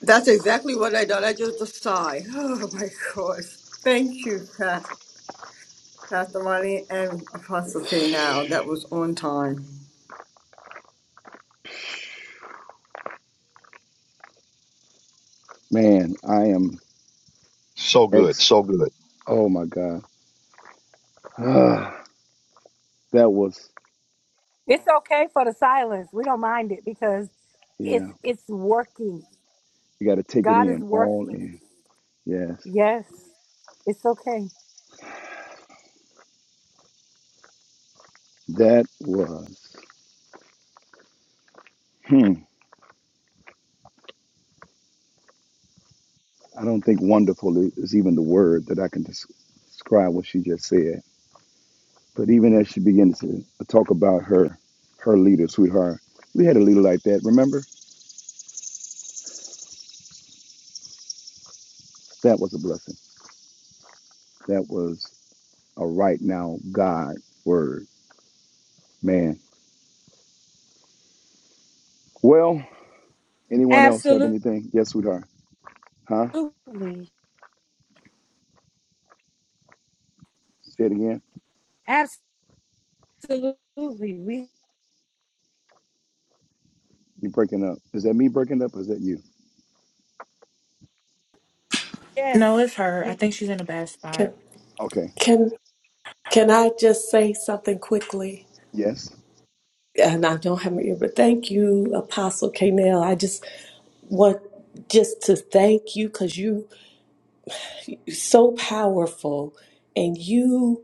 S4: That's exactly what I done. I just sigh. (sighs) Oh my gosh. Thank you, Pastor, Pastor Money and Apostle K now. That was on time.
S5: (sighs) Man, I am
S11: So good,
S5: ex.
S11: so good.
S5: Oh my God. (sighs) that was,
S1: It's okay for the silence. We don't mind it because
S5: yeah.
S1: it's it's working.
S5: You got to take it
S1: God is
S5: in, all
S1: working.
S5: in. Yes.
S1: Yes. It's okay.
S5: That was, hmm. I don't think wonderful is even the word that I can des- describe what she just said. But even as she began to talk about her her leader, sweetheart, we had a leader like that. Remember, that was a blessing. That was a right now God word, man. Well, anyone else have
S1: Absolutely.
S5: anything? Yes, sweetheart. Huh? Say it again.
S1: Abs-
S5: You breaking up? Is that me breaking up? or Is that you?
S7: No, it's her. I think she's in a bad spot.
S2: Can
S5: Okay.
S2: can can I just say something quickly?
S5: Yes.
S2: And I don't have my ear, but thank you, Apostle Canel. I just want just to thank you because you you're so powerful and you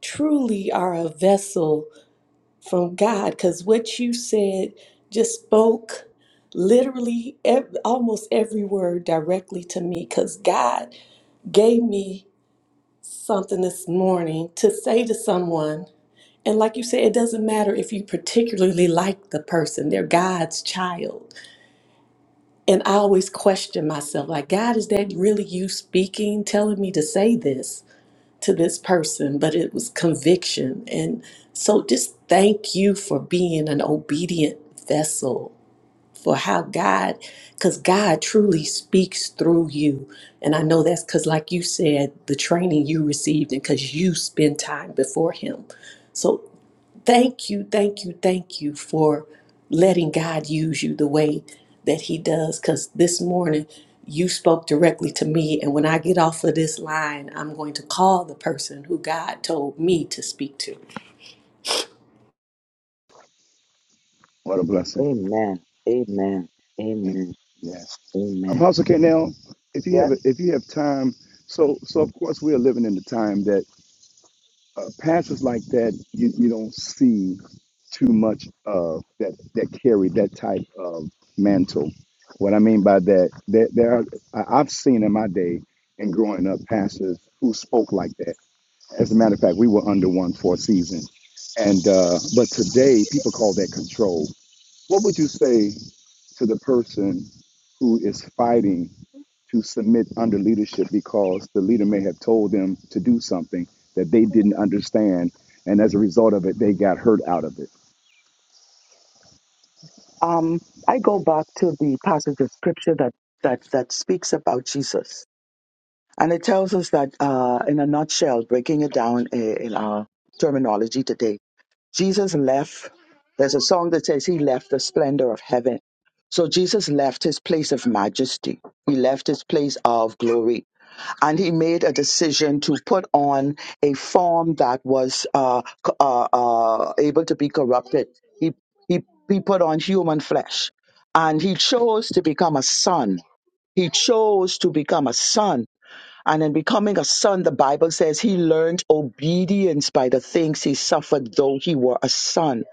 S2: truly are a vessel from God. Because what you said just spoke literally ev- almost every word directly to me. Because God gave me something this morning to say to someone And like you said, it doesn't matter if you particularly like the person, they're God's child. And I always question myself like, God, is that really you speaking, telling me to say this to this person? But it was conviction. And so just thank you for being an obedient vessel for how God, because God truly speaks through you. And I know that's because, like you said, the training you received and because you spend time before Him. So Thank you, thank you, thank you for letting God use you the way that He does. Because this morning you spoke directly to me. And when I get off of this line, I'm going to call the person who God told me to speak to.
S5: What a blessing.
S3: Amen. Amen. Amen.
S5: Yes.
S3: Amen.
S5: Apostle K. Now, if you
S3: Yeah,
S5: have if you have time, so so of course we are living in the time that uh, passes like that you, you don't see too much of that that carry that type of mantle. What I mean by that, there, there are, I- I've seen in my day and growing up pastors who spoke like that. As a matter of fact, we were under one for a season, and uh, but today people call that control. What would you say to the person who is fighting to submit under leadership because the leader may have told them to do something that they didn't understand, and as a result of it, they got hurt out of it?
S3: back to scripture that that that speaks about Jesus, and it tells us that, uh, in a nutshell, breaking it down i- in our terminology today, Jesus left. There's a song that says he left the splendor of heaven. So Jesus left his place of majesty. He left his place of glory and he made a decision to put on a form that was uh, c- uh, uh, able to be corrupted. He, he, he put on human flesh and he chose to become a son. He chose to become a son. And in becoming a son, the Bible says he learned obedience by the things he suffered, though he were a son.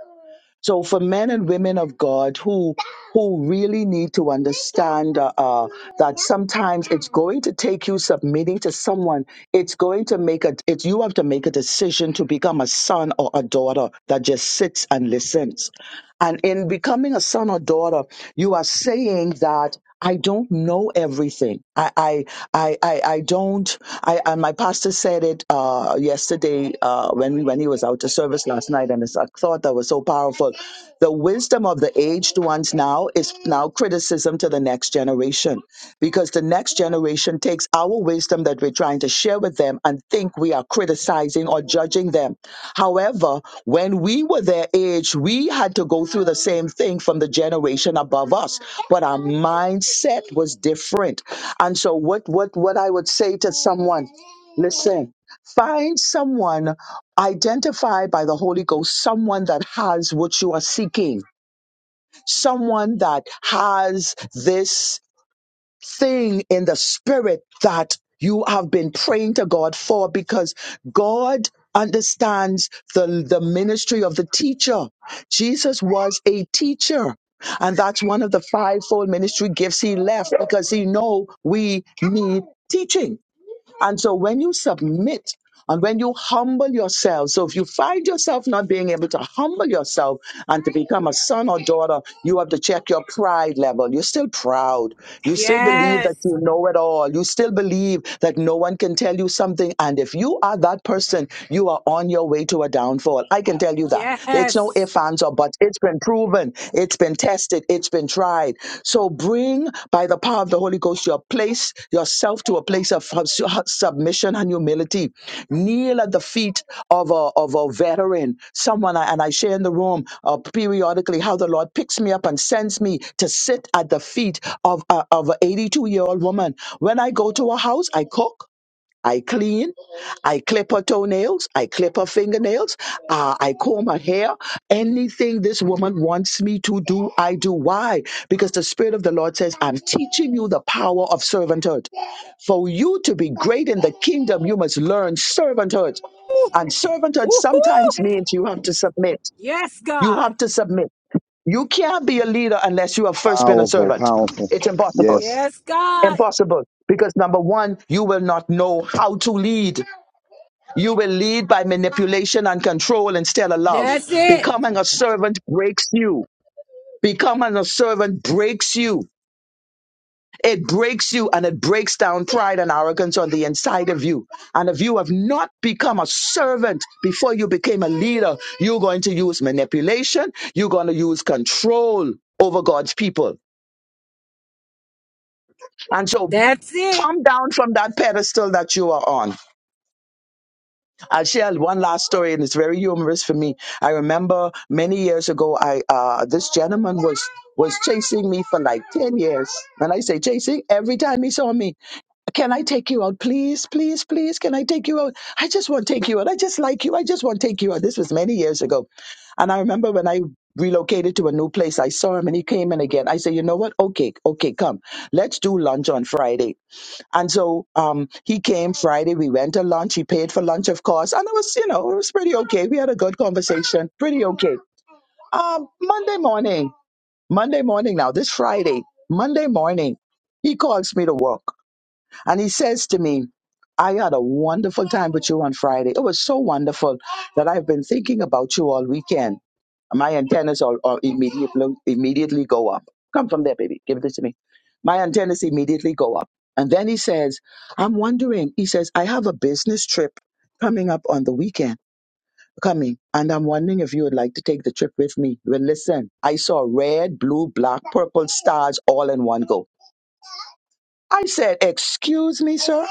S3: So for men and women of God who who really need to understand uh, uh, that sometimes it's going to take you submitting to someone. It's going to make a. It's you have to make a decision to become a son or a daughter that just sits and listens. And in becoming a son or daughter, you are saying that. I don't know everything. I I I I, I don't. I, I my pastor said it uh, yesterday uh, when we when he was out to service last night, and it's a thought that was so powerful. The wisdom of the aged ones now is now criticism to the next generation, because the next generation takes our wisdom that we're trying to share with them and think we are criticizing or judging them. However, when we were their age, we had to go through the same thing from the generation above us but our mindset was different. And so what what what I would say to someone, listen, find someone identify by the Holy Ghost, someone that has what you are seeking, someone that has this thing in the spirit that you have been praying to God for because God understands the, the ministry of the teacher. Jesus was a teacher. And that's one of the fivefold ministry gifts he left because he know we need teaching. And so when you submit and when you humble yourself, so if you find yourself not being able to humble yourself and to become a son or daughter, you have to check your pride level. You're still proud. You still believe that
S1: yes.
S3: you know it all. You still believe that no one can tell you something. And if you are that person, you are on your way to a downfall. I can tell you that. It's no
S1: Yes.
S3: ifs, ands, or buts. It's been proven. It's been been tested, it's been tried. So bring by the power of the Holy Ghost your place, yourself to a place of of su- submission and humility. Kneel at the feet of a, of a veteran, someone, I, and I share in the room uh, periodically how the Lord picks me up and sends me to sit at the feet of, a, of an 82 year old woman. When I go to a house, I cook. I clean. I clip her toenails. I clip her fingernails. Uh, I comb her hair. Anything this woman wants me to do, I do. Why? Because the Spirit of the Lord says, I'm teaching you the power of servanthood. For you to be great in the kingdom, you must learn servanthood. And servanthood
S1: Woo-hoo.
S3: sometimes means you have to submit.
S1: Yes,
S3: You
S1: God.
S3: have to submit. You can't be a leader unless you have first been a
S5: Powerful,
S3: servant.
S5: powerful.
S3: It's impossible.
S5: Yes,
S1: Yes, God.
S3: Impossible. Because number one, you will not know how to lead. You will lead by manipulation and control instead of love.
S1: That's it.
S3: Becoming a servant breaks you. Becoming a servant breaks you. It breaks you and it breaks down pride and arrogance on the inside of you. And if you have not become a servant before you became a leader, you're going to use manipulation. You're going to use control over God's people. And so
S1: That's it.
S3: come down from that pedestal that you are on. I'll share one last story, and it's very humorous for me. I remember many years ago, I uh, this gentleman was was chasing me for like ten years, When I say chasing every time he saw me. Can I take you out, please, please, please? Can I take you out? I just want to take you out. I just like you. I just want to take you out. This was many years ago, and I remember when I relocated to a new place, I saw him, and he came in again. I said, you know what? Okay, okay, come. Let's do lunch on Friday. And so um, he came Friday. We went to lunch. He paid for lunch, of course. And it was, you know, it was pretty okay. We had a good conversation. Pretty okay. Um, Monday morning, Monday morning now, this Friday, Monday morning, he calls me to work and he says to me, I had a wonderful time with you on Friday. It was so wonderful that I've been thinking about you all weekend. My antennas are, are immediately immediately go up. Come from there, baby. Give this to me. My antennas immediately go up. And then he says, I'm wondering, he says, I have a business trip coming up on the weekend. Coming, and I'm wondering if you would like to take the trip with me. Well, listen, I saw red, blue, black, purple stars all in one go. I said, Excuse me, sir.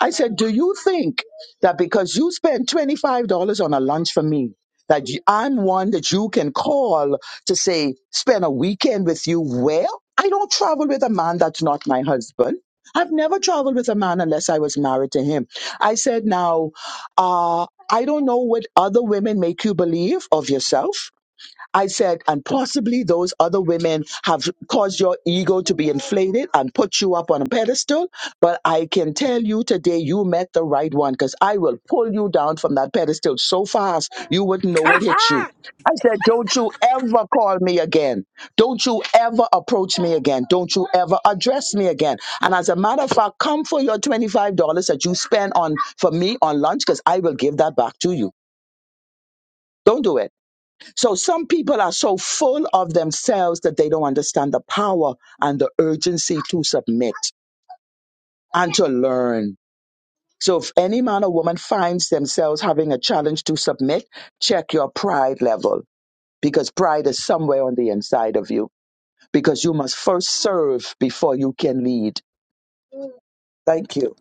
S3: I said, Do you think that because you spent $25 on a lunch for me, that you, I'm one that you can call to say, spend a weekend with you? Well, I don't travel with a man that's not my husband. I've never traveled with a man unless I was married to him. I said, Now, uh, I don't know what other women make you believe of yourself. I said, and possibly those other women have caused your ego to be inflated and put you up on a pedestal. But I can tell you today, you met the right one because I will pull you down from that pedestal so fast you wouldn't know what hit you. I said, Don't you ever call me again. Don't you ever approach me again. Don't you ever address me again. And as a matter of fact, come for your $25 that you spend on for me on lunch because I will give that back to you. Don't do it. So some people are so full of themselves that they don't understand the power and the urgency to submit and to learn. So if any man or woman finds themselves having a challenge to submit, check your pride level because pride is somewhere on the inside of you because you must first serve before you can lead. Thank you.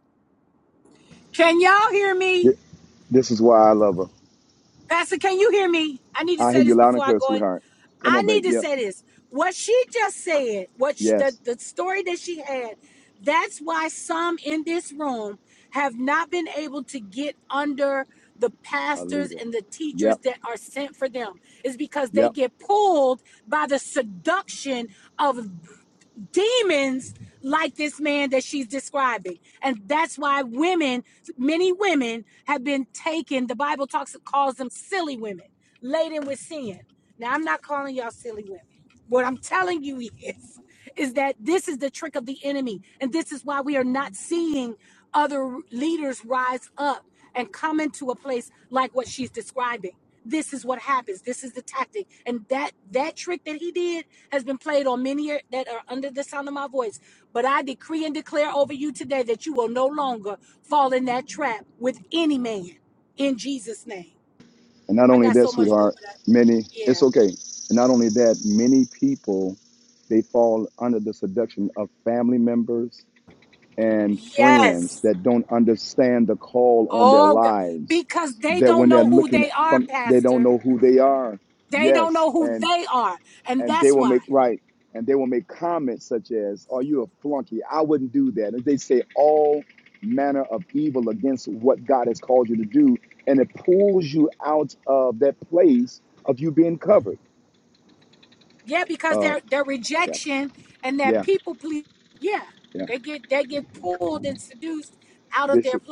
S1: Can y'all hear me?
S5: Th- this is why I love her.
S1: Pastor, can you hear me? I need to
S5: I hear
S1: say
S5: you
S1: this
S5: loud and
S1: before I
S5: clear,
S1: go in.
S5: sweetheart. Come
S1: I
S5: on,
S1: need
S5: babe.
S1: to
S5: Yep.
S1: say this. What she just said, what she, the,
S5: Yes,
S1: the story that she had, that's why some in this room have not been able to get under the
S5: a
S1: pastors
S5: leader.
S1: and the teachers
S5: Yep.
S1: that are sent for them, is because
S5: Yep.
S1: they get pulled by.
S5: And not only that, sweetheart, many, it's okay. And not only that, many people, they fall under the seduction of family members and friends that don't understand the call on their lives. That when they're looking from, they don't know who they are. Yes. and and they will make right and they will make comments such as are you a flunky i wouldn't do that and they say all manner of evil against what god has called you to do and it pulls you out of that place of you being covered uh yeah yeah yeah bishop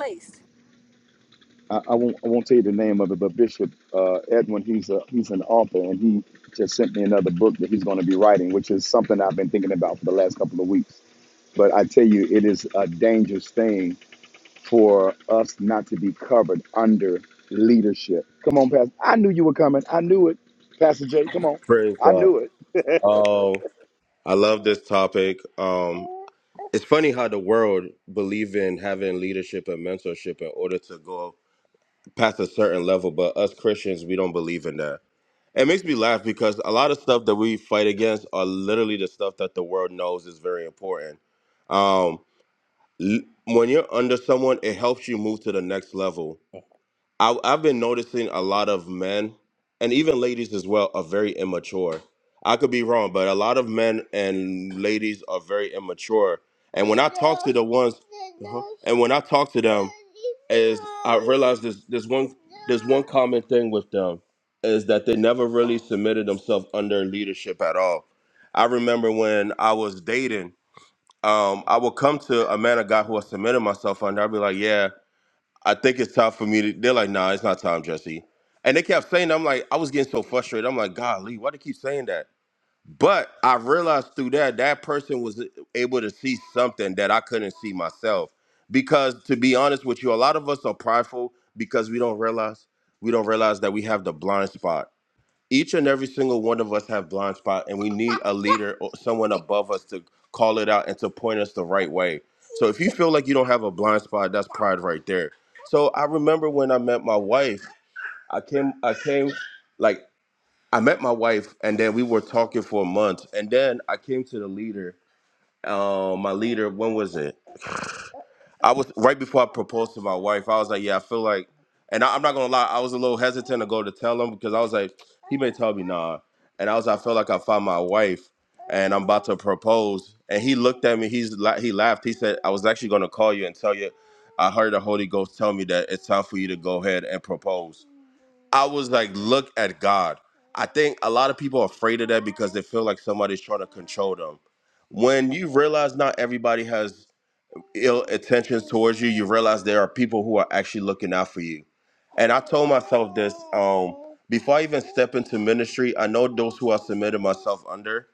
S5: i, I won't i won't tell you the name of it but bishop uh edwin he's a he's an author and he just sent me another book that he's going to be writing which is something i've been thinking about for the last couple of weeks but i tell you it is a dangerous thing for us not to be covered under leadership. Come on, Pastor. I knew you were coming. I knew it. Pastor Jay, come on.
S8: Praise
S5: I
S8: God.
S5: knew it.
S8: Oh, I love this topic. Um, it's funny how the world believe in having leadership and mentorship in order to go past a certain level, but us Christians, we don't believe in that. It makes me laugh because a lot of stuff that we fight against are literally the stuff that the world knows is very important. Um, l- when you're under someone, it helps you move to the next level I, I've been noticing a lot of men and even ladies as well are very immature. I could be wrong, but a lot of men and ladies are very immature. And when I talk to the ones, Uh-huh. and when I talk to them, is I realize there's there's one there's one common thing with them is that they never really submitted themselves under leadership at all. I remember when I was dating, um, I would come to a man, a guy who I submitted myself under. I'd be like, "Yeah." I think it's time for me to. They're like, nah, it's not time, Jesse. And they kept saying, that. I'm like, I was getting so frustrated. I'm like, God, Lee, why do you keep saying that? But I realized through that, that person was able to see something that I couldn't see myself. Because to be honest with you, a lot of us are prideful because we don't realize we don't realize that we have the blind spot each and every single one of us have blind spot and we need a leader or someone above us to call it out and to point us the right way so if you feel like you don't have a blind spot that's pride right there so i remember when i met my wife i came i came like i met my wife and then we were talking for a month and then i came to the leader uh, my leader when was it I was right before I proposed to my wife. I was like, yeah, I feel like, and I, I'm not gonna lie, I was a little hesitant to go to tell him because I was like, he may tell me nah, and I was, I feel like I found my wife, and I'm about to propose, and he looked at me, he's la- he laughed, he said, I was actually gonna call you and tell you, I heard the Holy Ghost tell me that it's time for you to go ahead and propose. I was like, look at God. I think a lot of people are afraid of that because they feel like somebody's trying to control them when you realize not everybody has ill intentions towards you, you realize there are people who are actually looking out for you. And I told myself this um, before I even step into ministry. I know those who I submitted myself under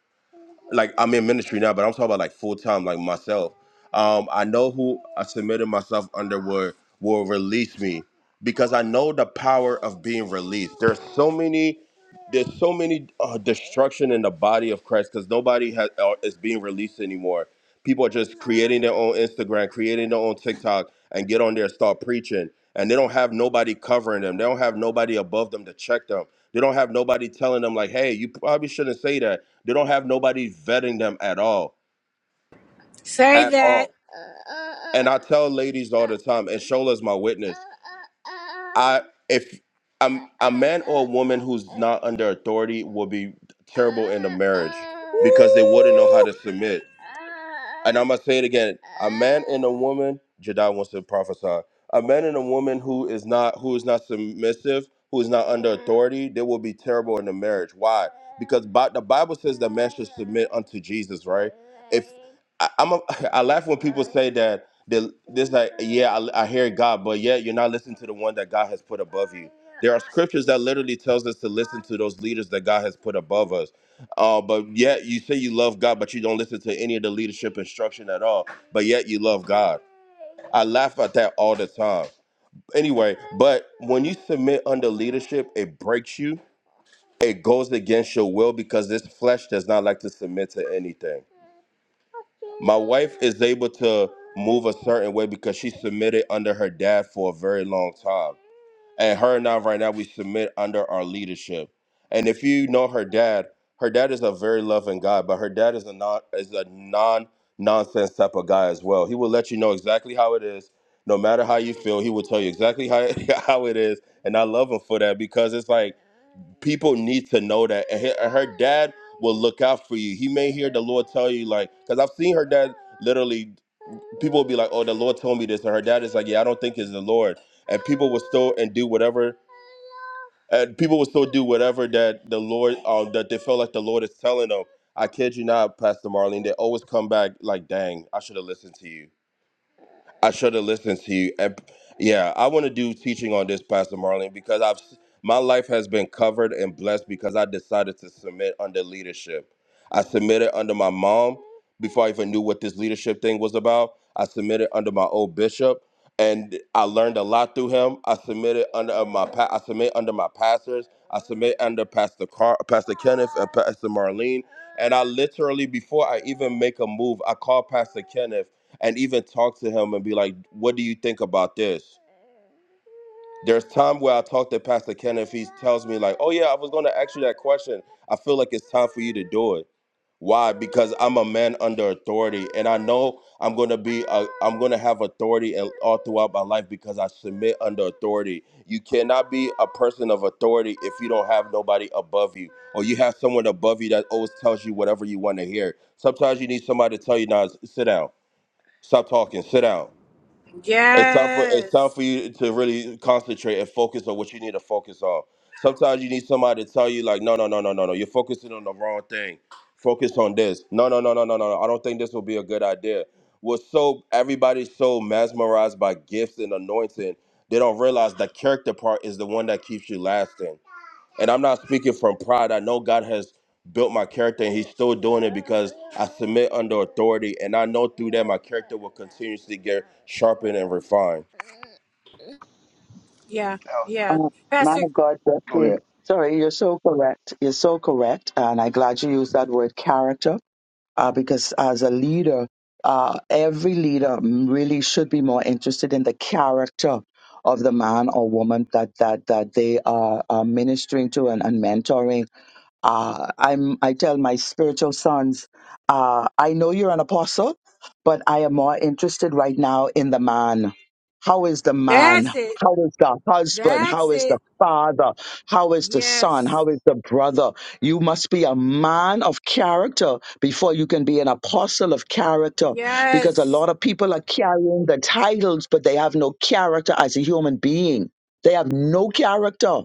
S8: like I'm in ministry now, but I'm talking about like full time, like myself. Um, I know who I submitted myself under will will release me because I know the power of being released. There's so many, there's so many uh, destruction in the body of Christ because nobody has uh, is being released anymore. People are just creating their own Instagram, creating their own TikTok, and get on there and start preaching. And they don't have nobody covering them. They don't have nobody above them to check them. They don't have nobody telling them like, "Hey, you probably shouldn't say that." They don't have nobody vetting them at all at all. And I tell ladies all the time, and Shola's my witness. I if I'm a man or a woman who's not under authority will be terrible in a marriage because they wouldn't know how to submit. And I'm gonna say it again: a man and a woman. Jedi wants to prophesy. A man and a woman who is not who is not submissive, who is not under authority, they will be terrible in the marriage. Why? Because Bi- the Bible says that man should submit unto Jesus, right? If I, I'm a, (laughs) I laugh when people say that the this like yeah I, I hear God but yet you're not listening to the one that God has put above you. There are scriptures that literally tells us to listen to those leaders that God has put above us. Uh, but yet you say you love God but you don't listen to any of the leadership instruction at all. But yet you love God. I laugh at that all the time. Anyway, but when you submit under leadership, it breaks you. It goes against your will because this flesh does not like to submit to anything my wife is able to move a certain way because she submitted under her dad for a very long time. And her and I right now we submit under our leadership. And if you know her dad, her dad is a very loving guy, but her dad is a non is a non nonsense type of guy as well. He will let you know exactly how it is, no matter how you feel. He will tell you exactly how (laughs) how it is, and I love him for that because it's like people need to know that and her, and her dad will look out for you he may hear the lord tell you like because i've seen her dad literally people will be like oh the lord told me this and her dad is like yeah i don't think it's the lord and people will still and do whatever and people will still do whatever that the lord um that they feel like the lord is telling them i kid you not pastor marlene they always come back like dang i should have listened to you I should have listened to you. And, yeah, I want to do teaching on this, Pastor Marlene, because I've my life has been covered and blessed because I decided to submit under leadership. I submitted under my mom before I even knew what this leadership thing was about. I submitted under my old bishop, and I learned a lot through him. I submitted under my pa- I submit under my pastors. I submit under Pastor Car- Pastor Kenneth and Pastor Marlene. And I literally, before I even make a move, I call Pastor Kenneth and even talk to him and be like, "What do you think about this?" There's time where I talk to Pastor Ken if he tells me like, "Oh yeah, I was going to ask you that question. I feel like it's time for you to do it." Why? Because I'm a man under authority, and I know I'm gonna be i am am gonna have authority and all throughout my life because I submit under authority. You cannot be a person of authority if you don't have nobody above you, or you have someone above you that always tells you whatever you want to hear. Sometimes you need somebody to tell you, "Now sit down, stop talking, sit down." It's time for it's time for you to really concentrate and focus on what you need to focus on. Sometimes you need somebody to tell you like, no, no, no, no, no, no. You're focusing on the wrong thing. Focus on this. No, no, no, no, no, no. no. I don't think this will be a good idea. We're so everybody's so mesmerized by gifts and anointing, they don't realize the character part is the one that keeps you lasting. And I'm not speaking from pride. I know God has built my character and He's still doing it because I submit under authority. And I know through that my character will continuously get sharpened and refined.
S3: Uh, man of God,
S5: Go
S3: Bessie.
S5: ahead.
S3: Sorry, you're so correct. You're so correct. And I'm glad you used that word character uh, because as a leader, uh, every leader really should be more interested in the character of the man or woman that that that they are, are ministering to and, and mentoring uh, I'm, I tell my spiritual sons, uh, I know you're an apostle, but I am more interested right now in the man. How is the man? How is the husband? How is the father? How is the son? How is the brother? You must be a man of character before you can be an apostle of character because a lot of people are carrying the titles, but they have no character as a human being. They have no character.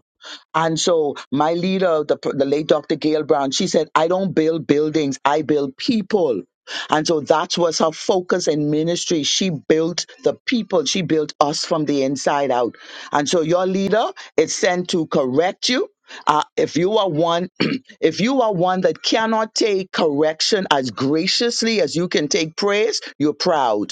S3: And so my leader, the, the late Dr. Gail Brown, she said, I don't build buildings, I build people. And so that was her focus in ministry. She built the people. She built us from the inside out. And so your leader is sent to correct you. Uh, if you are one, (clears throat) if you are one that cannot take correction as graciously as you can take praise, you're proud.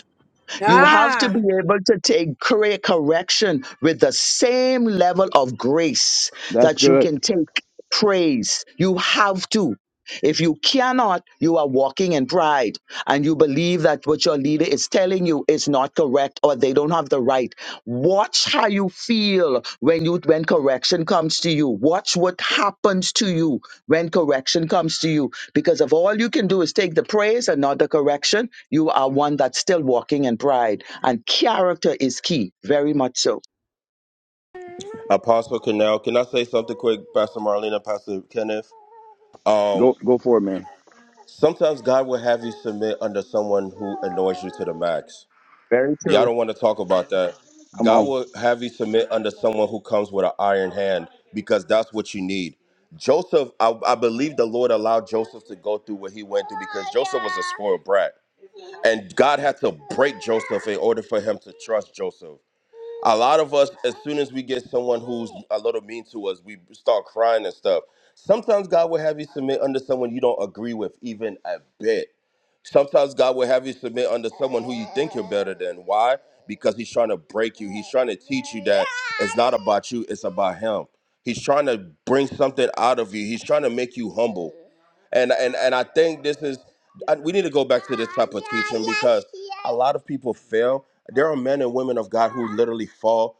S3: You have to be able to take corre- correction with the same level of grace
S5: That's
S3: that you
S5: good.
S3: can take praise. You have to. If you cannot, you are walking in pride and you believe that what your leader is telling you is not correct or they don't have the right. Watch how you feel when you when correction comes to you. Watch what happens to you when correction comes to you because if all you can do is take the praise and not the correction, you are one that's still walking in pride, and character is key, very much so.
S8: Apostle Canal, can I say something quick, Pastor Marlena, Pastor Kenneth? Um,
S5: Go go for it, man.
S8: sometimes God will have you submit under someone who annoys you to the max
S3: Very
S8: Y'all
S3: true.
S8: don't want to talk about that.
S5: Come
S8: God
S5: on.
S8: will have you submit under someone who comes with an iron hand because that's what you need. Joseph, I, I believe the Lord allowed Joseph to go through what he went through because Joseph was a spoiled brat. And God had to break Joseph in order for him to trust Joseph a lot of us as soon as we get someone who's a little mean to us we start crying and stuff sometimes god will have you submit under someone you don't agree with even a bit sometimes god will have you submit under someone who you think you're better than why because he's trying to break you he's trying to teach you that it's not about you it's about him he's trying to bring something out of you he's trying to make you humble and and and I think this is I, we need to go back to this type of teaching because a lot of people fail. There are men and women of God who literally fall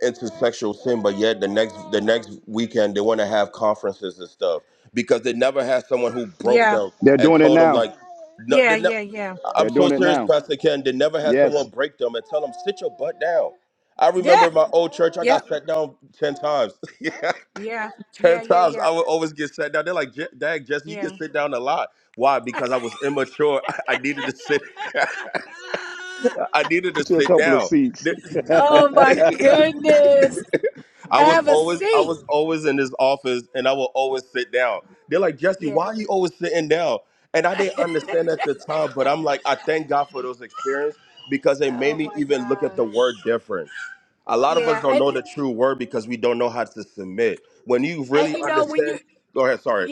S8: into sexual sin, but yet the next the next weekend they want to have conferences and stuff because they never had someone who broke them
S5: They're
S8: and
S5: doing it
S8: told them
S5: now.
S8: like, no, they ne- I'm
S5: They're
S8: so
S5: doing it
S8: serious,
S5: now.
S8: Pastor Ken. They never had
S5: Yes.
S8: someone break them and tell them sit your butt down. I remember in my old church, I got sat down ten times. (laughs) Ten times I would always get sat down. They're like, "Je- Dag, Jesse, you can sit down a lot. Why? Because I was immature. (laughs) I needed to sit. (laughs) I needed to
S5: Get you a
S8: sit
S5: couple of
S8: down.
S5: seats.
S8: They-
S5: (laughs) it
S8: (laughs) I was always, I was always in this office, and I would always sit down. They're like, Jesse, why are you always sitting down? And I didn't understand at the time, but I'm like, I thank God for those experiences because they made me even look at the word different. A lot of us don't know the true word because we don't know how to submit. When you really understand, go ahead. Sorry.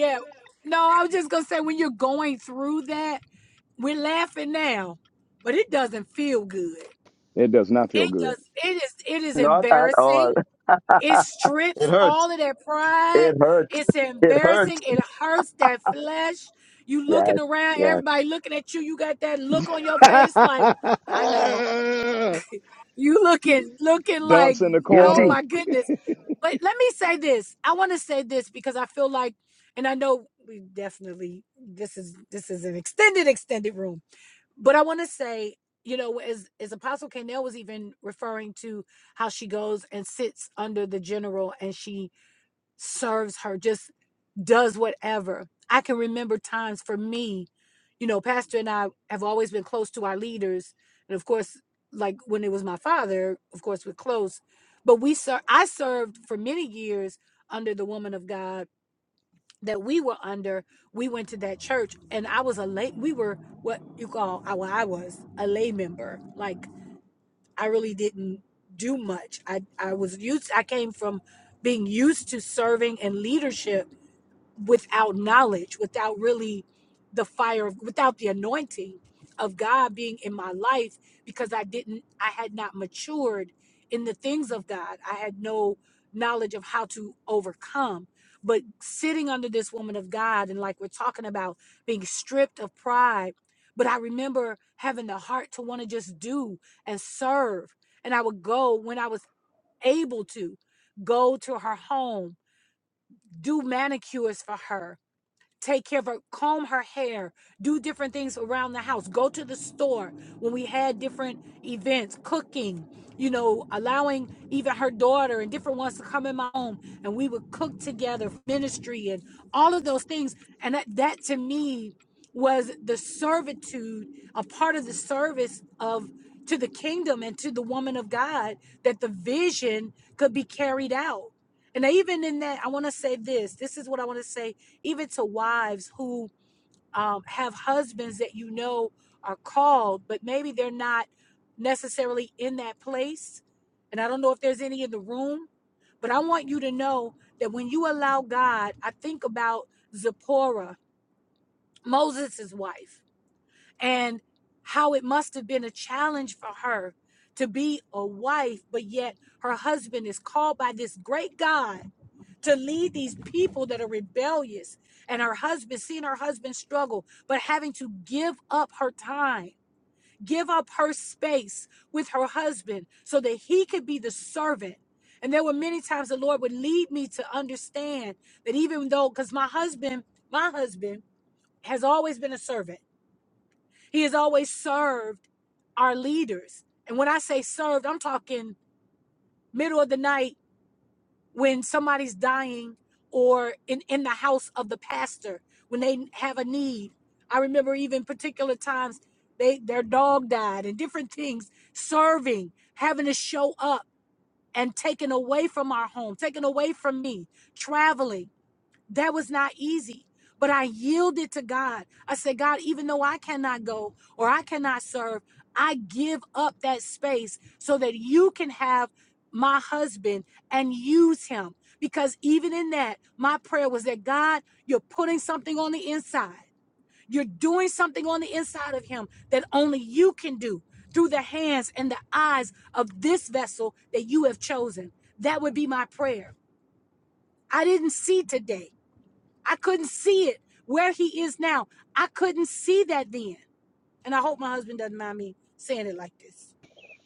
S5: does not feel good.
S3: Not at all. It hurts. It hurts. It hurts. Yes. Yes.
S5: (laughs) Dunce in the
S3: Guilty.
S5: corner.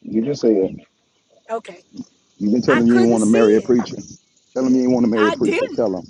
S5: You just said. You've been telling you you want to marry a preacher. Tell him you ain't want to marry a preacher. Tell him.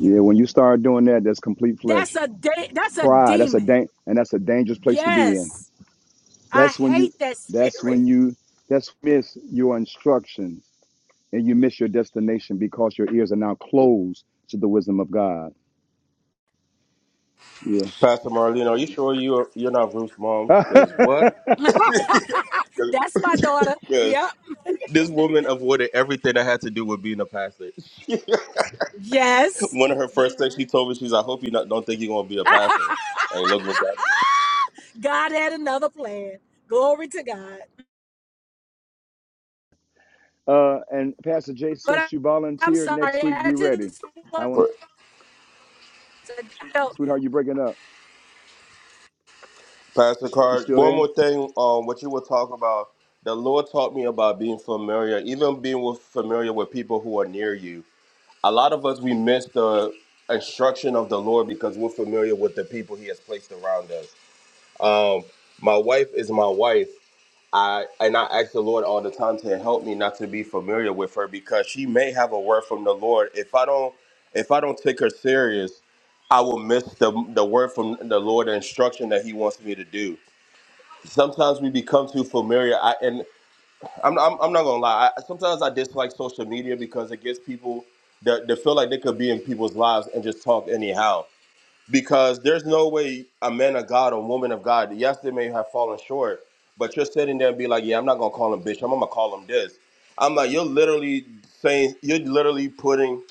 S5: Yeah, when you start doing that, that's complete flesh. pride that's a dang and that's a dangerous place to be in that's when you that's when you that's miss your instructions and you miss your destination because your ears are now closed to the wisdom of god yeah
S8: Pastor Marlene, are you sure you're you're not Ruth's
S5: (laughs)
S8: mom?
S5: uh
S8: Because what? (laughs) Because this woman avoided everything that had to do with being a pastor. (laughs) One of her first things she told me, she's, "I hope you not, don't think you're gonna be a pastor." And look what that.
S5: and pastor jay since you volunteered next week be ready i want
S8: But
S5: to sweetheart you breaking up
S8: Pastor
S5: you
S8: Card,
S5: still
S8: one
S5: there
S8: more thing. Um, what you were talking about, the Lord taught me about being familiar, even being with, familiar with people who are near you. A lot of us we miss the instruction of the Lord because we're familiar with the people He has placed around us. Um, my wife is my wife. I and I ask the Lord all the time to help me not to be familiar with her because she may have a word from the Lord. If I don't, if I don't take her serious, I will miss the the word from the Lord, the instruction that He wants me to do. Sometimes we become too familiar. I and I'm I'm, I'm not gonna lie. I, sometimes I dislike social media because it gives people that they feel like they could be in people's lives and just talk anyhow because there's no way a man of God or woman of God, yes, they may have fallen short, but you're sitting there and be like, yeah, I'm not gonna call him bitch. I'm gonna call him this. I'm like, you're literally saying, you're literally putting,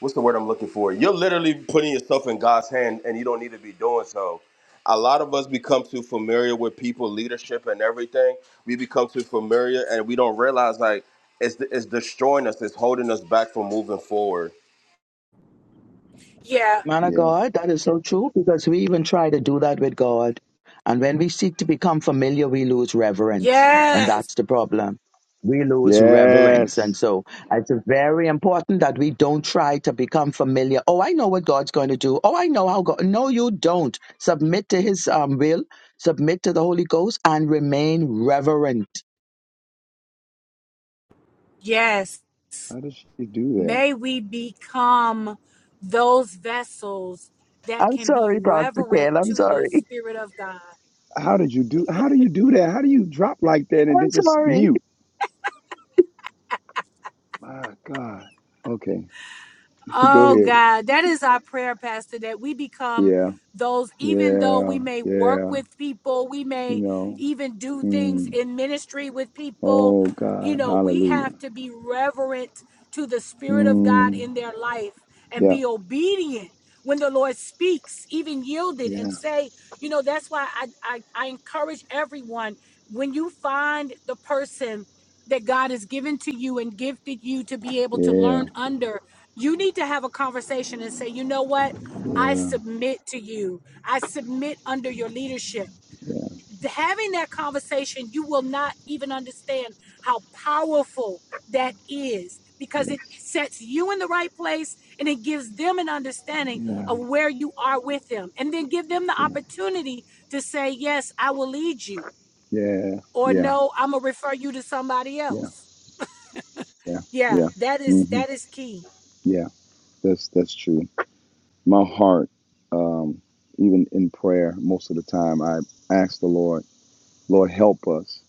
S8: what's the word I'm looking for? You're literally putting yourself in God's hand, and you don't need to be doing so. A lot of us become too familiar with people, leadership, and everything. We become too familiar, and we don't realize like it's it's destroying us. It's holding us back from moving forward
S3: Man of
S5: yeah
S3: God, that is so true because we even try to do that with God. And when we seek to become familiar, we lose reverence. And that's the problem. We lose reverence. And
S5: yes
S3: so it's very important that we don't try to become familiar. Oh, I know what God's going to do. Oh, I know how God. No, you don't. Submit to his um, will, submit to the Holy Ghost, and remain reverent.
S5: how did she do that
S3: I'm sorry, Pastor Ken. I'm sorry.
S5: how did you do how do you do that how do you drop like that and
S3: I'm
S5: then just
S3: sorry.
S5: mute my god okay (laughs) go ahead Yeah, yeah, yeah. You know, mm. oh God, hallelujah. Mm. Yeah, yeah, yeah, yeah, yeah, yes, yeah, yeah, yeah, yeah, yeah, yeah, yeah, hmm yeah. That's that's true. My heart, um, even in prayer, most of the time, I ask the Lord, Lord, help us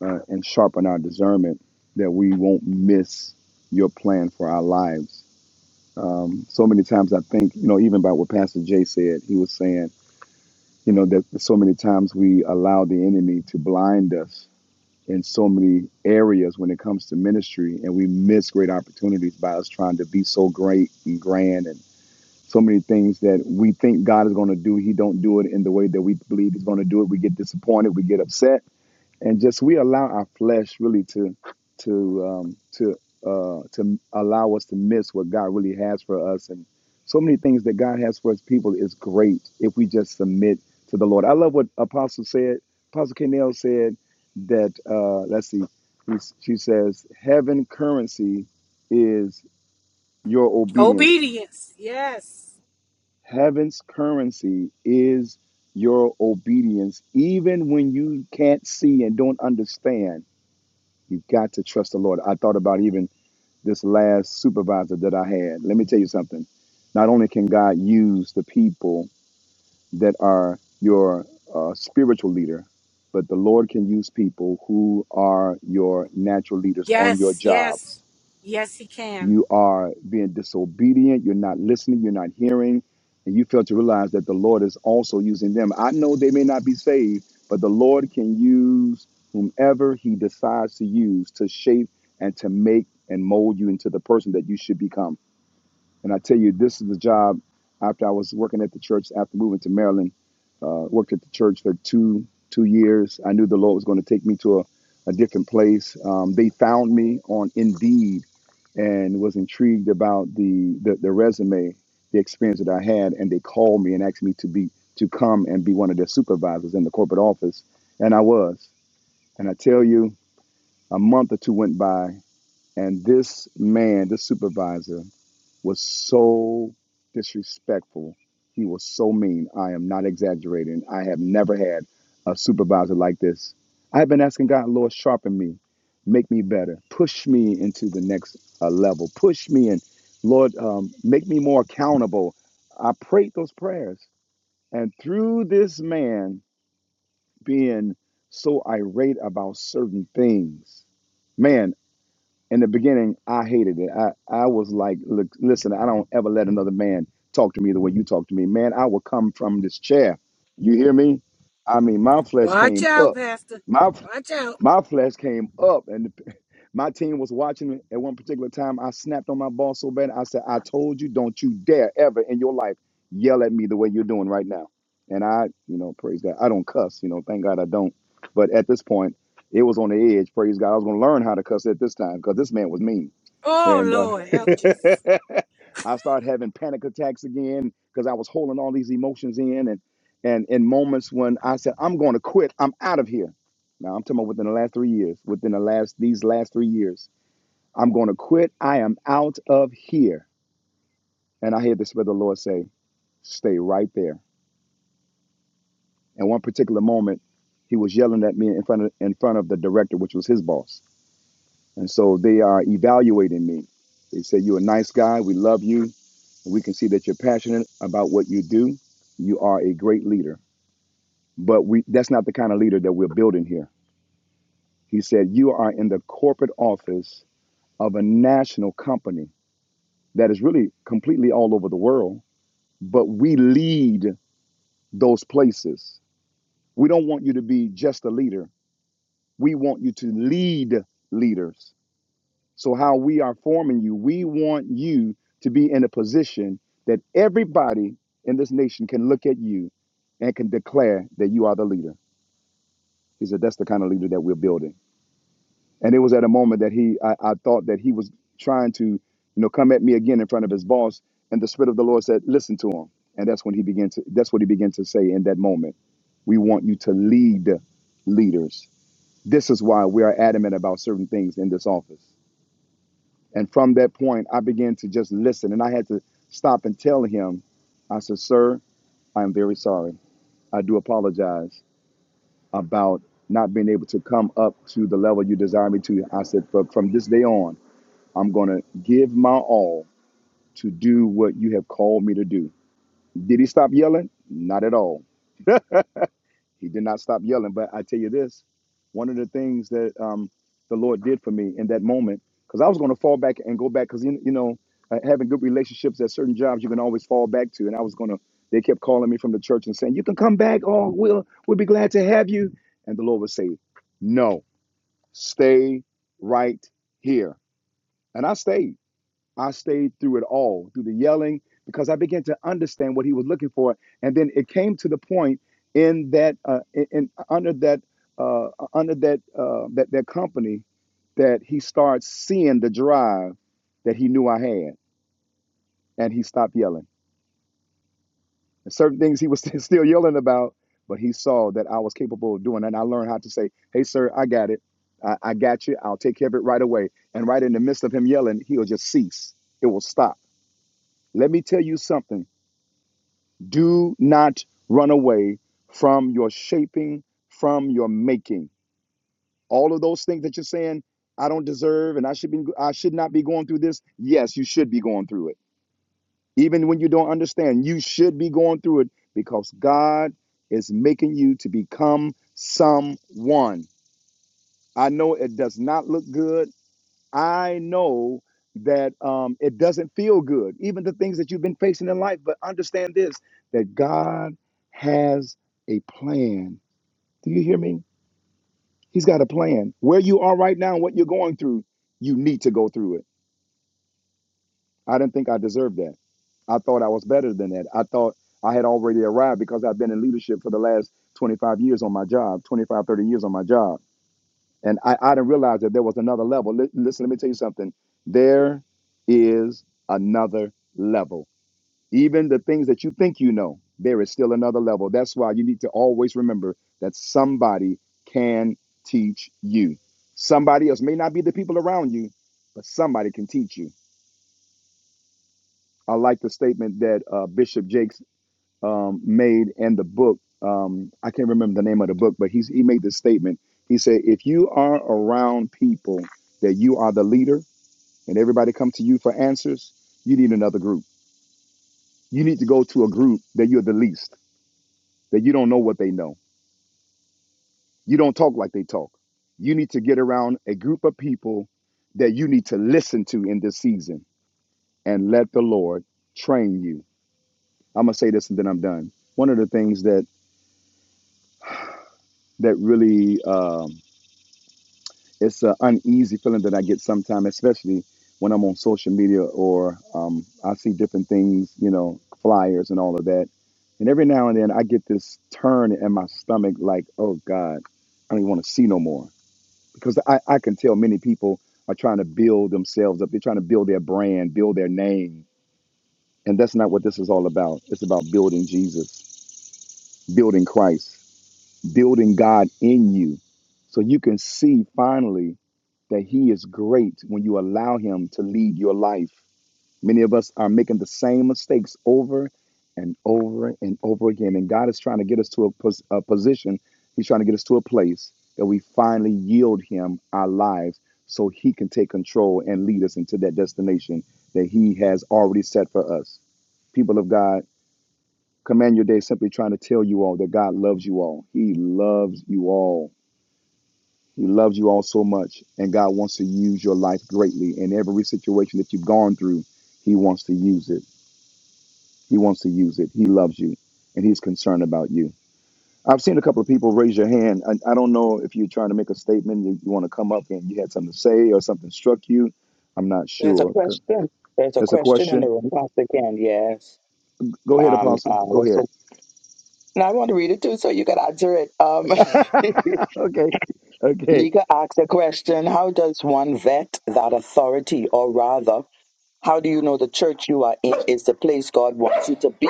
S5: uh, and sharpen our discernment that we won't miss Your plan for our lives Um, so many times I think, you know, even about what Pastor Jay said, he was saying, you know, that so many times we allow the enemy to blind us in so many areas when it comes to ministry, and we miss great opportunities by us trying to be so great and grand and so many things that we think God is going to do, He don't do it in the way that we believe He's going to do it. We get disappointed, we get upset, and just we allow our flesh really to to um, to uh, to allow us to miss what God really has for us, and so many things that God has for His people is great if we just submit to the Lord. I love what Apostle said. Apostle Canel said that. Uh, let's see, he's, she says, "Heaven currency is your obedience. Heaven's currency is." Your obedience, even when you can't see and don't understand, You've got to trust the Lord. I thought about even this last supervisor that I had. Let me tell you something. Not only can God use the people that are your uh, spiritual leader, but the Lord can use people who are your natural leaders on your jobs you are being disobedient. You're not listening. You're not hearing. And you fail to realize that the Lord is also using them. I know they may not be saved, but the Lord can use whomever He decides to use to shape and to make and mold you into the person that you should become. And I tell you, this is the job after I was working at the church after moving to Maryland uh, worked at the church for two two years. I knew the Lord was going to take me to a, a different place. Um, they found me on Indeed and was intrigued about the, the the resume, the experience that I had, and they called me and asked me to be to come and be one of their supervisors in the corporate office, and I was. And I tell you, a month or two went by, and this man, this supervisor, was so disrespectful. He was so mean. I am not exaggerating. I have never had a supervisor like this. I've been asking God, Lord, sharpen me, make me better, push me into the next uh, level, push me and Lord, um, make me more accountable. I prayed those prayers. And through this man being so irate about certain things, man, in the beginning, I hated it. I, I was like, look, listen, I don't ever let another man talk to me the way you talk to me. Man, I will come from this chair. You hear me? I mean, my flesh came up. My my flesh came up. and. My team was watching me at one particular time. I snapped on my boss so bad. I said, I told you, don't you dare ever in your life yell at me the way you're doing right now. And I, you know, praise God. I don't cuss, you know, thank God I don't. But at this point, it was on the edge. Praise God. I was going to learn how to cuss at this time because this man was mean and uh, (laughs) I started having panic attacks again because I was holding all these emotions in, and and in moments when I said I'm going to quit, I'm out of here. Now I'm talking about within the last three years, within the last these last three years, I'm going to quit. I am out of here, and I heard the Spirit of the Lord say, "Stay right there." And one particular moment, He was yelling at me in front of in front of the director, which was his boss, and so they are evaluating me. They said, "You're a nice guy. We love you." We can see that you're passionate about what you do. You are a great leader, but we that's not the kind of leader that we're building here. He said you are in the corporate office of a national company that is really completely all over the world, but we lead those places. We don't want you to be just a leader. We want you to lead leaders. So, how we are forming you, we want you to be in a position that everybody in this nation can look at you and can declare that you are the leader. He said, That's the kind of leader that we're building. And it was at a moment that he, I, I thought that he was trying to, you know, come at me again in front of his boss. And the Spirit of the Lord said, Listen to him. And that's when he began to, that's what he began to say in that moment. We want you to lead leaders. This is why we are adamant about certain things in this office. And from that point, I began to just listen. And I had to stop and tell him, I said, Sir, I am very sorry. I do apologize about not being able to come up to the level you desire me to. I said, But from this day on, I'm going to give my all to do what you have called me to do. Did he stop yelling? Not at all. He did not stop yelling. But I tell you this, one of the things that um, the Lord did for me in that moment, because I was going to fall back and go back, because you, you know, uh, having good relationships at certain jobs, you can always fall back to. And I was going to, they kept calling me from the church and saying, "You can come back. Oh, we'll we'll be glad to have you." And the Lord would say, "No, stay right here." And I stayed. I stayed through it all, through the yelling, because I began to understand what he was looking for. And then it came to the point in that, uh, in, in- under that, uh, under that, uh, that that company, that he starts seeing the drive that he knew I had, and he stopped yelling. And certain things he was (laughs) still yelling about, but he saw that I was capable of doing, it. and I learned how to say, "Hey, sir, I got it. I, I got you. I'll take care of it right away." And right in the midst of him yelling, he'll just cease. It will stop. Let me tell you something. Do not run away from your shaping, from your making. All of those things that you're saying, I don't deserve, and I should be, I should not be going through this. Yes, you should be going through it, even when you don't understand. You should be going through it because God is making you to become someone. I know it does not look good. I know that um, it doesn't feel good, even the things that you've been facing in life. But understand this that God has a plan. Do you hear me? He's got a plan. Where you are right now, what you're going through, you need to go through it. I didn't think I deserved that. I thought I was better than that. I thought I had already arrived because I've been in leadership for the last 25 years on my job, 25, 30 years on my job. And I, I didn't realize that there was another level. Li- listen, let me tell you something. There is another level. Even the things that you think you know, there is still another level. That's why you need to always remember that somebody can teach you. Somebody else may not be the people around you, but somebody can teach you. I like the statement that uh, Bishop Jakes um, made in the book. Um, I can't remember the name of the book, but he's, he made this statement. He said, if you are around people that you are the leader and everybody come to you for answers, you need another group. You need to go to a group that you're the least, that you don't know what they know. You don't talk like they talk. You need to get around a group of people that you need to listen to in this season and let the Lord train you. I'm going to say this and then I'm done. One of the things that that really um, it's an uneasy feeling that I get sometimes, especially when I'm on social media or um, I see different things, you know, flyers and all of that. And every now and then I get this turn in my stomach, like, oh God, I don't even want to see no more. Because I, I can tell many people are trying to build themselves up. They're trying to build their brand, build their name. And that's not what this is all about. It's about building Jesus, building Christ, building God in you. So you can see finally that he is great when you allow him to lead your life. Many of us are making the same mistakes over and over and over again. And God is trying to get us to a, pos- a position, he's trying to get us to a place that we finally yield him our lives so he can take control and lead us into that destination that he has already set for us. People of God, command your day simply trying to tell you all that God loves you all. He loves you all. He loves you all so much, and God wants to use your life greatly. In every situation that you've gone through, He wants to use it. He wants to use it. He loves you, and He's concerned about you. I've seen a couple of people raise your hand. I, I don't know if you're trying to make a statement, you, you want to come up and you had something to say, or something struck you. I'm not
S3: There's a
S5: sure. Okay.
S3: question. There's a
S5: That's a
S3: question in the
S5: question.
S3: room, Pastor Ken. Yes.
S5: Go ahead,
S3: Um,
S5: Apostle.
S3: uh,
S5: Go
S3: what's the?
S5: ahead.
S3: And I want to read it too, so you can answer it. Um,
S5: (laughs) okay.
S3: (laughs)
S5: Okay.
S3: Nika asked a question: How does one vet that authority, or rather, how do you know the church you are in is the place God wants you to be?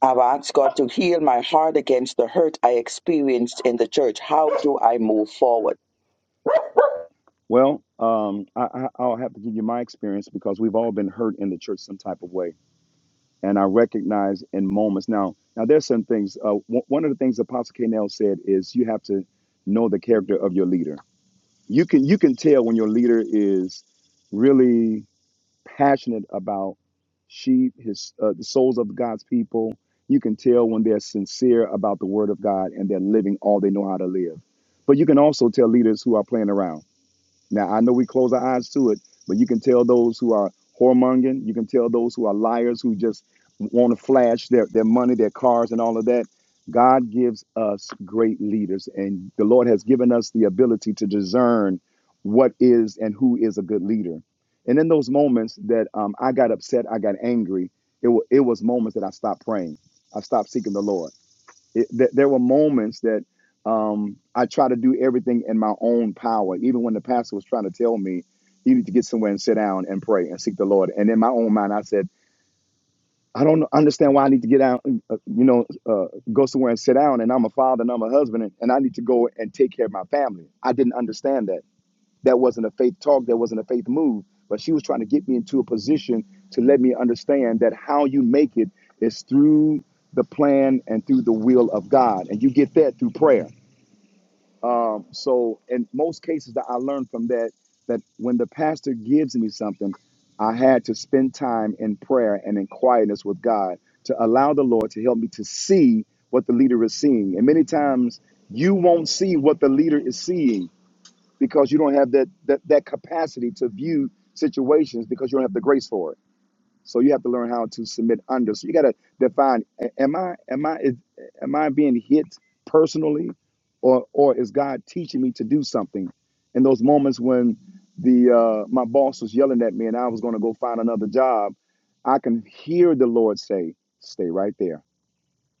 S3: I've asked God to heal my heart against the hurt I experienced in the church. How do I move forward?
S5: Well, um, I, I, I'll have to give you my experience because we've all been hurt in the church some type of way and I recognize in moments. Now, now there's some things. Uh, w- one of the things Apostle K. Nell said is you have to know the character of your leader. You can you can tell when your leader is really passionate about sheep, his uh, the souls of God's people. You can tell when they're sincere about the Word of God and they're living all they know how to live. But you can also tell leaders who are playing around. Now I know we close our eyes to it, but you can tell those who are whoremongering, you can tell those who are liars who just want to flash their, their money, their cars, and all of that. God gives us great leaders, and the Lord has given us the ability to discern what is and who is a good leader. And in those moments that um, I got upset, I got angry, it, wa it was moments that I stopped praying. I stopped seeking the Lord. It, th- there were moments that um, I tried to do everything in my own power, even when the pastor was trying to tell me you need to get somewhere and sit down and pray and seek the Lord. And in my own mind, I said, I don't understand why I need to get out, uh, you know, uh, go somewhere and sit down. And I'm a father and I'm a husband, and, and I need to go and take care of my family. I didn't understand that that wasn't a faith talk that wasn't a faith move but she was trying to get me into a position to let me understand that how you make it is through the plan and through the will of god and you get that through prayer um, so in most cases that i learned from that that when the pastor gives me something i had to spend time in prayer and in quietness with god to allow the lord to help me to see what the leader is seeing and many times you won't see what the leader is seeing because you don't have that, that that capacity to view situations because you don't have the grace for it. So you have to learn how to submit under. So you got to define: a- am I am I is, am I being hit personally, or or is God teaching me to do something? In those moments when the uh, my boss was yelling at me and I was going to go find another job, I can hear the Lord say, "Stay right there."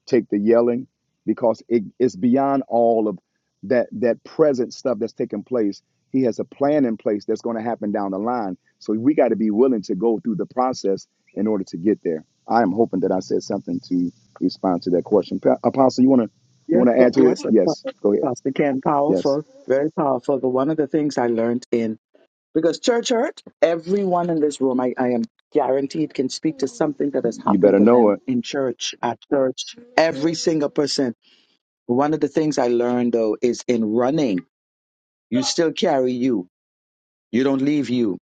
S5: take the yelling because it, it's beyond all of that that present stuff that's taking place he has a plan in place that's going to happen down the line so we got to be willing to go through the process in order to get there i am hoping that i said something to respond to that question Pa- apostle you want to you
S3: Yes,
S5: want to
S3: pa-
S5: add to it
S3: yes, uh,
S5: yes
S3: Pa-
S5: go ahead
S3: Pastor Ken,
S5: yes
S3: powerful, very powerful. But one of the things I learned in Because church hurt, everyone in this room, I, I am guaranteed, can speak to something that has
S5: you
S3: happened
S5: better
S3: to
S5: know
S3: them
S5: it
S3: in church, at church, every single person. One of the things I learned though is in running, you still carry you, you don't leave you.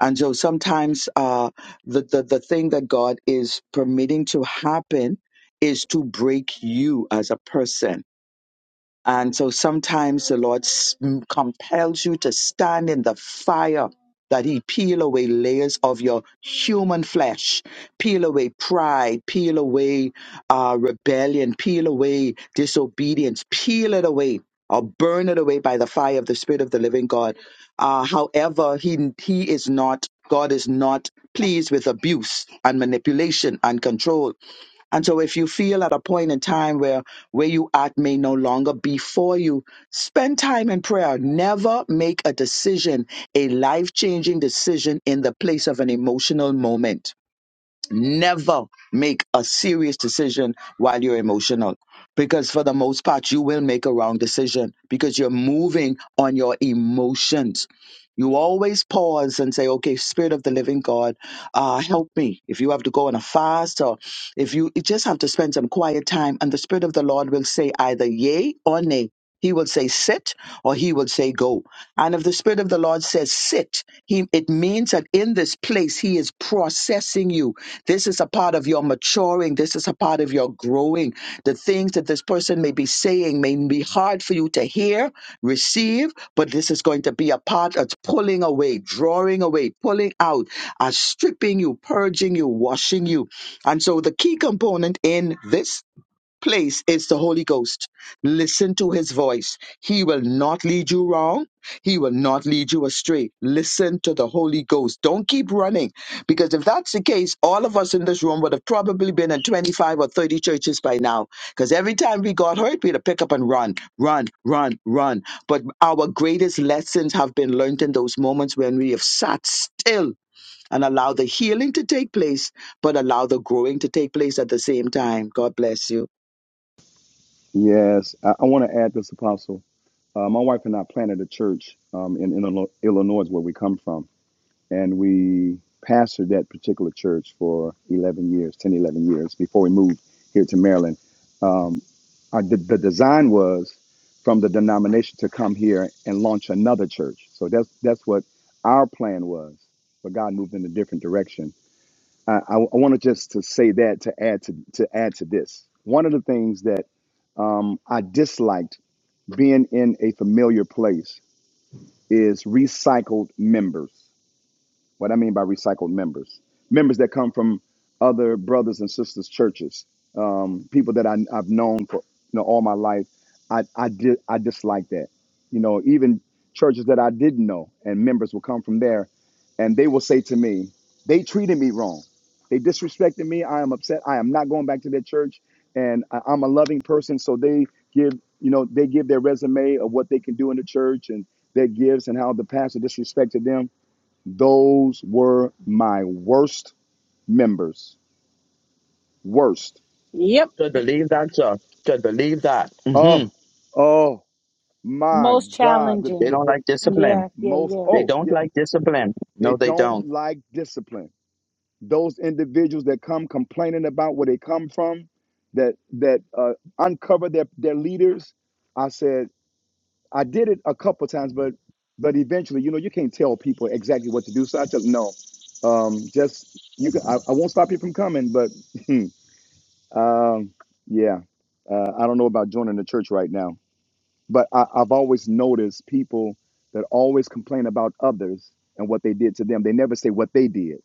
S3: And so sometimes uh, the, the, the thing that God is permitting to happen is to break you as a person And so sometimes the Lord s- m- compels you to stand in the fire that He peel away layers of your human flesh, peel away pride, peel away uh, rebellion, peel away disobedience, peel it away or burn it away by the fire of the Spirit of the living God. Uh, however, he, he is not, God is not pleased with abuse and manipulation and control. And so if you feel at a point in time where where you at may no longer be for you, spend time in prayer. Never make a decision, a life-changing decision in the place of an emotional moment Never make a serious decision while you're emotional because, for the most part, you will make a wrong decision because you're moving on your emotions. You always pause and say, Okay, Spirit of the Living God, uh, help me. If you have to go on a fast or if you, you just have to spend some quiet time, and the Spirit of the Lord will say either yay or nay. He will say sit or he will say go. And if the Spirit of the Lord says sit, he, it means that in this place, He is processing you. This is a part of your maturing. This is a part of your growing. The things that this person may be saying may be hard for you to hear, receive, but this is going to be a part of pulling away, drawing away, pulling out, uh, stripping you, purging you, washing you. And so the key component in this place is the Holy Ghost. Listen to his voice. He will not lead you wrong. He will not lead you astray. Listen to the Holy Ghost. Don't keep running because if that's the case, all of us in this room would have probably been in 25 or 30 churches by now because every time we got hurt, we had to pick up and run, run, run, run. But our greatest lessons have been learned in those moments when we have sat still and allow the healing to take place, but allow the growing to take place at the same time. God bless you.
S5: yes i, I want to add this apostle uh, my wife and i planted a church um, in, in Illinois where we come from and we pastored that particular church for 11 years, 10, 11 years before we moved here to Maryland. Our, the, the design was from the denomination to come here and launch another church. So that's that's what our plan was, but God moved in a different direction. I, I, I want just to say that to add to to add to this. One of the things that um, I disliked being in a familiar place is recycled members. What I mean by recycled members, members that come from other brothers and sisters churches, um, people that I, I've known for you know all my life. I I did I dislike that. You know, even churches that I didn't know and members will come from there, and they will say to me, they treated me wrong, they disrespected me. I am upset. I am not going back to their church, and I, I'm a loving person, so they give you know they give their resume of what they can do in the church and their gifts and how the pastor disrespected them those were my worst members. Worst.
S3: Should believe that, sir. Should believe that. hmm
S5: Oh, oh my God. The,
S3: They
S5: the,
S3: don't
S5: the
S3: like discipline.
S5: most,
S3: They
S5: oh,
S3: don't
S5: yeah.
S3: like discipline.
S5: They
S3: No, they don't.
S5: don't like discipline. Those individuals that come complaining about where they come from, that that uh, uncover their, their leaders. I said, I did it a couple times, but but eventually, you know, you can't tell people exactly what to do. So I said, no, um, just you. Can, I, I won't stop you from coming, but (laughs) Um, yeah. Uh, I don't know about joining the church right now, but I, I've always noticed people that always complain about others and what they did to them. They never say what they did.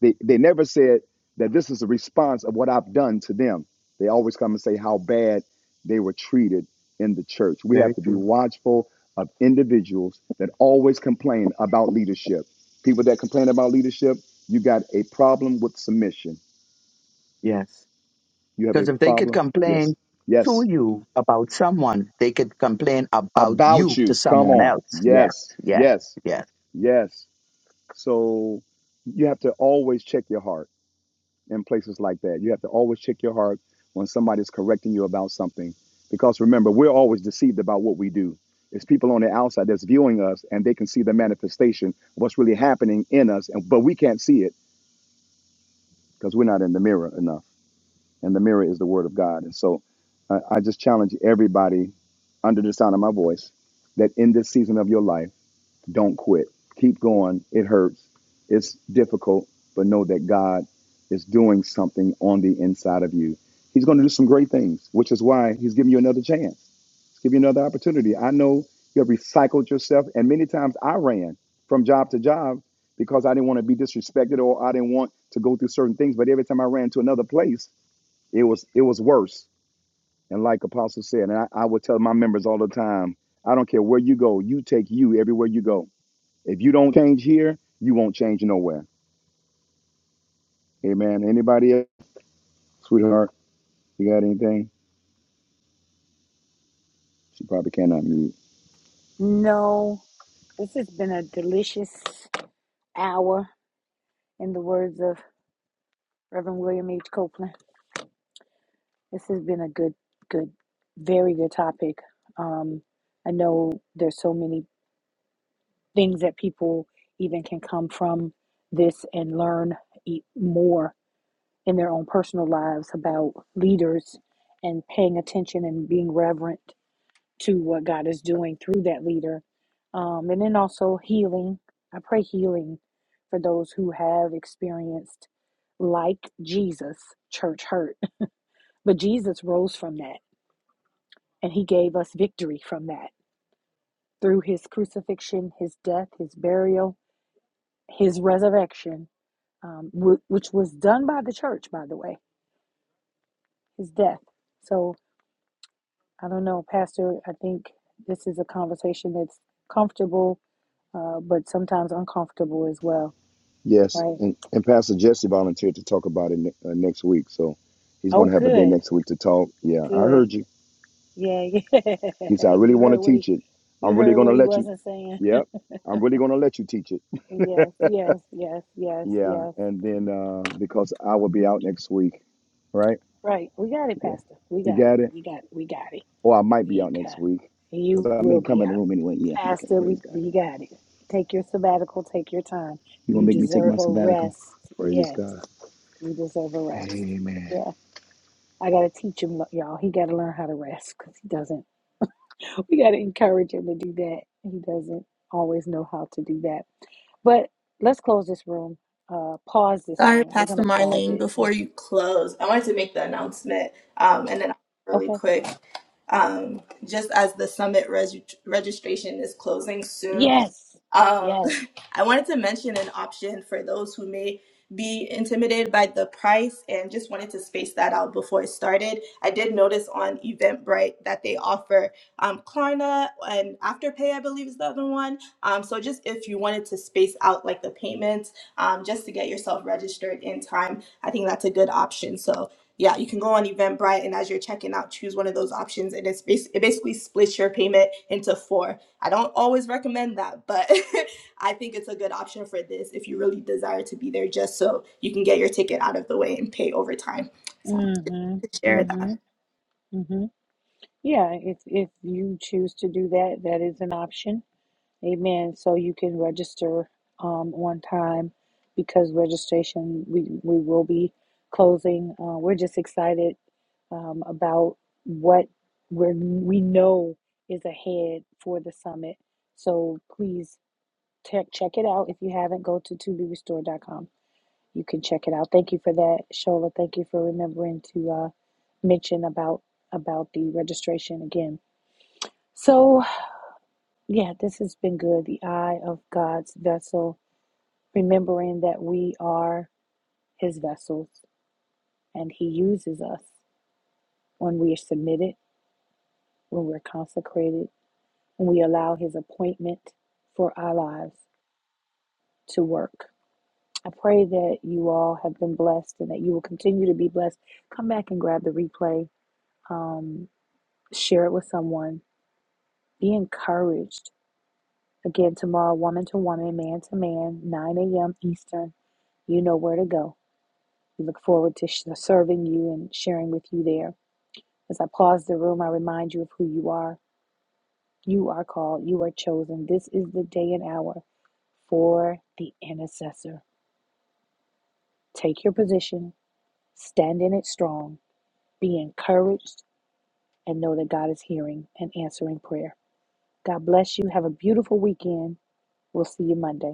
S5: They they never said that this is a response of what I've done to them. They always come and say how bad they were treated in the church. We
S3: Very
S5: have to be
S3: true.
S5: watchful of individuals that always complain about leadership. People that complain about leadership, you got a problem with submission.
S3: Yes.
S5: You have a
S3: Because if they could
S5: problem. Yes.
S3: complain to
S5: Yes.
S3: you about someone, they could complain about
S5: about
S3: you to
S5: you. Come
S3: someone
S5: on.
S3: else. Yes,
S5: Yes,
S3: yes,
S5: yes,
S3: yes.
S5: yes. So you have to always check your heart in places like that. You have to always check your heart when somebody's correcting you about something. Because remember, we're always deceived about what we do. It's people on the outside that's viewing us and they can see the manifestation of what's really happening in us, and but we can't see it because we're not in the mirror enough. And the mirror is the word of God. And so I, I just challenge everybody under the sound of my voice that in this season of your life, don't quit. Keep going. It hurts. It's difficult, but know that God is doing something on the inside of you. He's going to do some great things, which is why he's giving you another chance. He's giving you another opportunity. I know you have recycled yourself, and many times I ran from job to job because I didn't want to be disrespected or I didn't want to go through certain things. But every time I ran to another place, it was it was worse. And like Apostle said, and I, I would tell my members all the time, I don't care where you go, you take you everywhere you go if you don't change here, you won't change nowhere. Amen. Anybody else? Sweetheart, you got anything? She probably cannot mute.
S1: And a delicious hour, in the words of Reverend William H. Copeland. This has been a good, good, very good topic. Um, I know there's so many things that people even can come from this and learn e- more in their own personal lives about leaders and paying attention and being reverent to what God is doing through that leader. Um, and then also healing. I pray healing for those who have experienced, like Jesus, church hurt. (laughs) But Jesus rose from that And he gave us victory from that through his crucifixion, his death, his burial, his resurrection, um, w- which was done by the church, by the way, his death. So I don't know, Pastor, I think this is a conversation that's comfortable, uh, but sometimes uncomfortable as well,
S5: Yes.
S1: right?
S5: And, and Pastor Jesse volunteered to talk about it ne- uh, next week. So he's
S1: Oh,
S5: going to have a day
S1: good,
S5: next week to talk. Yeah, I
S1: good.
S5: heard you.
S1: Yeah, (laughs) yeah.
S5: He said, I really
S1: you
S5: want to
S1: heard what he,
S5: teach it.
S1: you
S5: I'm really
S1: heard
S5: going to
S1: what he
S5: let you.
S1: wasn't saying. (laughs)
S5: Yep. I'm really going to let you teach it.
S1: Yes, yes, yes, yes,
S5: Yeah.
S1: yes.
S5: And then uh, because I will be out next week, right?
S1: Right. We got it,
S5: Yeah.
S1: Pastor. We
S5: You
S1: got it.
S5: got it?
S1: You got it. We got it.
S5: Or I might be
S1: We
S5: out
S1: got
S5: next
S1: it.
S5: week because
S1: You
S5: I may
S1: will
S5: come
S1: be
S5: in the
S1: out.
S5: room anyway. Yeah. Okay.
S1: Pastor, we,
S5: Praise God.
S1: we got it. Take your sabbatical, take your time.
S5: You're
S1: You
S5: gonna make me take my
S1: deserve a
S5: sabbatical.
S1: rest.
S5: Praise
S1: Yes,
S5: God.
S1: you deserve a rest.
S5: Amen.
S1: Yeah, I got to teach him, lo- y'all. He got to learn how to rest because he doesn't. We got to encourage him to do that. He doesn't always know how to do that. But let's close this room, uh, pause this
S6: Sorry,
S1: room. We're going
S6: Pastor
S1: to pause
S6: Marlene,
S1: it.
S6: before
S1: Just,
S6: you close, I wanted to make the announcement um, and then really quick. Um, just as the summit reg- registration is closing soon, Um, (laughs) I wanted to mention an option for those who may be intimidated by the price and just wanted to space that out before it started. I did notice on Eventbrite that they offer um, Klarna and Afterpay, I believe is the other one. Um, so just if you wanted to space out like the payments um, just to get yourself registered in time, I think that's a good option. So yeah, you can go on Eventbrite and as you're checking out, choose one of those options and it's bas- it basically splits your payment into four. I don't always recommend that, but (laughs) I think it's a good option for this if you really desire to be there just so you can get your ticket out of the way and pay overtime. So
S1: mm
S6: to
S1: hmm,
S6: share
S1: mm
S6: that.
S1: hmm, mm hmm. Yeah, if, if you choose to do that, that is an option Amen. So you can register um, on time because registration, we, we will be closing. Uh, we're just excited um, about what we're, we know is ahead for the summit. So please check check it out. If you haven't, go to to be restored dot com. You can check it out. Thank you for that, Shola. Thank you for remembering to uh, mention about about the registration again. So yeah, this has been good. The eye of God's vessel, remembering that we are his vessels and he uses us when we are submitted, when we're consecrated, when we allow his appointment for our lives to work. I pray that you all have been blessed and that you will continue to be blessed. Come back and grab the replay, um, share it with someone, be encouraged. Again, tomorrow, woman to woman, man to man, 9 a.m. Eastern. You know where to go. We look forward to sh- serving you and sharing with you there. As I pause the room, I remind you of who you are. You are called, you are chosen. This is the day and hour for the intercessor. Take your position, stand in it strong, be encouraged, and know that God is hearing and answering prayer. God bless you. Have a beautiful weekend. We'll see you Monday.